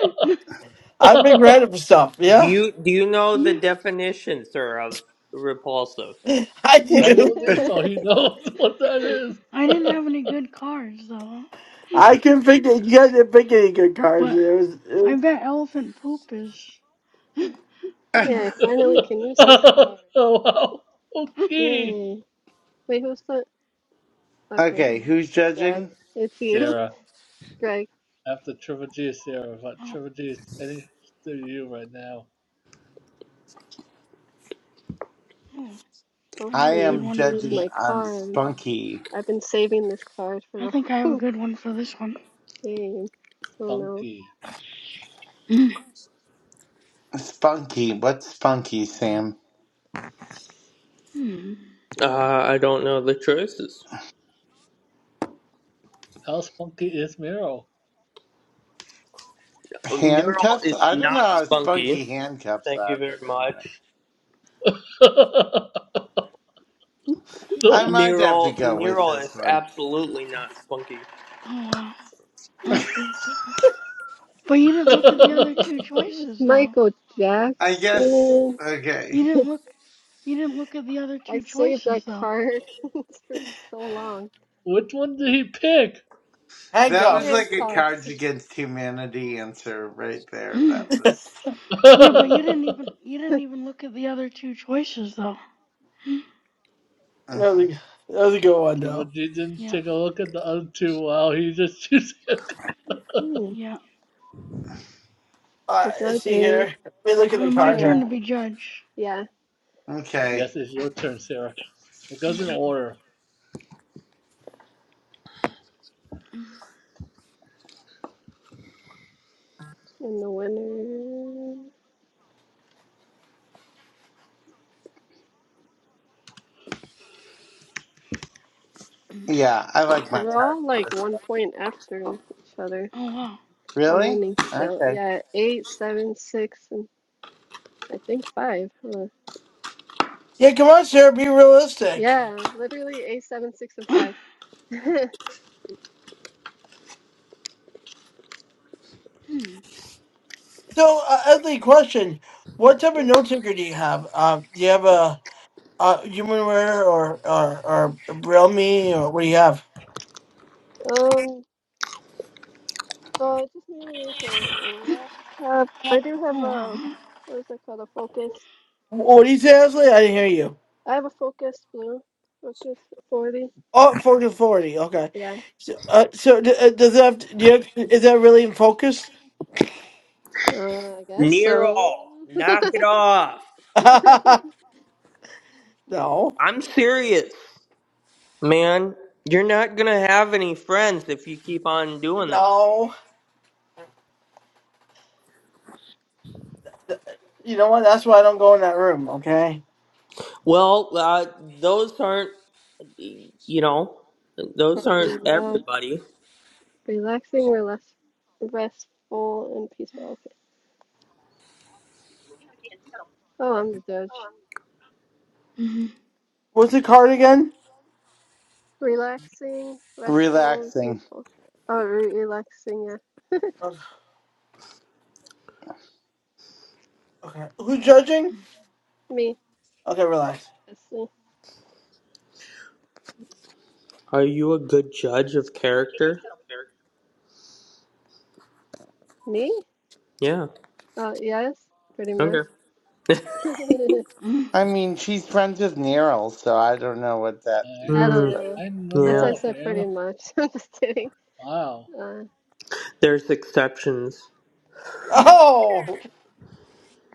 I've been I random stuff. Do Yeah, you do you know the yeah. definition, sir, of repulsive? I do. know this, so he knows what that is. I didn't have any good cards though. I can pick. You guys didn't pick any good cards. But It was, it I was bet elephant poop is, you Yeah, know. I finally can use this card. oh, wow. Okay. Yay. Wait, who's care. the? Okay, Okay, who's Greg. judging? It's you. Sarah. Greg, After Triple G is Sarah, but Oh, Triple G is anything to you right now. oh, I I have a hopefully good you am one for choose judging this. my on card. Spunky. I've been saving this card for I the think I have a whole good one for this one. game. Oh no. Spunky. Spunky, what's Spunky, Sam? Hmm. Uh, I don't know the choices. How spunky is Meryl? Neural Handcuffs? is I don't know not how spunky spunky. handcuffs Thank you are, very but anyway. much. I no. might have to Neural, go with neural this is one. absolutely not spunky. Oh wow. But you didn't look at the You other two didn't choose choices though. Michael I guess, Jackson. okay. You didn't look. You didn't look at the other I two saved that choices though. card for so long. Which one did he pick? That was handcuffs. like a Cards Handcuffs. Against Humanity answer right there. That was. Oh Yeah, my but you didn't even you didn't goodness. even look at the other two choices though. Hmm. uh, That was, a, that was a good one though. Jumanji didn't Yeah, take a look at the other two while he just chooses. Hmm. yeah. Uh, The let's judge see is here. Let me look at the Uh, my card here. turn to Sarah. be judge. Yeah, Okay. yes, it's your turn, Sarah. It goes in Mhm, order. mm, and the winner. mm. Yeah, I like my We're card all for like this one one. point after each other. Oh wow. I'm Really? winning still. Okay. Yeah, eight, seven, six, and I think five. Huh. Yeah, come on, sir. Be realistic. Yeah, literally eight, seven, six, and five. Hmm. So, uh, ugly question: What type of Yeah. note taker do you have? Um, do you have a, a Humanware or or or Realme or what do you have? Um, so I just mainly use my laptop. I do have Oh a, wow. what is that called? A Focus. Wh- What do you say, Ashley? I didn't hear you. I have a Focus Blue, Focus 40. Oh, focus forty. Okay. Yeah, So, uh, so d- uh, does that have to, do you have, is that really in focus? uh, I guess so. Neural, knock it off. no, no. I'm serious, man. You're not gonna have any friends if you keep on doing this. You know what? That's why I don't go in that room. Okay. Well, uh, those aren't, you know, those aren't Relax, everybody. relaxing, relax, restful, and peaceful. Okay. Oh, I'm the judge. Mhm, What's the card again? Relaxing, restful, and Relaxing. peaceful. Oh, re- relaxing, yeah. Okay. Who's judging? Me, Okay, relax. Leslie. Are you a good judge of character? Me? Yeah. Uh, yes, pretty much. Okay. I mm, mm, I mean, she's friends with Neryl, so I don't know what that I means, Hmm. don't but. know. I don't That's why Yeah. I know, said pretty Sam. much. I'm just kidding. Wow. Uh, There's exceptions. Oh,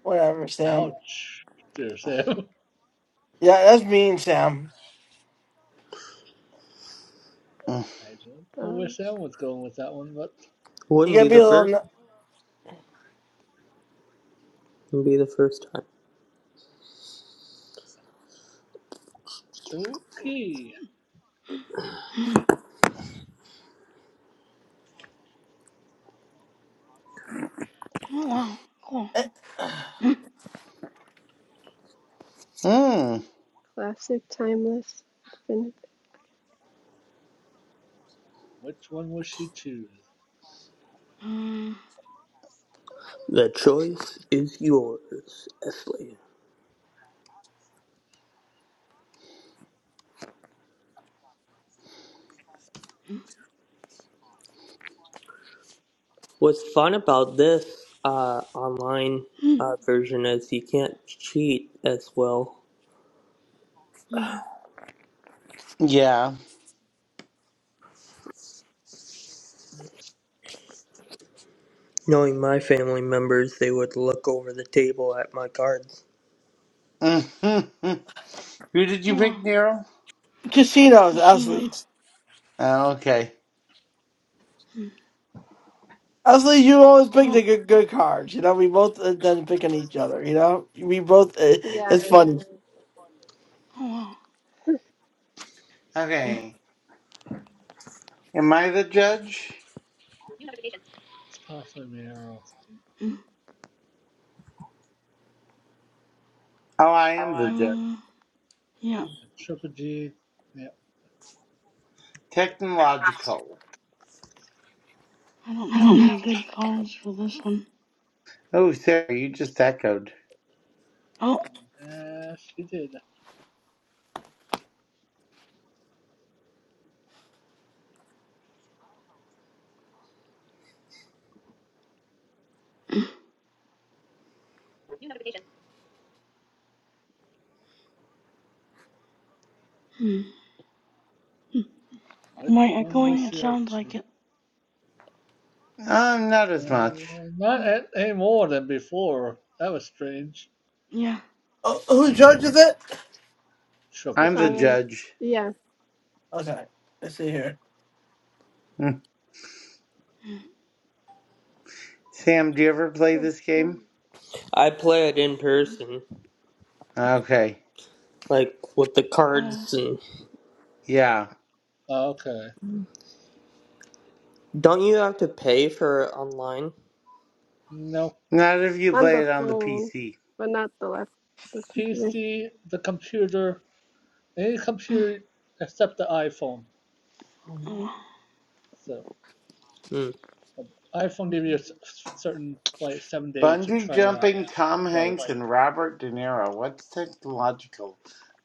whatever, Sam. Ouch, dear Sam. Yeah, that's mean, Sam. Mm. I don't know uh, where Sam was going with that one, but You Wouldn't be gotta be the a mm, little. first. n- Wouldn't be the first time. okay. mm. Oh wow. Cool. eh, Mm. hmm. classic, timeless, infinite. Which one will she choose? Uh, The choice is yours, Esley. mm, What's fun about this uh, online mm, uh, version is you can't cheat as well mm. Yeah. Knowing my family members, they would look over the table at my cards. Who did you Oh pick, wow. Nero? Casinos, Casino. athletes. Oh, okay. Mm. Athletes, you always pick the Oh. good, good cards. You know, we both uh, then pick on each other. You know, we both. Uh, Yeah. it's funny. Oh wow. Okay. Am I the judge? It's possibly Meryl. Mm, Oh, I am the judge. mm. Uh. Yeah. Triple G. Yeah, Technological. I don't have any good cards for this one. Oh, Sarah, you just echoed. Oh. Yes, she did. Hmm. Hmm. Which Am I one echoing? was at- It there sounds like too? it. Um, not as much. Uh, not Mm, at, any more than before. That was strange. Yeah. Oh, who judges it? Triple I'm the Uh, G. judge. yeah. Okay, let's see here. Hmm. Mm, Sam, do you ever play My this phone. game? I play it in mm. person, Okay. like with the Oh. cards. And... Yeah. Oh, Okay. Don't you have to pay for it online? No. Not if you On play the it on the phone, PC. but not the lap, the computer. PC, the computer, any Mm, computer except the iPhone. Oh. wow. So, Hmm. but the iPhone give you a s- certain, like, seven days to Bungee try out. jumping, Tom Like, Hanks, and Robert De Niro. What's technological?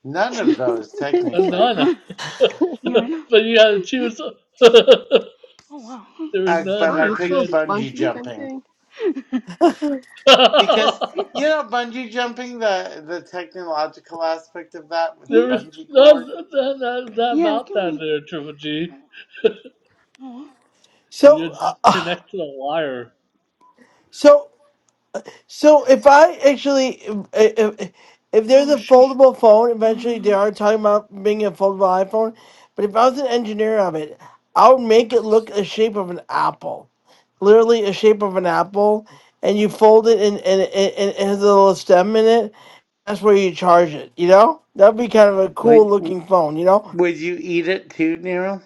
None of Mm, those, uh, technically. none. uh, Yeah, I know. but you had to Mm, mm, choose. there Oh wow. was I, oh, but none, I you but picked you chose bungee bungee Mm, jumping jumping? had. because Yeah. you know bungee jumping the the technological aspect of that with the yeah. There is bungee cord. nothing nothing- nothing Yeah, I about can that make. there, Triple G. uh, Oh. wow. You So, uh, just uh, connect to the wire. so So if I actually, if, if, if there's Oh a shoot. foldable phone, eventually they Uh. are talking about being a foldable iPhone. But if I was an engineer of it, I would make it look the shape of an apple, literally a shape of an apple, and you fold it and and, and, and it has a little stem in it. That's where you charge it. You know, that'd be kind of a cool Would looking phone. You know, would you eat it too, Nero?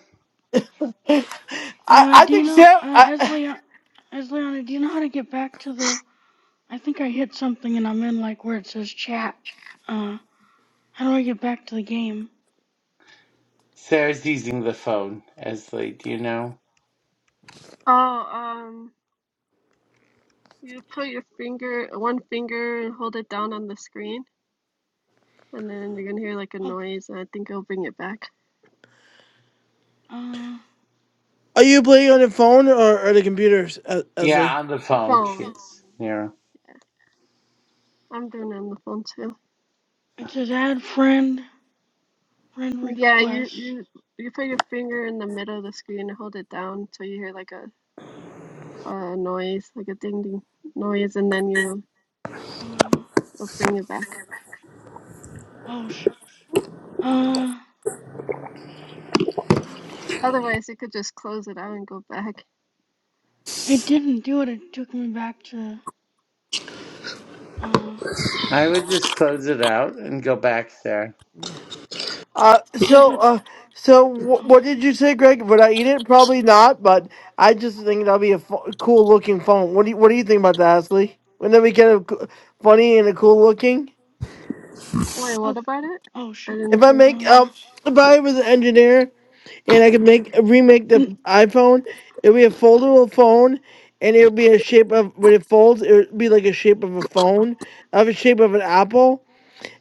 I Uh. I Do you think know? Sam. Uh. As I, Leon. do you know how to get back to the? I think I hit something and I'm in like where it says chat. Uh. How do I get back to the game? Sarah's using the phone, Esley. Do you know? Oh, um. You put your finger, one finger, and hold it down on the screen, and then you're gonna hear like a Oh. noise, and I think it'll bring it back. Uh. are you playing on the phone or, or the computers, Es- Esley? Yeah, on the phone she Phone. is, Nero. I'm doing it on the phone too. It says add friend. Friend Yeah, you request. you you put your finger in the middle of the screen and hold it down till you hear like a, a noise, like a ding ding noise, and then you Uh, it'll bring it back. oh sh Uh, Otherwise, you could just close it out and go back. it didn't do it. It took me back to uh I would just close it out and go back there. Uh, so, desert. uh, so wh- Uh, what did you say, Greg? Would I eat it? Probably not, but I just think that'll be a cool looking phone. What do you What do you think about that, Ashley? Wouldn't that be kind of co- funny and a cool looking? Wait, oh, what about it? oh I shoot. If didn't I hear. make Uh, um, if I was an engineer and I could make remake the can iPhone, it'd be a foldable phone, and it would be a shape of when it folds, it would be like a shape of a phone, of a shape of an apple,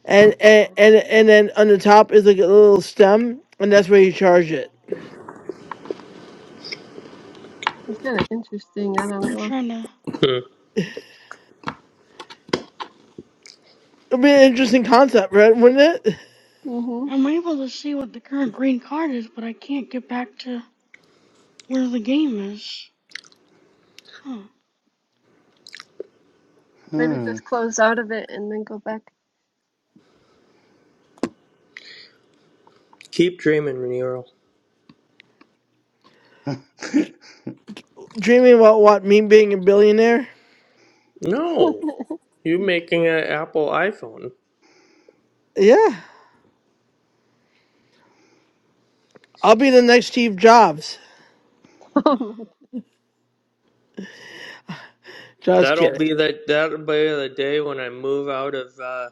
and and Oh, and, and then on the top is like a little stem, and that's where you charge it. it's kind of interesting. I don't I'm know. trying to. Hmm. It'd be an interesting concept, right? Wouldn't it? Mhm. I'm able to see what the current green card is, but I can't get back to where the game is. Huh. Maybe Hmm. just close out of it and then go back. Keep dreaming, Nero. Dreaming about what? Me being a billionaire? oh No, my. you're making an Apple iPhone. Yeah. I'll be the next Steve Jobs. Uh, Just That'll kidding. be the that'll be the day when I move out of uh,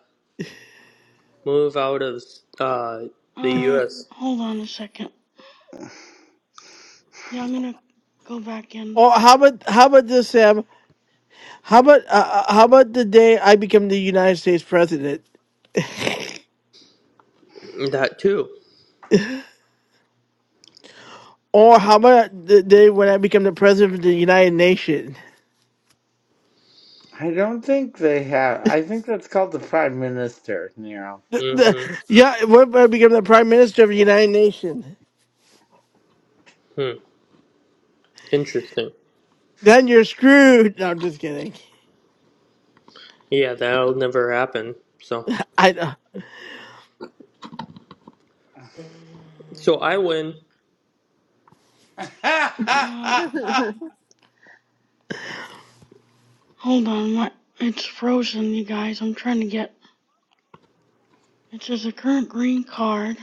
move out of uh, the uh, U.S. hold on a second. Yeah, I'm gonna go back in. Or how about how about this, Sam? How about uh, uh, how about the day I become the United States president? That too. Or how about the day when I become the president of the United Nations? I don't think they have. I think that's called the Prime Minister, Nero. The, the, Mm-hmm. yeah, what if I become the prime minister of the United Nations? Hmm. Interesting. Then you're screwed. No, I'm just kidding. Yeah, that'll never happen. So, I uh, so I win. Uh, God! I hold on. My it's frozen, you guys. I'm trying to get. It says the current green card.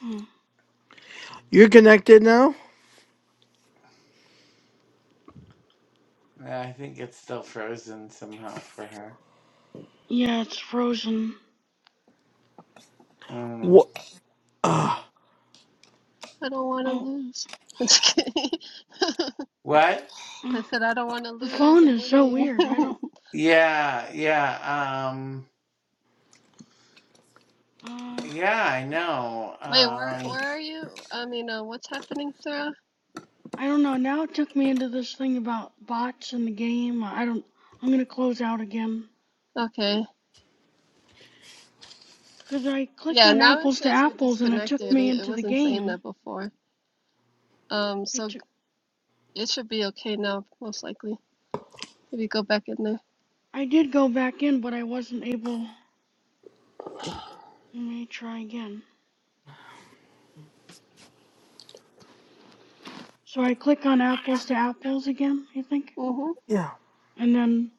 Hmm. you're connected now. think it's still frozen somehow for her. Yeah, it's frozen. Mm. What? Uh, I don't want to Oh, lose. I'm just kidding. What? I uh, said I don't want to the lose. phone I'm is so winning. weird. I don't, Yeah, yeah, um, uh, yeah, I know. Wait, where Um, where are you? I mean, uh, what's happening, Sarah? I don't know. Now it took me into this thing about bots in the game. I don't, I'm gonna close out again. Okay. 'Cause I clicked Yeah, on now it apples to says you're apples and it took disconnected. me It, it into the wasn't saying game. that before. Um, It so took, it should be okay now, most likely. If you go back in there. I did go back in, but I wasn't able. Let me try again. So I click on apples to apples again, I think? Mm-hmm. yeah. And then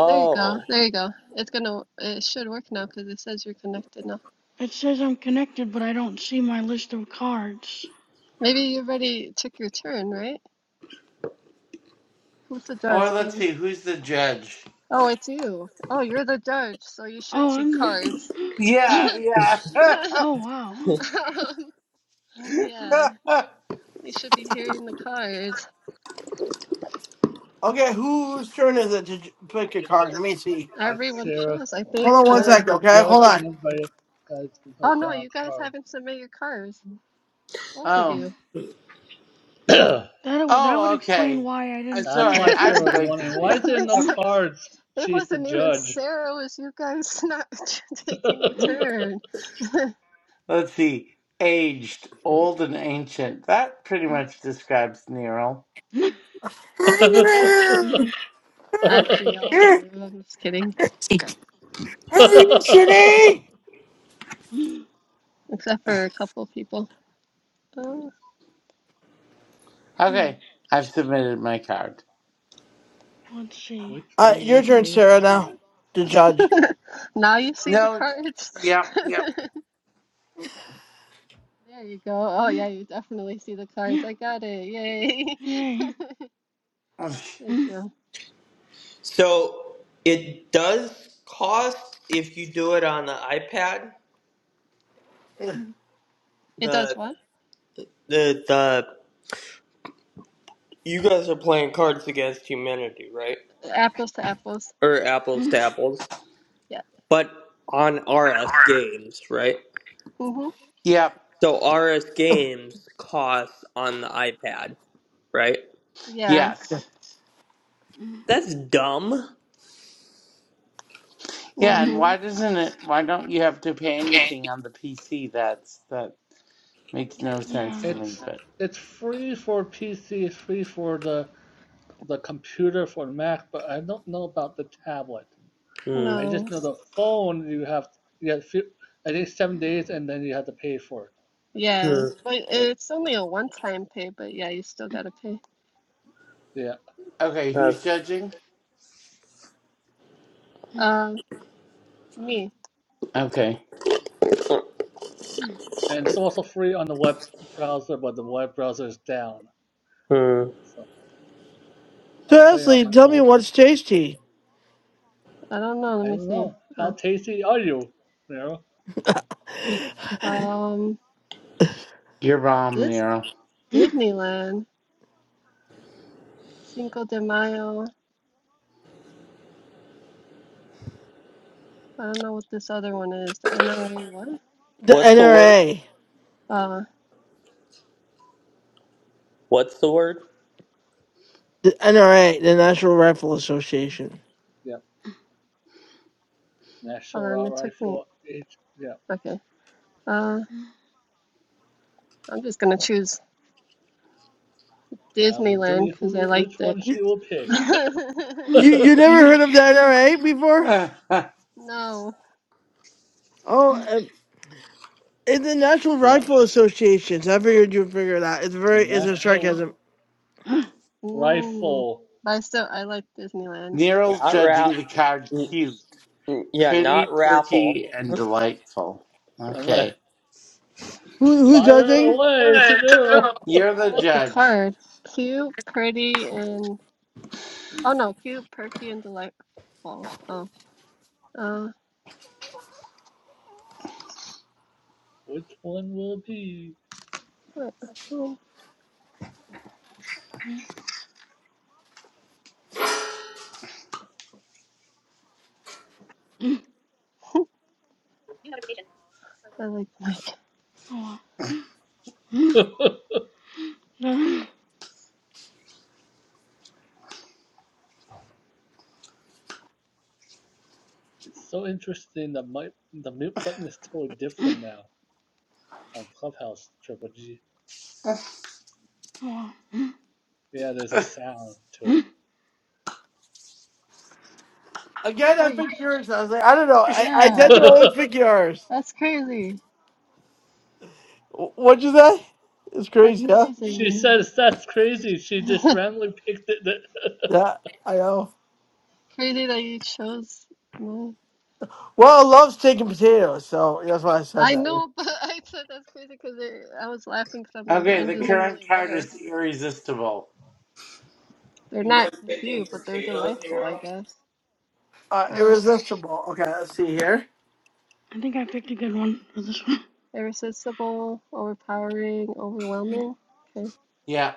There you go. There you go. It's gonna. It should work now because it says you're connected now. it says I'm connected, but I don't see my list of cards. Maybe you already took your turn, right? Who's the or judge? let's see, Mm. who's the judge? Oh, it's you. Oh, you're the judge, so you should Oh, see I'm the. cards. Yeah, okay. yeah. Oh wow. Well, yeah, you should be hearing the cards. Okay, whose turn is it to j- pick a card? Let me see. And Everyone Sarah, chose, I Hold think. on one Uh, Sarah's second, the okay? Hold judge, on. and everybody has to oh put no, down you guys cards. haven't submitted your cards. Both of oh, you. that would that would oh, explain okay. why I I'm didn't see That's sorry, why anything. I'm Sarah's that way wondering why confused. is there makes no so- cards? it She's the wasn't even judge. Sarah. It was you guys not taking your turn? Let's see, aged, old, and ancient. That pretty much describes Nero. Both of you. Actually, all of Here, you. I'm just kidding, how are you today? except for a couple of people. Oh. Okay, I've submitted my card. Let's see. Which Uh, one your will turn, Sarah Sarah, now choose? to judge. Now you see the No, cards. yep, yep, There you go. Oh, yeah, you definitely see the cards. Yeah. I got it. Yay. Yay. Thank Yeah. you. So it does cost if you do it on the iPad. So, It does The what? the the you guys are playing Cards Against Humanity, right? Apples to apples. Or apples to apples, Yeah. but on RS games, right? Mm-hmm. yep, So RS games costs on the iPad, right? Yeah. yes, That's dumb. yeah. And Mm-hmm. why doesn't it? Why don't you have to pay anything on the PC? That's that makes no sense to Yeah. me. It's But it's free for PC. It's free for the the computer for Mac, but I don't know about the tablet. Hmm. I just No. know the phone you have you have few, I think seven days and then you have to pay for it. Yeah. Hmm. But But, it's only a one-time pay, but yeah, you still gotta pay. yeah, okay, who's That's, judging? Um, me. Okay, and it's also free on the web browser, but the web browser is down. hmm. So I'm playing on Ashley, my tell me own. what's tasty? I don't know. Let I me don't see. know how tasty are you, you know? Uh, The um, your mom, this Nero. Disneyland, Cinco de Mayo. I don't know what this other one is. The NRA what? What's the word? NRA. Uh. What's the word? The NRA, the National Rifle Association. Yeah, Hold on, National it took me. Rifle. It yeah. Okay. Uh, I'm just gonna choose Out of the Disneyland three, because I who which liked it. one You, she will pick? Yeah. yeah, you, you never Yeah. heard of the NRA before? no. Oh, um, it's the National the Rifle Association. So I figured you'd figure it out. It's very, it's a National sarcasm. Mm. Rifle. But I still I like Disneyland. Nero's Not judging rap. the card. Cute, Yeah, pretty, not raffle. perky, and delightful. I'm a. Okay, Who, who's Fire judging? away, Tadero! you're Oh, I the like the judge. card. Cute, pretty, and oh no, cute, perky, and delightful. Oh. Uh. Which one will it be? What? Oh, Yeah. I like Mike. Oh, wow. it's so interesting. The mute, the mute button is totally different now on Clubhouse Triple G. Oh, wow. Yeah, there's a sound to I Again, I Oh, you, picked yours. I was like, I don't know. I, I yeah. tend to it. always pick yours. That's crazy. Wh- What'd you say? It's That's crazy, huh? she crazy. says that's crazy. She just randomly picked it. Yeah, I know. Crazy that you chose. my Well, I love steak and potatoes, so that's why I said I that. know, but I said that's crazy because I was laughing because I'm like, Okay, mine the doesn't really current card work. is irresistible. They're You not like picking cute, but they're potatoes, delightful, Hero? I guess. Uh, Um, irresistible. Okay, let's see here. think I picked a good one for this irresistible, overpowering, overwhelming. Okay, Yeah.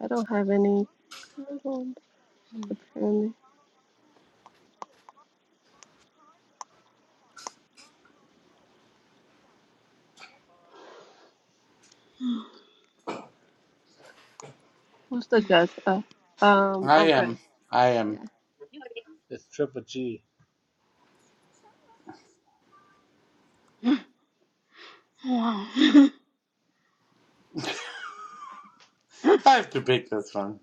I don't have any. good ones, Apparently, one. who's the judge? Uh, um, I oh, Greg. am. I am. Yeah. it's Triple G. Wow. I have to pick this one.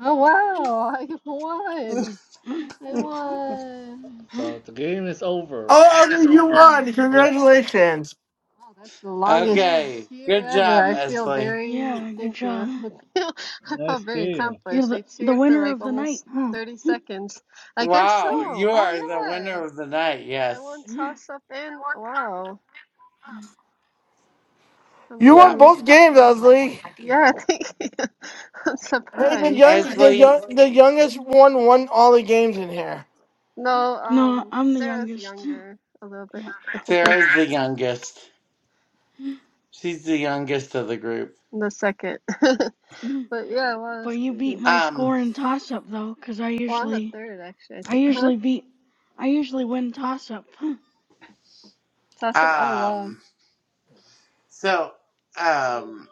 Oh wow, I won! I won! So the game is over. Oh, Elder, you won. Yep, Congratulations. Wow, that's the longest Wow. Okay. cheer Good ever. job, I feel Esley. very, Yeah, good thank job. you. I feel, I nice felt very game. You're accomplished. the They the cheered for winner like of the night, almost huh? 30 seconds. I guess Wow, Yeah, so. you Oh, are the yeah. winner of the night, I yes. won yeah. toss up and wow, I'm You Yeah. won winning both it. games, Leslie. Yeah, thank you. I'm Hey, the surprised. young, the Esley, young, the youngest one won all the games in here. No, No, um, I'm the Sarah's youngest. younger a little bit. Yeah. A couple Sarah's the youngest. She's the youngest of the group. in the second. But yeah, wow, But that's you beat crazy. my Um, score in toss up though, 'cause I Oh, I'm the usually third actually, I I think. Huh? usually beat I usually win toss up. Toss up? Oh, wow. um, so, um,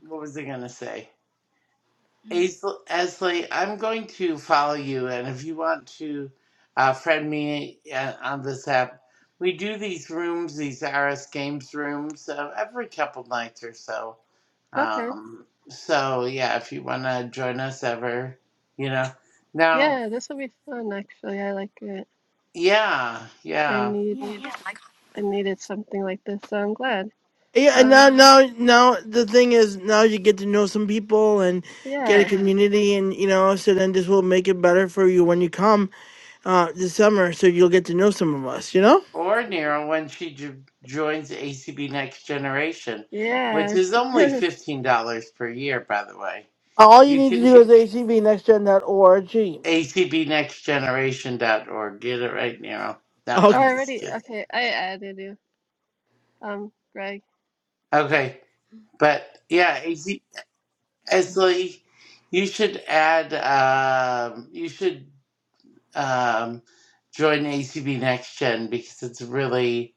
what was I gonna say? Aisl- Esley, I'm going to follow you, and if you want to uh, friend me uh, on this app, we do these rooms, these RS Games rooms, uh, every couple nights or so. Okay. Um, so yeah, if you want to join us ever, you know. Now, Yeah, this will be fun actually. I like it. yeah, I yeah. need Yeah. I needed something like this, so I'm glad. Yeah, and Uh now, now, now the thing is, now you get to know some people and get a yeah. community, and you know, so then this will make it better for you when you come uh, this summer, so you'll get to know some of us, you know? Or Nero when she j- joins ACB Next Generation, which Yeah. is only $15 per year, by the way. All you You need to can do is A C V next gen dot org. acbnextgeneration.org. Get it right, Nero. No, Oh, Oh, I'm I just already kidding. okay, I added you. Um, Greg. Okay, but yeah, AC, Esley, you should add. Um, you should um, join ACB Next Gen because it's really,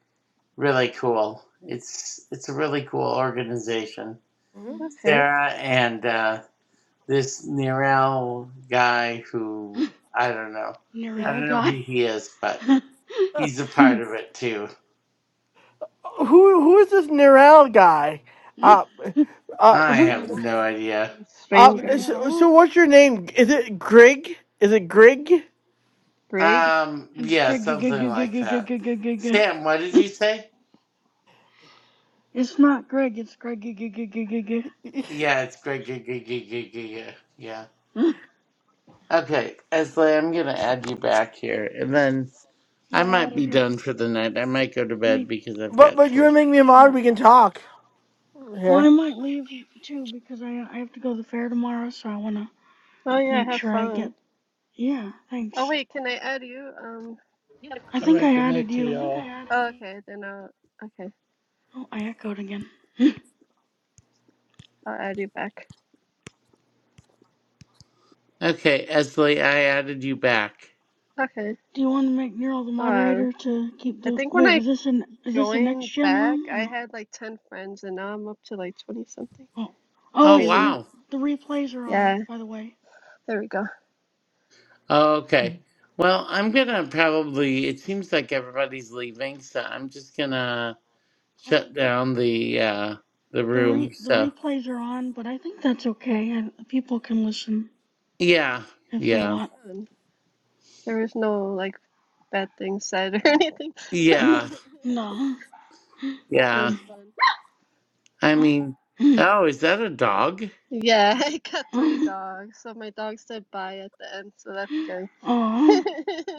really cool. It's it's a really cool organization. Mhm. Okay. Sarah and uh, this Nirel guy who I don't know, I Nirel don't know who guy. he is, but he's a part of it too who, who is this Nirel guy? Uh, uh, I I who- have don't no know. idea. Some uh, stranger. so, Nirel. so what's your name? Is it Grig? Is it Grig? Brig? Um, It's yeah, Greg. g- g- something g- g- like g- g- that. g- g- g- Sam, what did g. you say? It's not Greg. It's Greg. g- g- g- g- g- g. Yeah, it's great. good, good, good, good, good, good. Yeah. Yeah, Okay, Esley, I'm gonna add you back here, and then I I might added be her. done for the night. I might go to bed Me. because I've But, got but you church. make me a mod, Yeah. we can talk here. Well, I might leave too because I I have to go to the fair tomorrow, so I wanna Oh yeah, make have sure I get. fun. Yeah. Oh Thanks. wait, can I add you? Um I All think right, I good night added to you. oh, y'all. okay, then I'll okay. Oh, I echoed again. Do I'll add you back. Okay, Esley, I added you back. Okay. you want to make Neural the Um moderator to keep I the? think when Wait, I is this an is this a next joined gen back room or I no? had like ten friends and now I'm up to like twenty something. Oh, It's oh, Oh it's crazy. re wow. the replays are on. Yeah. By the way. There we go. Oh, okay. Well, I'm gonna probably. It seems like everybody's leaving, so I'm just gonna Okay. shut down the uh the The re room. the So. replays are on, but I think that's okay. I, people can listen Yeah, if That they was yeah, want. fun. There was no like bad things said or anything. yeah, No. It yeah. was fun. I mean, oh, is that a dog? Yeah, I got three dogs. So my dog said bye at the end, so that's good. Aw. Have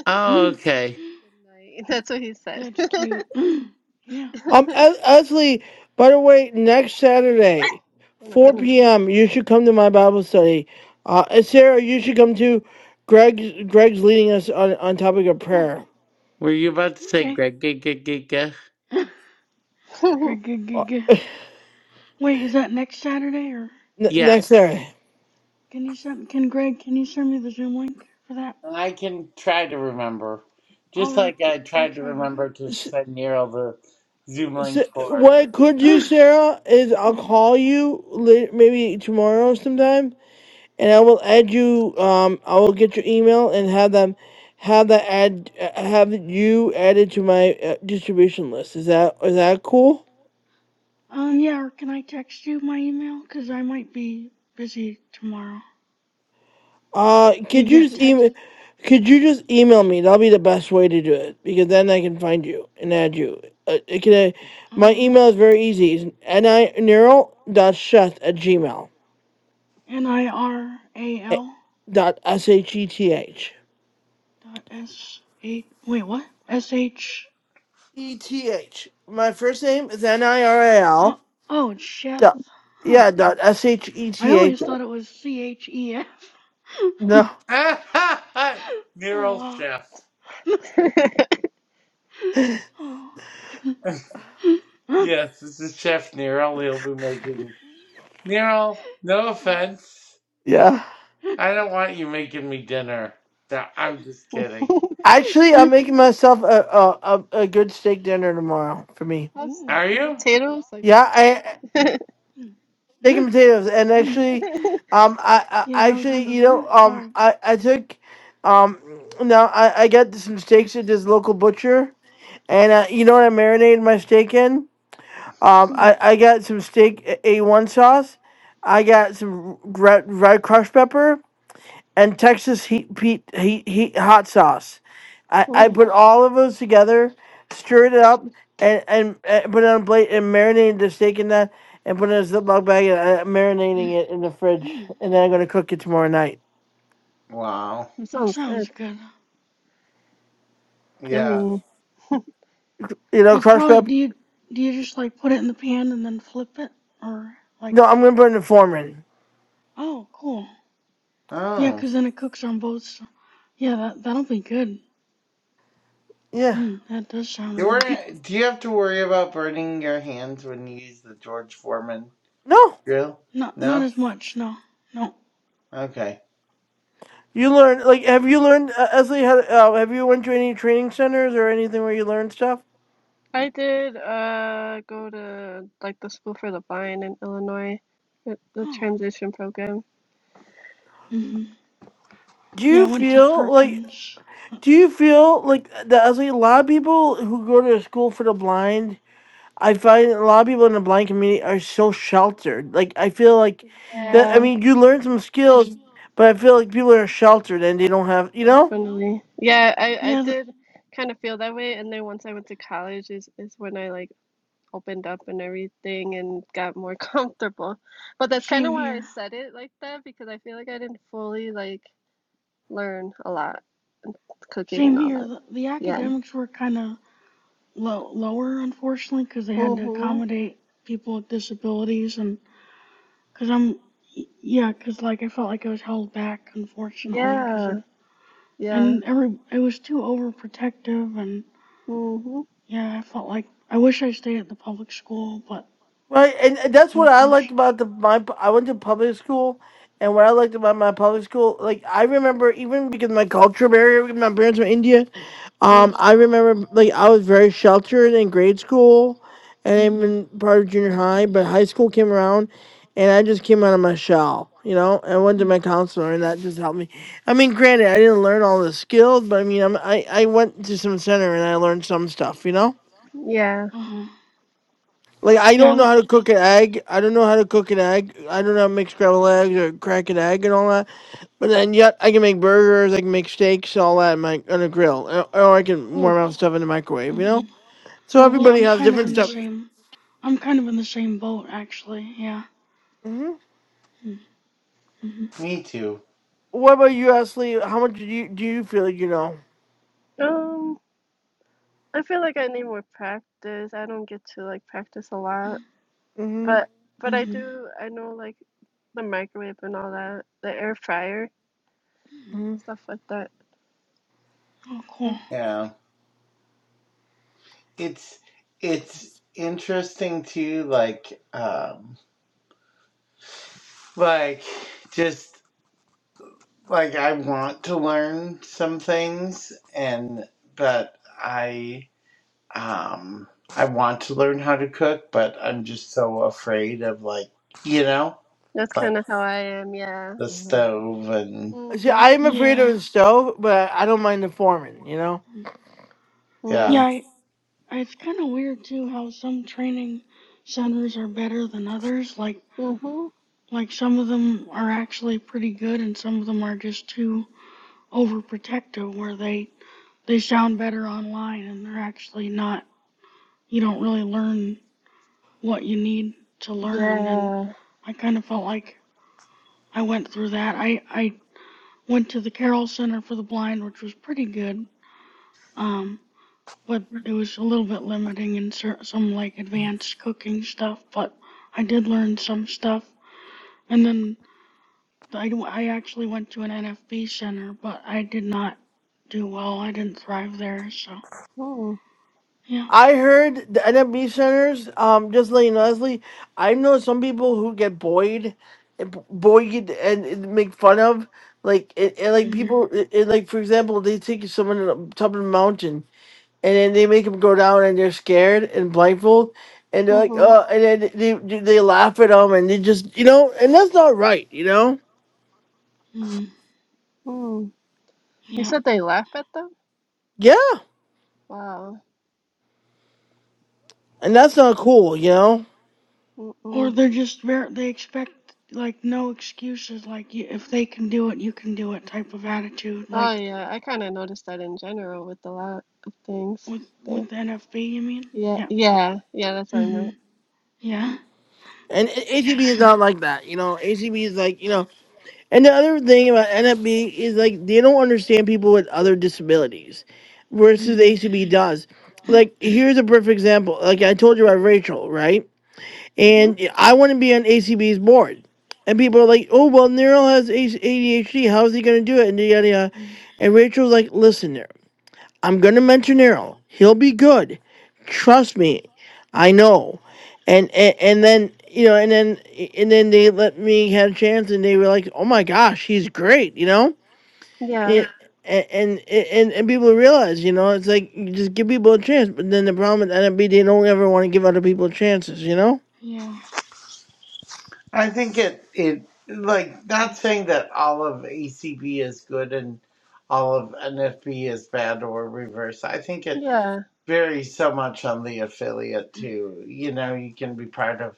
Oh, okay. a good night. That's what he said. That's cute. Yeah. Um, Eth- Ethley, by the way, next Saturday, Oh my 4 goodness. p.m., you should come to my Bible study. Uh, and Sarah, you should come to Greg. Greg's leading us on, on topic of Oh, prayer Were you about to say okay. Greg? Greg, Greg, Greg, Greg? Greg, Greg, uh, Greg, Greg. Wait, is that next Saturday or n- next Yes, Saturday. can you send can Greg, can you send me the Zoom link for that? I can try to remember, I'll just re like I I'll tried to try to remember to S- send Neural the Zoom s- link what I for could do, Sarah, is I'll call you late, maybe tomorrow sometime, and I will add you. Um, I will get your email and have them have that add uh, have you added to my uh, distribution list. Is that is that cool? Um yeah, or can I text you my email? 'Cause I might be busy tomorrow. Uh, Do you could you get just text? email? Could you just email me? That'll be the best way to do it because then I can find you and add you. Uh, it can I, my Uh, email is very easy. It's nineral dot sheth at gmail N I R A eh, L dot s h e t h dot S H. Wait, what? S H. e t h. My first name is n i r a l Oh, oh, it's Chef. dot Huh. yeah dot s h e I t h. always thought it was C H E F. No, Neural Oh, Chef. wow. Oh. Huh? Yes, this is Chef Neural. He'll be making Neural. No Oh. offense, yeah. I don't want you making me dinner. No, I'm just kidding. Actually, I'm making myself a a, a a good steak dinner tomorrow for me. Have steak Are and you? potatoes like Yeah, that kind. steak and Ooh. potatoes. And actually, um, I, Yeah, I that was one actually, of you know, the um, cards. I, I took, um, now I, I got some steaks at this local butcher, and uh, you know what I marinated my steak in? Um, I, I got some steak A one sauce, I got some red, red crushed pepper, and Texas heat, heat, heat, heat hot sauce. I, I Mm, mm, put all of those together, stirred it up, and, and, and put it on a plate and marinated the steak in that, and put it in a Ziploc bag and uh, marinating it in the fridge. And then I'm gonna cook it tomorrow night. Wow. that That sounds sounds good. good. Yeah. Yummy. You know, It's crushed probably up. do you do you just like put it in the pan and then flip it or like No, I'm gonna put it in the foreman. oh cool yeah Oh. 'cause then it cooks on both s yeah that that'll be good Yeah. mm, that does sound You really good worry, do you have to worry about burning your hands when you use the George Foreman No. drill? not not No? as much no no Okay. You learn like have you learned uh, Esley? How, uh, have you went to any training centers or anything where you learn stuff? I did uh go to like the School for the Blind in Illinois, the, the oh transition program. hmm Do yeah you I went to feel like? Perkins Uh, Do you feel like that? I was like, a lot of people who go to school for the blind, I find a lot of people in the blind community are so sheltered. Like, I feel like yeah that. I Yeah, mean, you learn some skills, Mhm. but I feel like people are sheltered and they don't have, you know. definitely. Yeah, I I yeah the, did kind of feel that way, and then once I went to college is is when I like opened up and everything and got more comfortable. But that's kind of same why I here said it like that because I feel like I didn't fully like learn a lot cooking same and all here that. the, the Yeah. academics were kind of low lower unfortunately 'cause they had to Mhm. accommodate people with disabilities and Cause I'm, yeah, cause like I felt like I was held back, unfortunately, cause of, Yeah. Yeah. and every, it was too overprotective, and Mhm. yeah, I felt like I wish I stayed at the public school, but Right, and and that's what I unfortunately, liked about the my. pu- I went to public school, and what I liked about my public school, like I remember, even because my culture barrier, because my parents were Indian, Mm, um, I remember like I was very sheltered in grade school, and mm-hmm, even part of junior high. But high school came around, and I just came out of my shell, you know. I went to hmm, my counselor, and that just helped me. I mean, granted, I didn't learn all the skills, but I mean, I'm, I I went to some center and I learned some stuff, you know. yeah. uh-huh, Like I yeah, I, don't know lo- how to cook an egg. I don't know how to cook an egg. I don't know how to make scrambled eggs or crack an egg and all that. But then yet I can make burgers. I can make steaks, all that, in my, on a grill, or or I can warm out stuff in the microwave. You know. mhm. So Mm-hmm. yeah, everybody I'm has kind of different in the stuff. same, I'm kind of in the same boat actually, yeah, hmm hmm, mm-hmm, Me too. What about you, Ashley? How much do you do you feel like you know? Um, I feel like I need more practice. I don't get to like practice a lot, hmm but but I mm-hmm, do. I know like the microwave and all that, the air fryer hmm stuff like that. oh cool, Yeah. It's it's interesting too, like um like just like I want to learn some things and but I um I want to learn how to cook, but I'm just so afraid of like you know? That's like. kind of how I am. Yeah. the stove and See, Mhm. I'm afraid of yeah, the stove, but I don't mind the foreman. You know. mm. yeah, yeah. Mm. I, I, it's kind of weird too how some training centers are better than others, like. Mhm. Like some of them are actually pretty good and some of them are just too overprotective where they they sound better online and they're actually not you don't really learn what you need to learn and Yeah. I kind of felt like I went through that. I I went to the Carroll Center for the Blind which was pretty good. Um but it was a little bit limiting in cer- some like advanced cooking stuff, but I did learn some stuff. And then I, I actually went to an NFB center, but I did not do well. I didn't thrive there, so Mm. yeah. I heard the NFB centers, um, just letting you know, Leslie, I know some people who get buoyed, buoyed and and make fun of, like, it, it, like Mhm. people, it, it, like, for example, they take someone in the top of the mountain and then they make them go down and they're scared and blindfold and they're like, Mhm. uh, and then they, they they laugh at them and they just, you know, and that's not right, you know? Mhm. Mm. You Yeah. said they laugh at them? Yeah, Wow. and that's not cool, you know? Or Mm-mm. they're just very they expect like no excuses. Like you, if they can do it, you can do it type of attitude. Oh Like yeah, I kind of noticed that in general with a lot of things with there. with NFB, you mean? Yeah, Yeah. yeah, yeah, that's what I meant. Mhm. Yeah. And A- ATB is Mhm. not like that, you know? ATB is like, you know, And the other thing about NFB is like they don't understand people with other disabilities versus the Mhm. ACB does. Like here's a perfect example. Like I told you about Rachel, right? Mm-hmm. And I want to be on ACB's board. And people are like, oh well Neural has ADHD, how is he gonna do it? And yada yada. Mhm. And Rachel's like, listen, I'm gonna mention Errol. He'll be good. Trust me. I know. And and, and then you know, and then and then they let me have a chance, and they were like, "Oh my gosh, he's great," you know. Yeah, And and and, and, and people realize, you know, it's like you just give people a chance, but then the problem with NFB, they don't ever want to give other people chances, you know. Yeah. I think it it like not saying that all of ACB is good and all of NFB is bad or reverse. I think it yeah, varies so much on the affiliate too. You know, you can be part of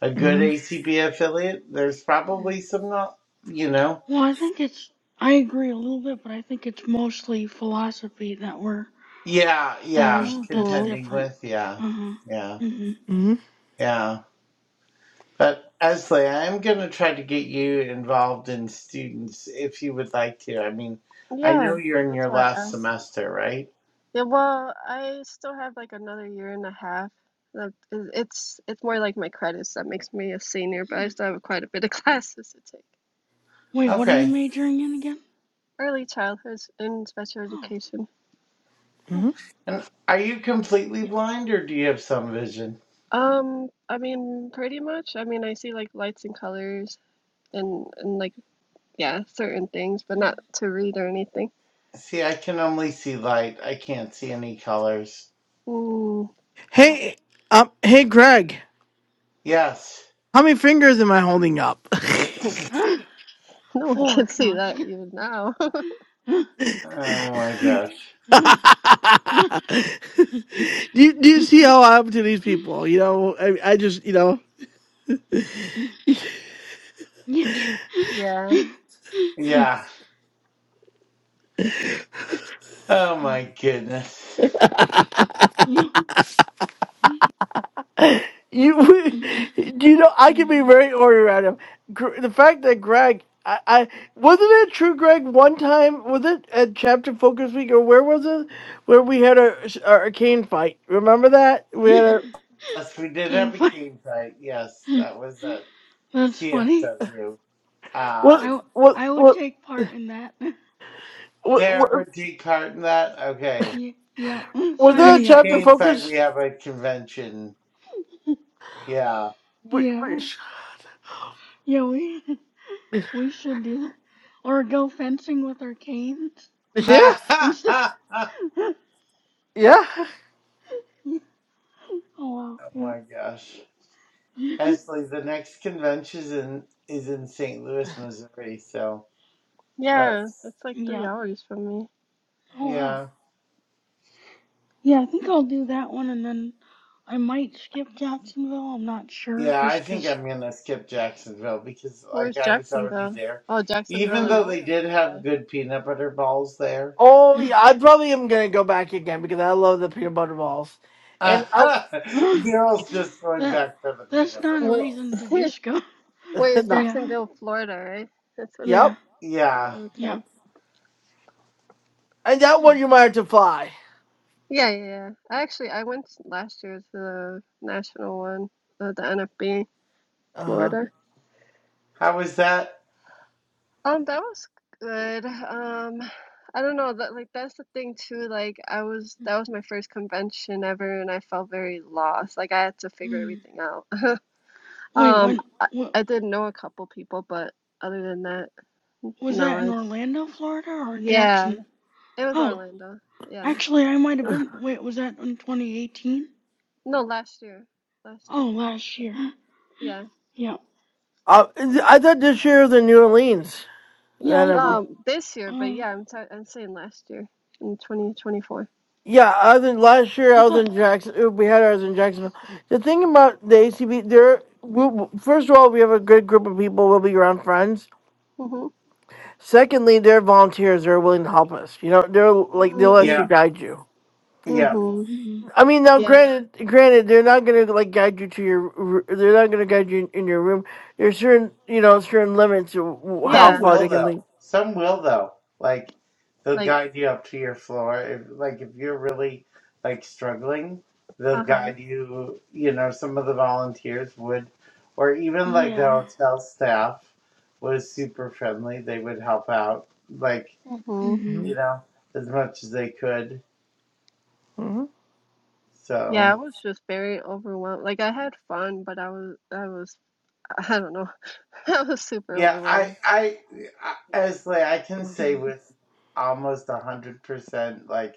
a good Mm-hmm. ACB affiliate. There's Mhm. probably some not, you know. Well, I think it's. I agree a little bit, but I think it's mostly philosophy that we're Yeah, That yeah, is that's mm-hmm. contending different. with, yeah. Uh huh. Yeah. Mhm. Mm-hmm. yeah. But Esley, I am going to try to get you involved in students if you would like to. I mean, I Yeah, know you're in that's your why I last asked. semester, right? Yeah, well, I still have like another year and a half. Like, it- It's it's more like my credits that makes me a senior, but I Hmm. still have quite a bit of classes to take. Wait, what are you Okay. majoring in again? Early childhood and special Oh, education. hmm cool. And are you completely Yeah. blind or do you have some vision? Um, I mean, pretty much. I mean, I see like lights and colors and and like yeah, certain things, but not Mm, to read or anything. See, I can only see light. I can't see any colors. Mm, Yeah. Hey, um, hey, Greg, Yes. how many fingers am I holding up? Uh, no one can Four. No, see I'm just that kidding. even now. Oh my gosh. Uh, uh, uh, do, you, do you uh, uh, see how I'm to these people? You know, I, I just, you know, Yeah. Yeah. Yeah. Oh my goodness. Yeah. you, do you know, I can be very ornery around him. Gr- The fact that Greg, I, I wasn't it true, Greg, one time, was it at Chapter Focus Week or where was it? Where we had our, our arcane fight. Remember that? We had our, Yes, we did Taking have a fun. cane fight. Yes, that was at That's funny. CFW. I, what, Um, w- what, I would what, take part in that. what, Sarah what would take part in that. Okay. Yeah. Yeah. was Sign that a me Next up. chapter game fight, we focus? have a convention. Yeah. We- we- Yeah. Yeah. We. We should do that. Or go fencing with our canes. Yeah, oh Instead. oh yeah. wow, my yeah. gosh. Actually, the next convention is in, is in St. Louis, Missouri. So, but Yeah. That's like three yeah. hours from me. Oh wow. yeah. Yeah, I think I'll do that one and then I might skip Jacksonville. I'm not sure Yeah, I just think 'cause I'm going to skip Jacksonville because, like, Where's I was already Jacksonville? there. Oh, Jacksonville, Even yeah. though Illinois they or did have Florida? good peanut butter balls there, Oh yeah, I probably am gonna go back again because I love the peanut butter balls. And I, Daryl's just going that back for the that's peanut not a butter What? reason balls. to just Wait, go. it's no, Yeah. Jacksonville, Florida, right? That's what it. Yeah. yep. Yeah. Oh, Yeah. okay. And that one you might have to fly. Yeah, yeah, yeah. I actually I went last year to the national one, uh, the NFB, Uh-huh. Florida. How was that? Um, that was good. Um, I don't know that like that's the thing too. Like I was that was my first convention ever, and I felt very lost. Like I had to figure Mm. everything out. Wait, Um, when I, what I did know a couple people, but other than that, was no, that in it's Orlando, Florida or yeah, Jackson? it was Oh, Orlando. Yeah. Actually, I might have been. Wait, was that in 2018? No, last year. Last Oh, year. last year. Yeah. Yeah. Uh I thought this year was in New Orleans. Yeah, I That'll be thought. Um, this year, but Uh, yeah, I'm sorry, I'm saying last year in 2024. yeah. I was in last year. I I was thought. in Jackson. uh, We had ours in Jacksonville. The thing about the ACB, there. we- First of all, we have a good group of people. We'll be around friends. Mhm. Secondly, they're volunteers. They're willing to help us. You know, they're like they'll actually Yeah, Mm. guide you. Yeah. Mhm. Mm, I mean, now Yeah. granted, granted, they're not gonna like guide you to your. r- They're not gonna guide you in, in your room. There's certain, you know, certain limits to w- how Some far Yeah. they will can lead. though. Some will though. Like they'll Like, guide you up to your floor. If, like if you're really like struggling, they'll uh-huh. guide you. You know, some of the volunteers would, or even like the yeah. hotel staff was super friendly. They would help out, like Mhm. Mm-hmm. you know, as much as they could. Mm-hmm. Yeah, So. I was just very overwhelmed. Like I had fun, but I was I was I don't know. I was super Yeah, I, overwhelmed. I, I as like I can say Mm-hmm. with almost a hundred percent like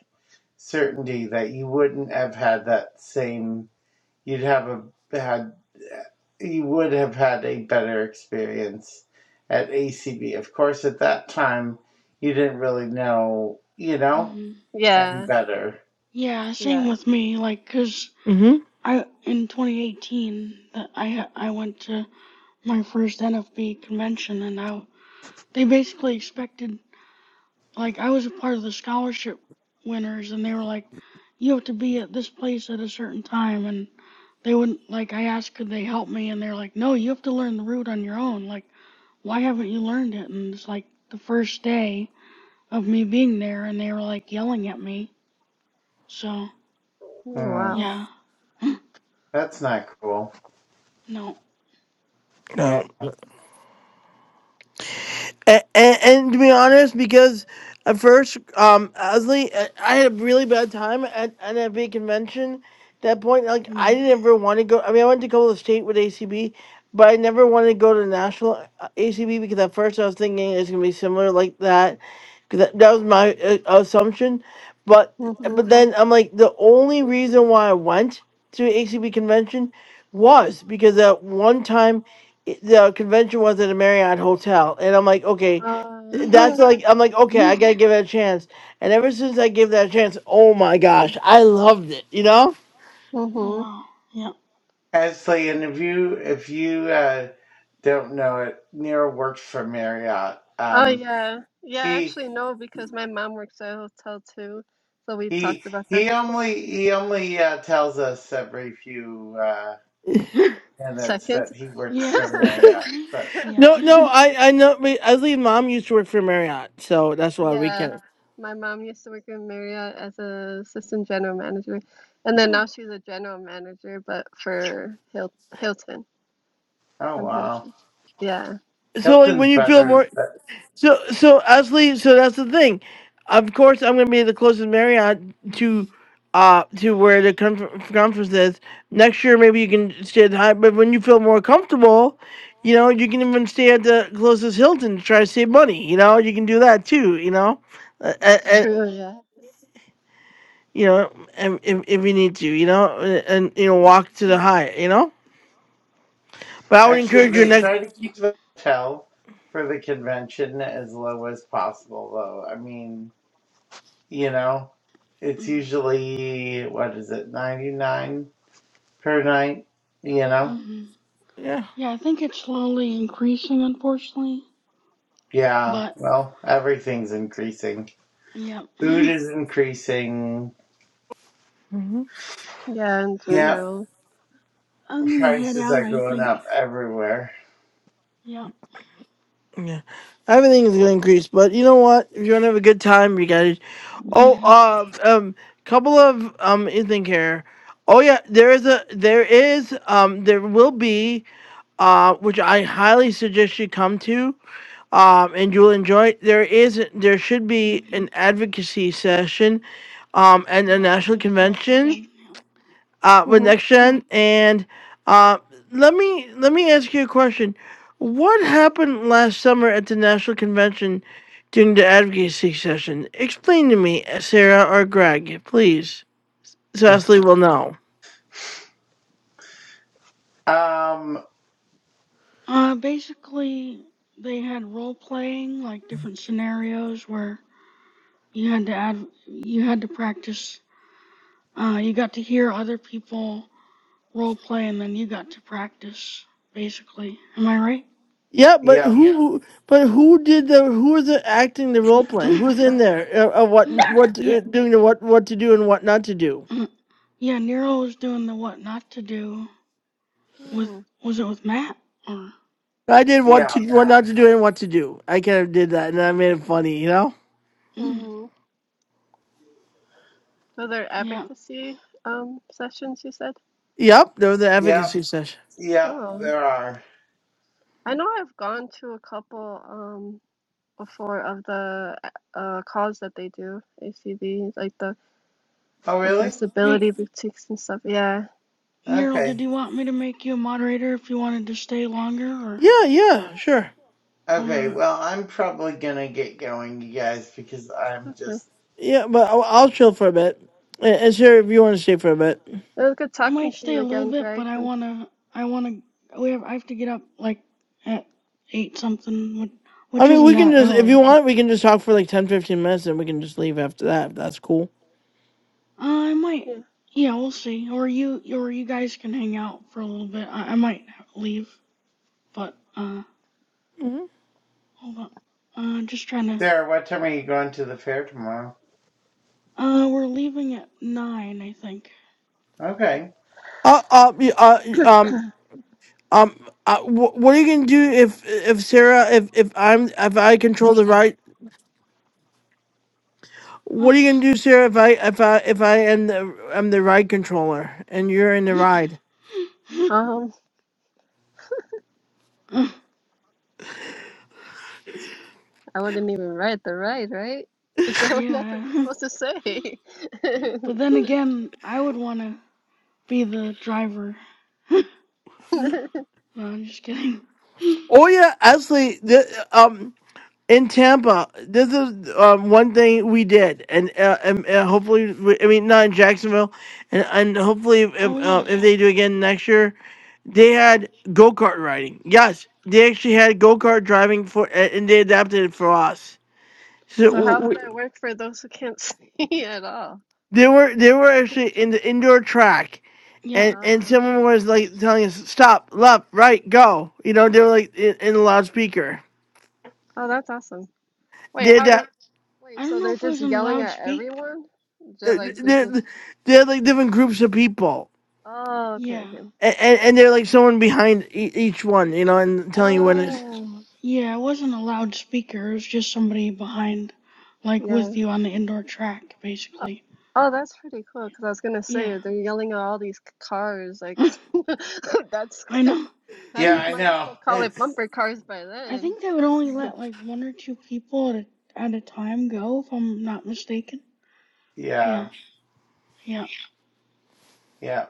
certainty that you wouldn't have had that same. You'd have a had you would have had a better experience at ACB. Of course, at that time you didn't really know, you know, Mm-hmm. any Yeah. better. Yeah, same Yeah. with me. Like, cause Mm-hmm. I in 2018 that I I went to my first NFB convention, and I they basically expected Like I was a part of the scholarship winners, and they were like, "You have to be at this place at a certain time." And they wouldn't like. I asked, "Could they help me?" And they're like, "No, you have to learn the route on your own. Like, why haven't you learned it?" And it's like the first day of me being there, and they were like yelling at me. So Oh, Hmm, wow. yeah, that's not cool. no, Yeah, And, and, and to be honest, because at first, um, Osley, I I had a really bad time at NFB convention. At that point, like I mm. didn't ever want to go. I mean, I went to Golden State with ACB, but I never wanted to go to national uh, ACB because at first I was thinking it's gonna be similar like that, because that, that was my uh, assumption. But mm-hmm. but then I'm like the only reason why I went to ACB convention was because at one time the convention was at a Marriott hotel, and I'm like, okay, Uh, that's huh. like, I'm like, okay, I yeah, gotta give it a chance. And ever since I gave that a chance, oh my Mm. gosh, I loved it. You know? oh mhm. wow, Ashley, and if you if you uh, don't know it, Nero works for Marriott. Oh Um, yeah. Yeah, He actually no, because my mom works at a hotel too, so we've he talked about that he before. only he only uh, tells us every few uh, yeah. minutes Second. that he works Yeah. for Marriott. But Yeah. No, no, I, I know. I believe mom used to work for Marriott, so that's why we Yeah. can. My mom used to work in Marriott as a assistant general manager, and then Oh. now she's a general manager, but for Hil Hilton oh and wow, Hilton. Yeah, So like, Hilton's when you feel more, better. But So, so Ashley. so that's the thing. Of course, I'm gonna be the closest Marriott Mm. to, uh, to where the conf- conference is next year. Maybe you can stay at the high, but when you feel more comfortable, you know, you can even stay at the closest Hilton to try to save money. You know, you can do that too. You know, uh, that's and true. Yeah. you know, and if if you need to, you know, and, and you know, hmm walk to the high. You know, but I would encourage actually, you they next. try to Yeah. keep the hotel for the convention as low as possible. Though I mean, you know, it's Mm. usually what is it ninety nine per night. You know, Mhm. Yeah. Yeah, I think it's slowly increasing, unfortunately. yeah. But, Well, everything's increasing. yeah. Food I'm is increasing. hmm Yeah, in Yeah, general. gonna head Prices out, are I going think. up everywhere. Yeah. Yeah. Everything is gonna increase, but you know what? If you wanna have a good time, you gotta Oh, uh, um, couple of um, you think here. Oh yeah, there is a there is um there will be uh which I highly suggest you come to um and you'll enjoy. it. There is there should be an advocacy session um at the yeah, national that's next convention gen. Yeah. uh, with Mm-hmm. NextGen. And uh, let me let me ask you a question. What happened last summer at the national convention during the advocacy session? Explain to me, Sarah or Greg, please. So Ashley will know. Um, Uh, basically, they had role playing, like different scenarios where you had to add, you had to practice. Uh, you got to hear other people role play, and then you got to practice. Basically, am I right? Yeah, but yep, who? Yeah. But who did the? Who was the acting the role play? Yeah. Who's in there? Uh, uh, what? What? Yeah. Uh, doing the what? What to do and what not to do? Mm, yeah, Nero was doing the what not to do with Mm-hmm. was it with Matt or I did what yeah, to what Matt. not to do and what to do. I kind of did that, and I made it funny, you know. mm, Mm-hmm. Those are yeah. advocacy um, sessions, you said? Yep, there was an Yep, advocacy session. yep, Oh, there are. I know I've gone to a couple um, before of the uh, calls that they do, ACB, like the Oh, really? Hey, accessibility boutiques and stuff. Yeah. Nero, did Okay. you want me to make you a moderator if you wanted to stay longer or Yeah, yeah, sure. Okay, or well, I'm probably gonna get going, you guys, because I'm Okay. just. Yeah, but I'll, I'll chill for a bit. And and sure, if you want to stay for a bit. It was good I talking might to stay you a little again, bit, Greg. but I And wanna I wanna we have I have to get up like at eight something, which, I which mean, isn't we can that just, if early, you but want, we can just talk for like 10, 15 minutes and we can just leave after that, if that's cool. uh, I might. yeah. Yeah, we'll see. Or you or you guys can hang out for a little bit. I, I might leave, but uh, hmm hold on. Uh, just trying to. Sarah, what time are you going to the fair tomorrow? Uh, we're leaving at nine, I think. Okay. Uh, uh, y- uh, y- um, um, uh, wh- what are you gonna do if if Sarah if if I'm if I control the ride? What Huh? are you gonna do, Sarah? If I if I if I am the am the ride controller and you're in the ride? Um, uh, I wouldn't even write the right, right? Is that what that's what you're yeah. supposed to say? But then again, I would want to be the driver. no, Okay. I'm just kidding. Oh yeah, actually, the, um, in Tampa, this is um, one thing we did, and uh, and, uh hopefully, we, I mean, not in Jacksonville, and and hopefully, if if, oh uh, yeah. if they do again next year, they had go kart riding. Yes, they actually had go kart driving for, a- and they adapted it for us. Uh So So huh. w- how's w- that work for those who can't see at all? they were they were Th- actually in the indoor track, yeah. and and Oh, someone was like telling us stop, left, right, go. You know, they were like in, in the loudspeaker. oh, that's awesome. Wait, They had how do? that. I Wait, don't so know they're if it just was in yelling at loudspeak. everyone? They're They, like, there's they just. they had like different groups of people Oh, okay, Yeah. okay. and, and, and they're like someone behind e- each one, you know, and telling you when Y- it's. Oh, yeah, it wasn't a loudspeaker. It was just somebody behind, like yeah. with you on the indoor track, Oh, basically. oh, that's pretty cool. Because I was gonna Yeah. say they're yelling at all these c- cars. Like, I that's good. know. I Yeah, I might as know. well call it It's. bumper cars by I then. think they would only let like one or two people at a, at a time go, if I'm not mistaken. Yeah, Yeah, yeah. yeah.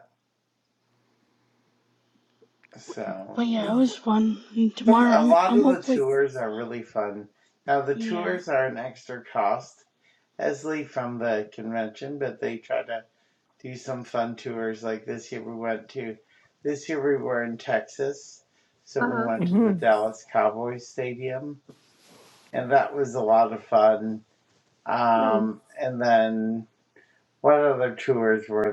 So, But yeah, it's... it was fun. And Some tomorrow a I'm lot I'm of the hopefully tours are really fun. Now the yeah. tours are an extra cost, as Lee from the convention, but they try to do some fun tours. Like this year we went to, this year we were in Texas, so Uh we huh. went to the hmm Dallas Cowboys Stadium, and that was a lot of fun. Mm. Um, and then what other tours were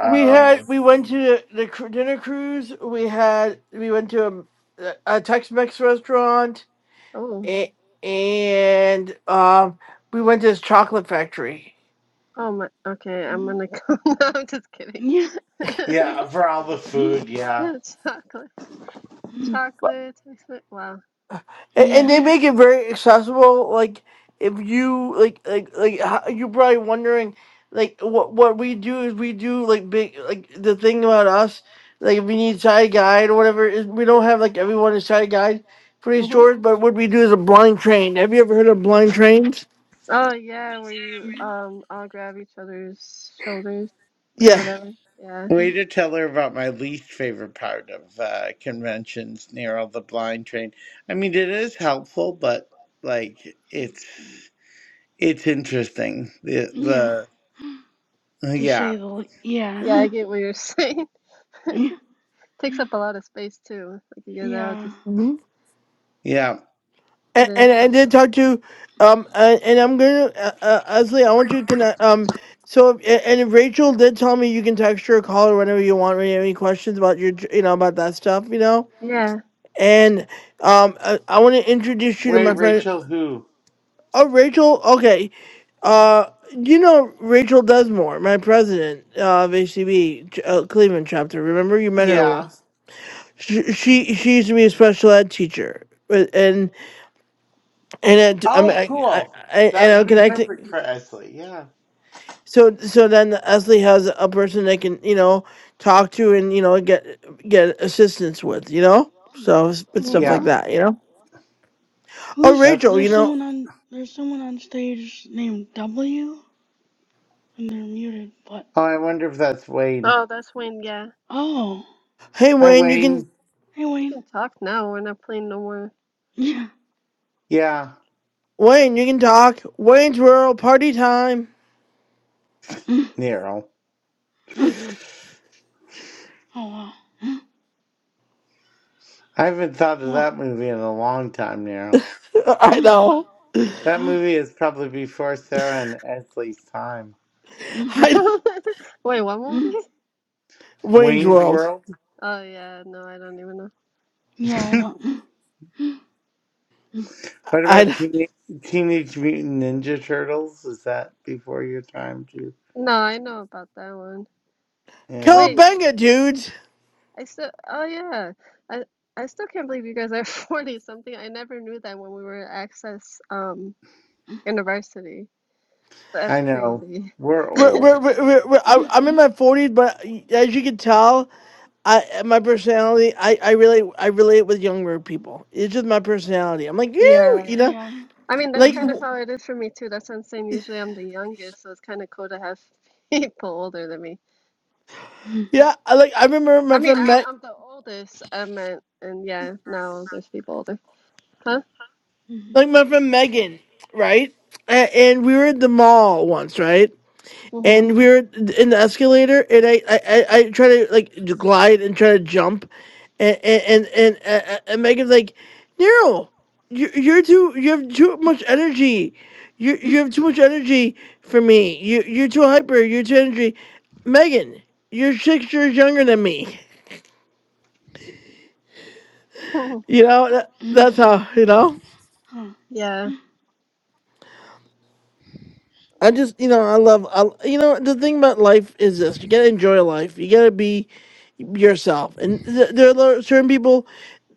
We had Um, we went to the, the cru- dinner cruise. We had we went to a, a Tex-Mex restaurant, Oh. and, and um, we went to this chocolate factory. Oh my. Okay, I'm Mm, gonna. Go. No, I'm just kidding. yeah. yeah, for all the Mm, food, yeah. Chocolate. mm, Chocolate. chocolate. Wow. and, and they Yeah. make it very accessible. Like if you like like like how, you're probably wondering like what what we do is we do like big like the thing about us like if we need side guide or whatever is we don't have like everyone is side guide for these hmm tours, but what we do is a blind train. Have you ever heard of blind trains? Oh yeah, where you Mm, um all grab each other's shoulders or Yeah. whatever. Yeah. Way mm, to tell her about my least favorite part of uh, conventions, Nero the Blind Train. I mean, it is helpful, but like it's it's interesting. Yeah. The the To say yeah the le- Yeah, yeah. I get what you're saying. Yeah. Takes up a lot of space too. Like you guys are all Yeah. just yeah. it and, is and I so did talk to, um, uh, and I'm gonna, uh, uh, Leslie, I want you to connect, um, so, if- a- and if Rachel did tell me you can text her or call her whenever you want, when you have any questions about your, j- you know, about that stuff, you know, Yeah, and, um, I, I want to introduce you to just my Wait, me. friend, Rachel, who? oh, Rachel, okay, uh, you know Rachel Desmore, my president uh, of HCB ch- uh, Cleveland chapter. Remember, you met her Yeah. once. She she, she used to be a special ed teacher, but- and And it, I'm, Oh, I, I, cool. I, and That would I'm be perfect connecting. for Esley. Yeah. So, so then Esley has a person they can, you know, talk to and you know get get assistance with, you know. So, s- but stuff Yeah. like hmm that, you know. Oh, Who's That's. Rachel, you there's know, someone on there's someone on stage named W and they're muted, but Oh, I wonder if that's Wayne. Oh, that's when yeah. oh. hey Hi, Wayne, you can Wayne. Hey You Wayne. can talk now. We're not playing no more. Yeah. Yeah, Wayne, you can talk. Wayne's World party time. Nero. I Oh wow. Mm, haven't thought of What? that movie in a long time, Nero. I Mm, What? know, That mm, movie is probably before Sarah and Esley's time. mm, I know. Wait, what movie? mm. Wayne's Wayne's World. World. Oh yeah, no, I don't even know. Yeah, I what don't. Mm, mm, I about know. Teenage, Teenage Mutant Ninja Turtles? Is that before your time too? No, I know about that one. Yeah, Wait, Cowabunga, dudes. I still, oh yeah, I I still can't believe you guys are 40 something. I never knew that when we were at Access um mm, University. That's I know. crazy. We're We're, we're, old. we're, we're, we're- mm, I- mm. I'm in my 40s, but as you can tell, I my personality, I I really I relate with younger people. It's just my personality. I'm like you, you Yeah. know, Yeah. I mean, that's like kind Mm, of w- how it is for me too. That's what I'm saying. Usually I'm the youngest, so it's kind of cool to have people older than me. mm, yeah, I like I remember my I mean, friend I'm Meg, I'm the oldest, I meant, and yeah, now there's people older. Huh? mm, like my friend Megan, right? A- And we were at the mall once, right? and Mm-hmm. we were in the escalator and i i i, I try to like glide and try to jump and and and, and, uh, uh, and megan's like nero you, you're too you have too much energy you mm, you have too much energy for me you you're too hyper you're too energy megan you're six years younger than me you know that, mm. that's how you know Huh. Yeah. i just you know i love I, you know the thing about life is this you gotta enjoy life you gotta be yourself and th- there are lo- certain people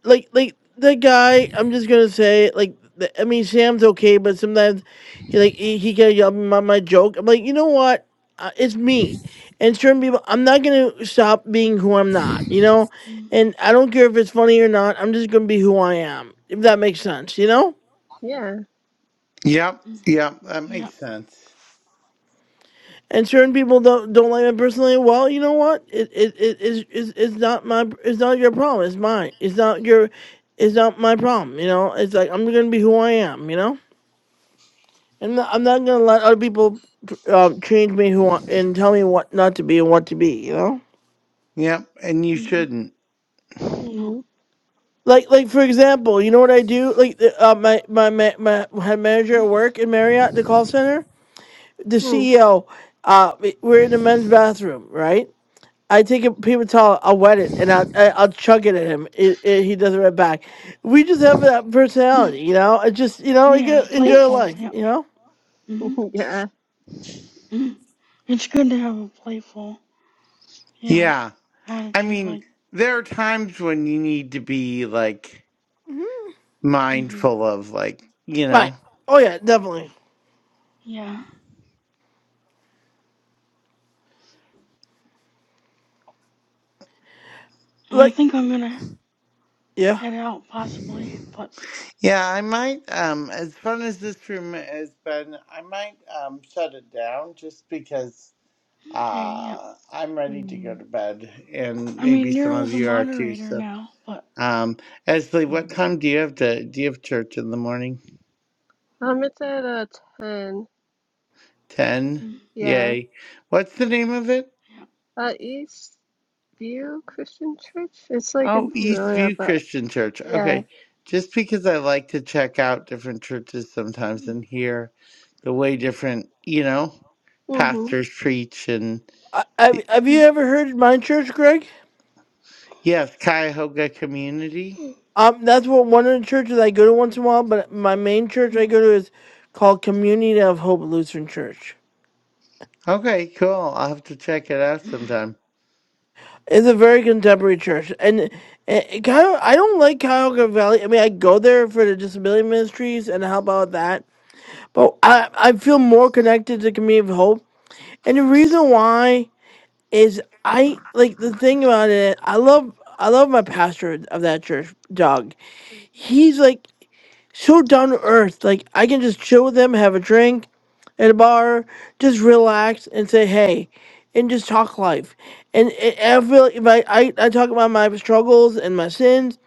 like like the guy i'm just gonna say like the, i mean sam's okay but sometimes he like he, he can yell at me about my joke i'm like you know what uh, it's me and certain people i'm not gonna stop being who i'm not you know Mm, and i don't care if it's funny or not i'm just gonna be who i am if that makes sense you know Yeah. Yep, mm. yep. That makes Yep. sense. and certain people don't don't like me personally well you know what it it, it is it's, it's not my it's not your problem it's mine it's not your it's not my problem you know it's like i'm gonna be who i am you know I'm not, I'm not gonna let other people um, change me who want, and tell me what not to be and what to be. You know, Yep, and you Mm, shouldn't. No. Mm-hmm. like like for example, you know what I do? Like the- uh, my, my my my head manager Mm, at work in Marriott, the call center, the Hmm. CEO. Uh, we- we're in the men's bathroom, right? I take a paper towel, I'll wet it, and I'll I- I'll chuck it at him. It, it, he does it right back. We just have that mm. personality, you know. It just you know, you Yeah, get enjoy playful. life, Yep. you know. Mm, Yeah, mm. It's good to have a playful, yeah, Yeah, I attitude. mean, Like, there are times when you need to be like hmm mm-hmm. mindful of like you Right? know. Oh yeah, definitely. yeah. I Like think I'm gonna yeah. head out possibly, but Yeah, I might. Um, as fun as this room has been, I might um, shut it down just because okay. Yep. uh, I'm ready to go to bed, and I maybe mean, some of Nero's a you are too. moderator So, now, but. um, Esley, what time do you have to? Do you have church in the morning? Um. It's at a 10. Ten. Mm, Yeah, Yay! What's the name of it? Yeah. uh, East View Christian Church. It's like in Oh, Peoria, Eastview but Christian Church. yeah. Okay. Just because I like to check out different churches sometimes Mm, and hear the way different, you know, Mhm. pastors preach and I, have have you mm, ever heard of my church, Greg? Yes, Cuyahoga Community. mm, Um, that's what one of the churches I go to once in a while. But my main church I go to is called Community of Hope Lutheran Church. Okay, cool. I'll have to check it out sometime. It's a very contemporary church, and it, it kind of I don't like Cuyahoga Valley. I mean, I go there for the disability ministries and help out with that, but I I feel more connected to Community of Hope. And the reason why is I like the thing about it. I love I love my pastor of that church, Doug. He's like so down to earth. Like I can just chill with them, have a drink at a bar, just relax and say hey, and just talk life. And, and I feel like if I, I I talk about my struggles and my sins,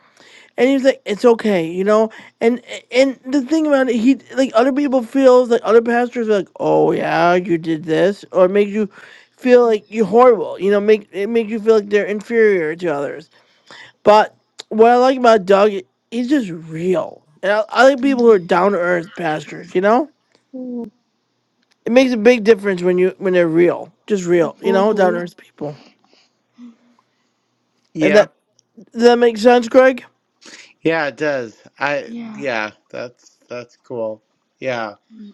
and he's like, it's okay, you know. And and the thing about it, he like other people feels like other pastors are like, oh yeah, you did this, or it makes you feel mm, like you're horrible. You know, make it makes you feel like they're inferior to others but what I like about Doug, he's just real. And I, I like people who are mm, down to earth pastors. You know, Mhm. it makes a big difference when you when they're real, just real. You know, down to Mhm. earth people. And that Yep. does that make sense, Greg? Yeah, it does. I Yeah. yeah, that's that's cool. Yeah. Mm,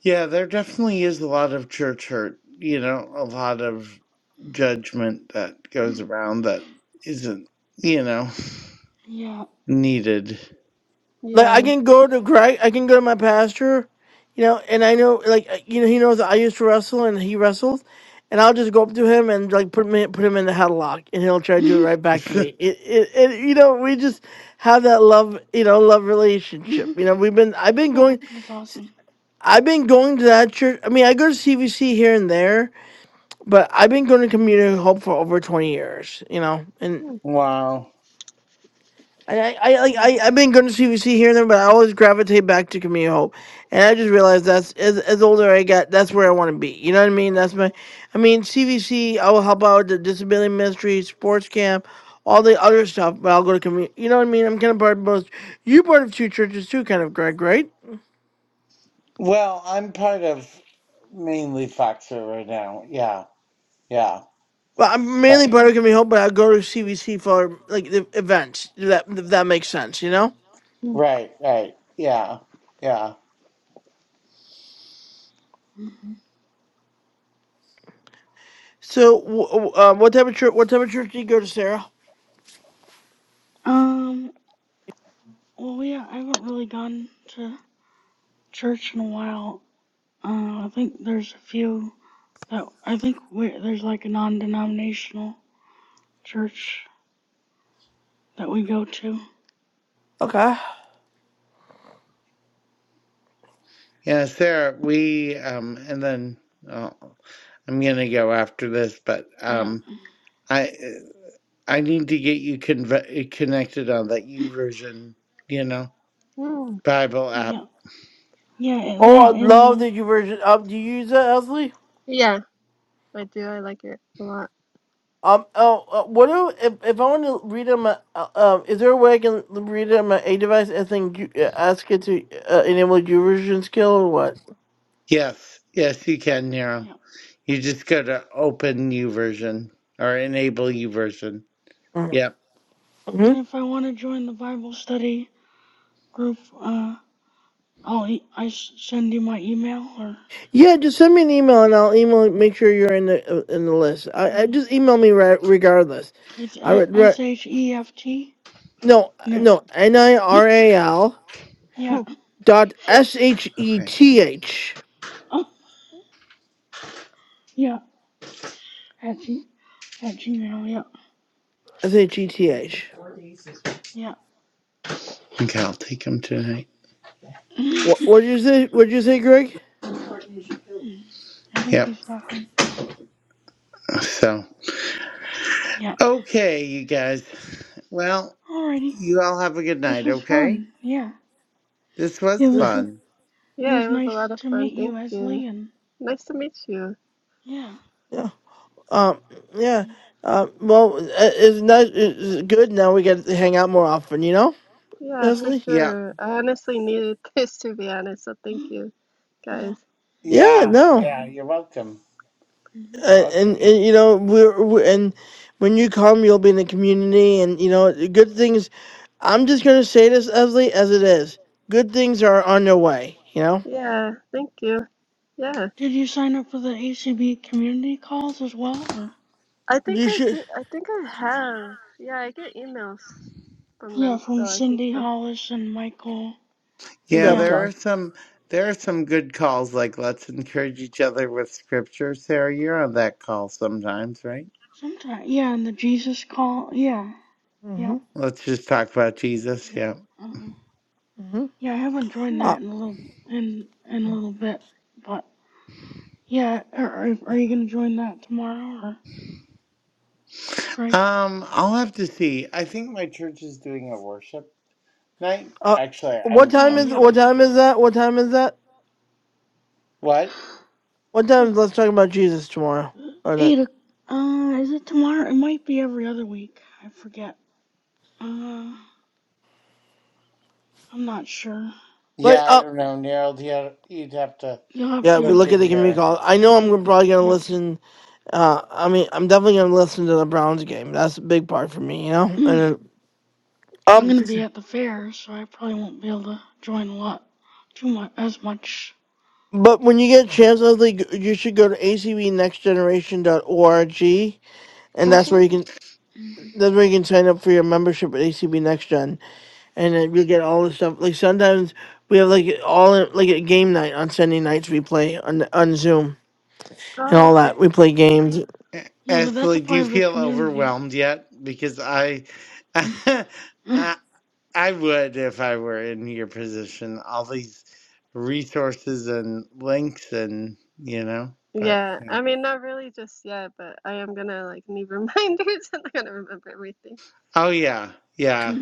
Yeah, there definitely is a lot of church hurt, you know, a lot of judgment that goes around that isn't, you know, Yeah. needed. Like I Yeah. can go to Greg, I can go to my pastor, you know, and I know like uh, you know he knows that I used to wrestle and he wrestles, and I'll just go up to him and like put him in, put him in the headlock, and he'll try to do it right back to me. It, it, it you know we just have that love you know love relationship. You know we've been I've been going. That's awesome. I've been going to that church. I mean, I go to CVC here and there, but I've been going to Mm, Community Hope for over twenty years. You know, and Mhm. wow. I, I, I, like, mm, I I've been going to CVC here and there, but I always gravitate back to Community Hope, and I just realized that's as as older I get, that's where I want to be. You know what I mean? That's my, I mean CVC. I will help out with the disability ministry, sports camp. All the other stuff, but I'll go to community. You know what I mean? I'm kind of part of both. You part of two churches too, kind of Greg, right? Well, I'm part of mainly Foxer right now. Yeah. Yeah. But I'm But mainly Puerto mm, Rican home, but I go to CVC for like the events. If that if that makes sense, you know. Mhm. right, right. Yeah. Yeah. mm. So, w- w- uh, what type of church? What type of church do you go to, Sarah? Um, well, we I haven't really gone to church in a while. Uh, I think there's a few that I think we, there's like a non-denominational church that we go to. Okay. Yes, there we um and then oh, I'm gonna go after this, but Yeah, um I I need to get you conve- connected on that U version, you know, Mhm. Bible app. yeah, yeah. and Oh, I That and love the the U version. Um, do you use that, Esley? Yeah, I do. I like it a lot. Um, oh, uh, what do if if I want to read them? Uh, um, is there a way I can read it on my A device and then you, uh, ask it to uh, enable U version skill or Yes, yes, you can, Nero. yeah. You just go to open U version or enable U version. what? Yep. And if I want to join the Bible study, group. Uh, I'll e- I s- send you my email or Yeah, just send me an email and I'll email. Make sure you're in the uh, in the list. I, I and just email me re- regardless. it's I re- re- s h e f t. no No, no n i r a l yeah, dot s h e Okay. t h oh yeah, at g at gmail. Yeah, s h e t h. yeah. Okay, I'll take them tonight. What what did you say? What did you say, Greg? I think Yep. he's talking to. So Yeah. okay, you guys. Well, Alrighty, you all have a good this night. was Okay. fun. Yeah, This it was Yeah. was. fun. It Yeah, was it was a nice lot of to fun. meet you, Thank you. Esley, and Nice to meet you. yeah. yeah, Um. Yeah. Uh, well, uh, it's nice. It's good. Now we get to hang out more often. You know, Yeah, for Leslie. Yeah. sure. I honestly needed this to be honest, so thank mm-hmm. you, You're guys. welcome. Yeah. Yeah, No. yeah, mm-hmm. you're welcome. Mm-hmm. You're and, and, welcome. and you know we're, we and when you come you'll be in the community and you know good things i'm just going to say this Esley, as it is good things are on their way you know Yeah, thank you. Yeah. Did you sign up for the ACB community calls as well, or? I think you I should did. I think I have. Yeah, I get emails from Yeah, them, so from I think Cindy so. Hollis and Michael. Yeah, Yeah, there babcock are some there are some good calls like let's encourage each other with scripture. Sarah, you're on that call sometimes, right? sometimes. Yeah, and the Jesus Call. Yeah, yeah. mm-hmm, Let's just talk about Jesus, yeah. Uh, mm-hmm. yeah, I haven't joined Hmm. Uh, that in a little in in a little bit, but yeah. Are are, are you gonna join that tomorrow or Greg? Um, I'll have to see. I think my church is doing a worship night. uh, Actually, what I'm time Oh, I'm is yeah. sure what my time is that what time is that what? what time Uh, is, let's talk about jesus tomorrow or that Eight. o- Uh, is it tomorrow? It might be every other week. I forget. Uh, I'm not sure. but Yeah, I uh don't know, Neil. You you'd have to You'll have yeah we to look look at in the community your call i know look at. i'm probably going to Yeah. listen uh, I mean, I'm definitely gonna listen to the Browns game. That's a big part for me, you know. And uh, I'm um, gonna be at the fair, so I probably won't be able to join a lot, too much, as much. But when you get a chance, Leslie, g- you should go to a c b next generation dot org, and that's Mm-hmm. where you can Mm. that's where you can sign up for your membership at ACB Next Gen, and then you'll get all the stuff. Like sometimes we have like all like a game night on Sunday nights we play on on Zoom and Oh, all that. okay. We play games. Yeah, but that's a Ashley, do part you of the feel community. overwhelmed yet? Because I, I, I would if I were in your position. All these resources and links, and you know, but Yeah, yeah. I mean, not really just yet, but I am gonna like need reminders and I'm gonna remember everything. oh yeah, yeah.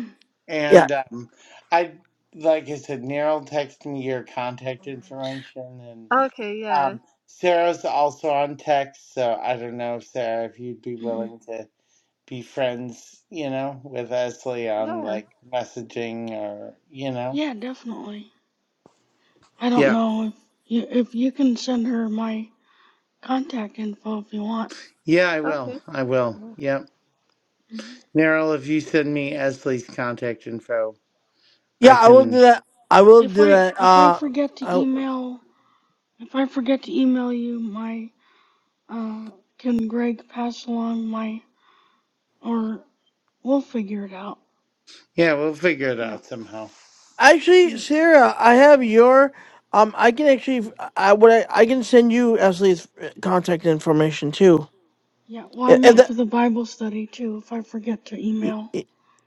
Yeah, And um, I, like I said, Neryl texted me your contact information, and Okay, yeah. um, Sarah's also on text, so I don't know, Sarah, if you'd be willing to. be friends, you know, with Esley on Yeah. like messaging or, you know. yeah, definitely. I don't Yeah. know if you if you can send her my contact info if you want. Yeah, I will. Okay. I will. Yep. Mhm. Meryl, if you send me Esley's contact info, yeah, I I will do can. that. I will If do I that. if I Uh, forget to I, email if I forget to email you my uh can Greg pass along my or we'll figure it out. Yeah, we'll figure it Yeah. out somehow. actually, Mm. Sarah, I have your. Um, I can actually, I would, I, I can send you Leslie's contact information too. Yeah, well, I If, meant for the Bible study too, if I forget to Y- email. y-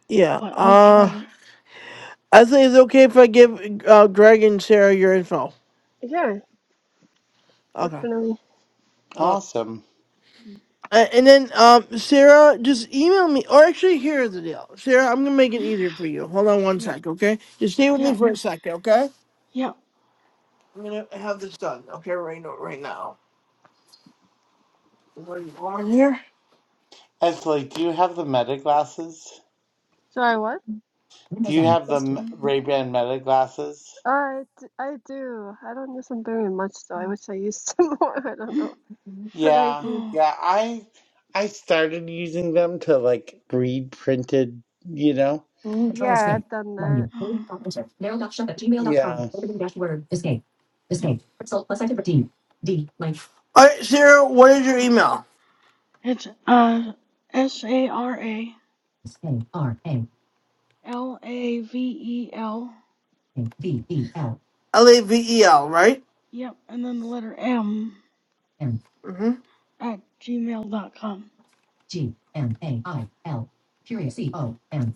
Yeah. But I'll try Uh, to. I think it's okay if I give uh Greg and Sarah your info. Yeah, Okay. definitely. Uh, Awesome. a- and then um, Sarah, just email me. Or actually, here's the deal, Sarah. I'm gonna make it easier for you. Hold on one Yeah, sec, okay? Just stay with me yeah, for a second, okay? yeah. I'm gonna have this done, okay? Right now, right now. Where are you going here? Esley, do you have the meta glasses? Do I what? Do you have the Mm, Ray Ban meta glasses? Uh, I, d I do. I don't use them very much though. I wish I used them more. I don't mm, know. But I Yeah. do. Oh, Yeah. I I started using them to like read printed, you know. Yeah, I've done that. uh, Yeah. yeah, All right, Sarah. What is your yeah. email? It's uh, S A R A L A V E L. L A V E L, right? Yep, and then the letter M Mm-hmm. at gmail dot com.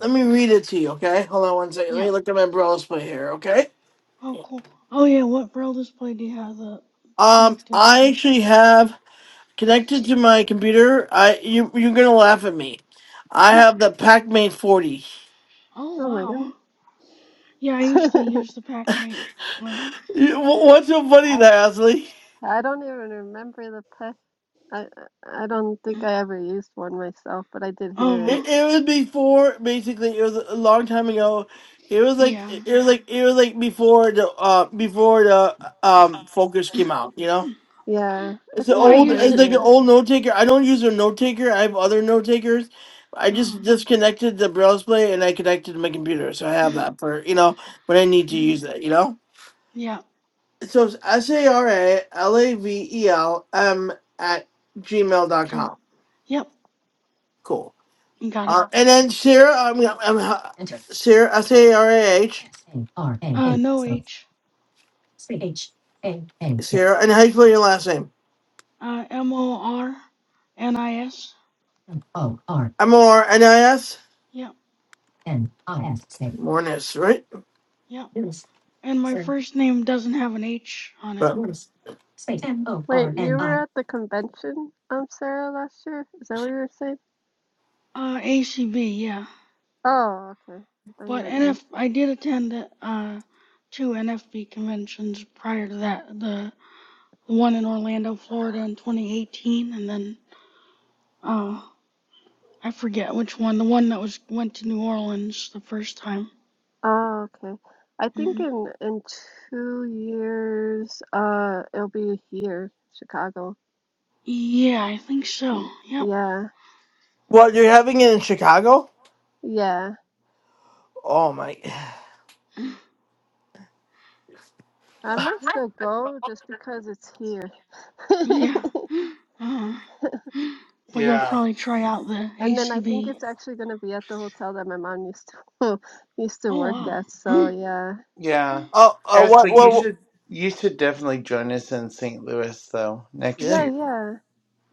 Let me read it to you, okay? Hold on one second. Let Yeah. me look at my browser play here, okay? Oh, cool. Oh, yeah, what braille display do you have that Um, connected I to? actually have. connected to my computer. I you you're gonna laugh at me. I have the Pac-Man 40. Oh, Oh my wow. goodness. Yeah, I used to use the PackMate. Uh You- wh- What's so funny I there, Ashley? I don't even remember the pet. I I I don't huh. think I ever used one myself, but I did hear It, it. Oh, it was before basically it was a long time ago. It was like yeah. it was like it was like before the uh before the um Focus came out. You know, Yeah, I it's an Well, think I I old use it's heard the. like an it. old note taker. I don't use a note taker. I have other note takers. I Uh, just disconnected the braille display and I connected to my computer, so I have that for you know when I need to use it. You know. yeah. So it's S A R A L A V E L M at gmail dot G- com. Yep, Cool. you got it. Uh, and then Sarah, I mean, I'm, I'm, Enter. Sarah, S A R A H, Uh, no H. A N Sarah, and how you spell your last name? Uh, M O R N I S. M O R N I S? Yep, N I S A. Mornis, right? yep. And my first name doesn't have an H on it. But Morris. Wait, you were at the convention, um, Sarah, last year? Is that what you were saying? Uh, ACB, yeah. Oh, okay. I thought you But N meant this. F. I did attend uh two NFB conventions prior to that. The the one in Orlando, Florida in 2018, and then uh I forget which one. The one that was went to New Orleans the first time. Oh, okay. I think hmm in in two years, uh, it'll be here, Chicago. Yeah, I think so. Y- Yep. Yeah, what you're having it in Chicago? yeah. Oh my! I might still go just because it's here. Yeah. Uh, huh. but you'll Yeah. probably try out the And then I think ACB. it's actually going to be at the hotel that my mom used to used to Oh work wow. at. So yeah, Yeah. Oh, uh, what? Ashley, you What? hmm What- should you should definitely join us in St. Louis though next Yeah. yeah, year. yeah.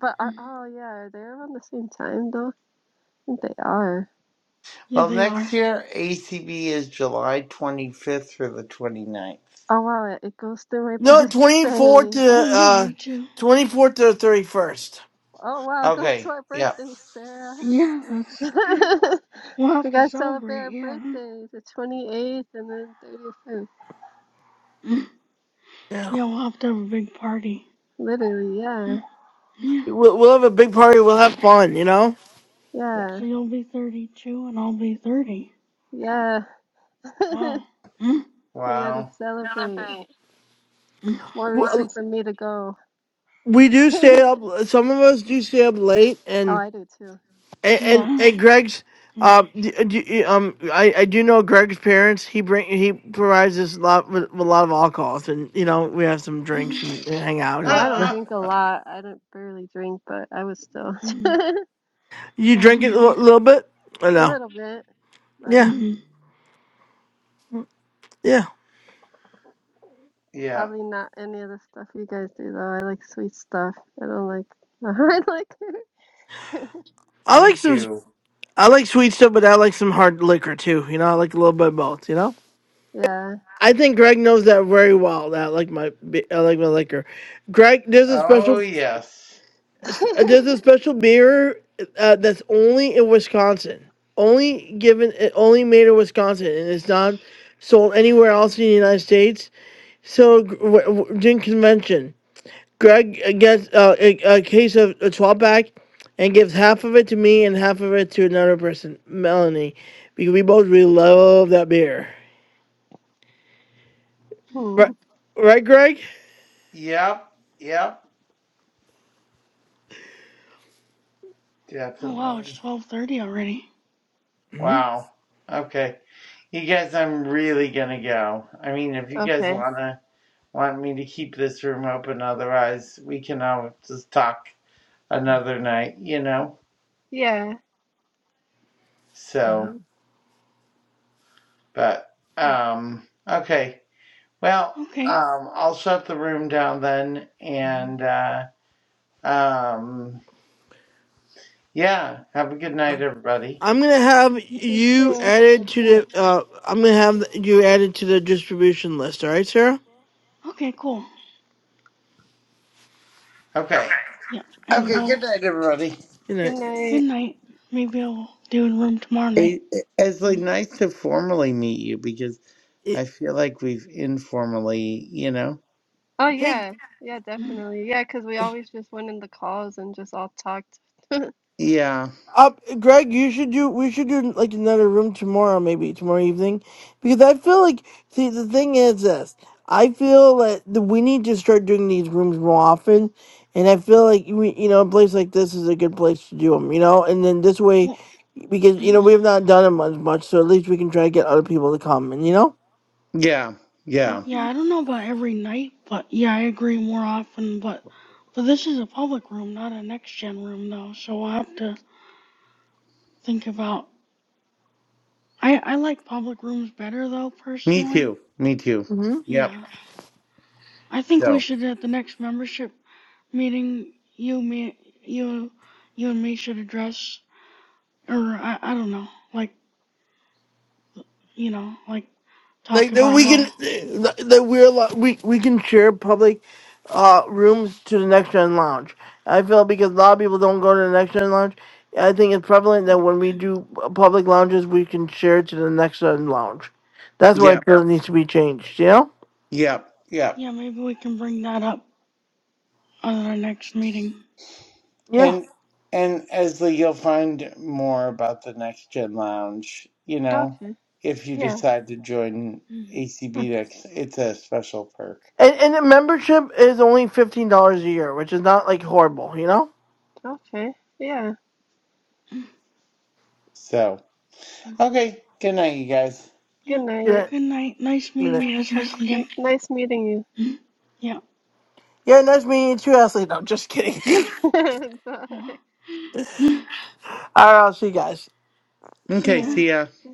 But are, hmm oh yeah, are they around the same time though? I think they are. Yeah, Well, they next are. year ACB is July 25th through the 29ninth. Oh wow, it it goes to my No, twenty fourth birthday. to Oh yeah, uh, me too. twenty fourth to thirty first. Oh wow, it goes to Okay. our Yeah. birthday, Sarah. Yeah, that's. We'll have We to gotta celebrate celebrate. our Yeah. birthdays, the 28th and then 31st. Mm-hmm. Yeah, Yeah, we'll have to have a big party. Literally, Mm-hmm. yeah, Yeah. we'll, we'll have a big party. We'll have fun. You know. yeah, So you'll be 32 and I'll be 30. yeah. Wow. Mm-hmm. You gotta Wow. celebrate. More reason for me to go. we do stay up. Some of us do stay up late, Oh, and I do too. and and, and Greg's. Yeah. Um, d- uh, d- um, I, I do know Greg's parents. He bring he provides us a lot with, with a lot of alcohol, and you know we have some drinks and, and hang out. Well, I And don't drink a lot. I don't barely drink, but I would still hmm a you Same drink it here. a li- little bit. I know. little bit, but Yeah, hmm yeah. yeah. probably not any of the stuff you guys do though. I like sweet stuff. I don't like I like I like Me some. too. I like sweet stuff, but I like some hard liquor too. You know, I like a little bit of both. You know. yeah. I think Greg knows that very well. That I like my bi- I like my liquor. Greg, there's a special Oh yes. It's- uh, There's a special beer uh, that's only in Wisconsin. Only given, it only made in Wisconsin, and it's not sold anywhere else in the United States. So gr- w- w- during convention, Greg uh, gets uh, a, a case of a 12 pack and gives half of it to me and half of it to another person, Melanie, because we both really love that beer. hmm. Right, right Greg? Yep. Yep. Oh wow, it's Definitely. twelve thirty already. Mhm. Wow. Okay. You guys, I'm really gonna go. I mean, if you guys Okay. wanna. want me to keep this room open. Otherwise, we can all just talk another night, you know? Yeah. So, but, Mm. um, okay. Well, Okay. um, I'll shut the room down then. And, uh, um, yeah, have a good night, everybody. I'm gonna have Yeah. You you too. added Have a to good night. the. Uh, I'm gonna have you added to the distribution list. All right, Sarah. Okay, cool. Okay. Yeah, and Okay. we'll. Good night, everybody. You know, Good Good night. night. Maybe I'll do in room tomorrow night. It, it's like mm nice to formally meet you because it, I feel like we've informally, you know? Oh hey, yeah. Yeah, Mm. definitely. Yeah, 'cause we always just went in the calls and just all talked. Yeah. up, Greg. You should do. We should do like another room tomorrow, maybe tomorrow evening, because I feel like. See, the thing is this. I feel that the, we need to start doing these rooms more often, and I feel like we, you know, a place like this is a good place to do them. You know, and then this way, Well. because you know we mm have not done them as much, so at least we can try to get other people to come. And you know. Yeah. Yeah. Yeah, hmm I don't know about every night, but yeah, I agree more often. But but this is a public room, not a next gen room though. So I'll have to think about. I I like public rooms better though Me personally. too. Me too. Yep. Yeah. I think we So. should at the next membership meeting. You, me, you, you and me should address, or I, I don't know, like you know, like talk like that about we how. can that we're allo- we we can share public uh rooms to the next gen lounge. I feel like because a lot of people don't go to the next gen lounge. I think it's prevalent that when we do public lounges, we can share to the next gen lounge. That's why I Yep. feel it needs to be changed. You know? Yep. Yep. Yeah, maybe we can bring that up on our next meeting. Yeah. And and Esley, you'll find more about the Next Gen Lounge. You know, Okay. if you Yeah. decide to join Mm-hmm. ACB next, it's a special perk. And and the membership is only fifteen dollars a year, which is not like horrible. You know? Okay. Yeah. So Mm-hmm. okay. Good night, you guys. Yeah. Good Yeah. night. Good night. Nice I meeting mean, you, Esley, again. N nice meeting you. Mm-hmm. Yeah. Yeah. Nice meeting you too, Ashley. No, just kidding. Bye. All right. I'll see you guys. See Okay. ya. See Mm-hmm. ya. alright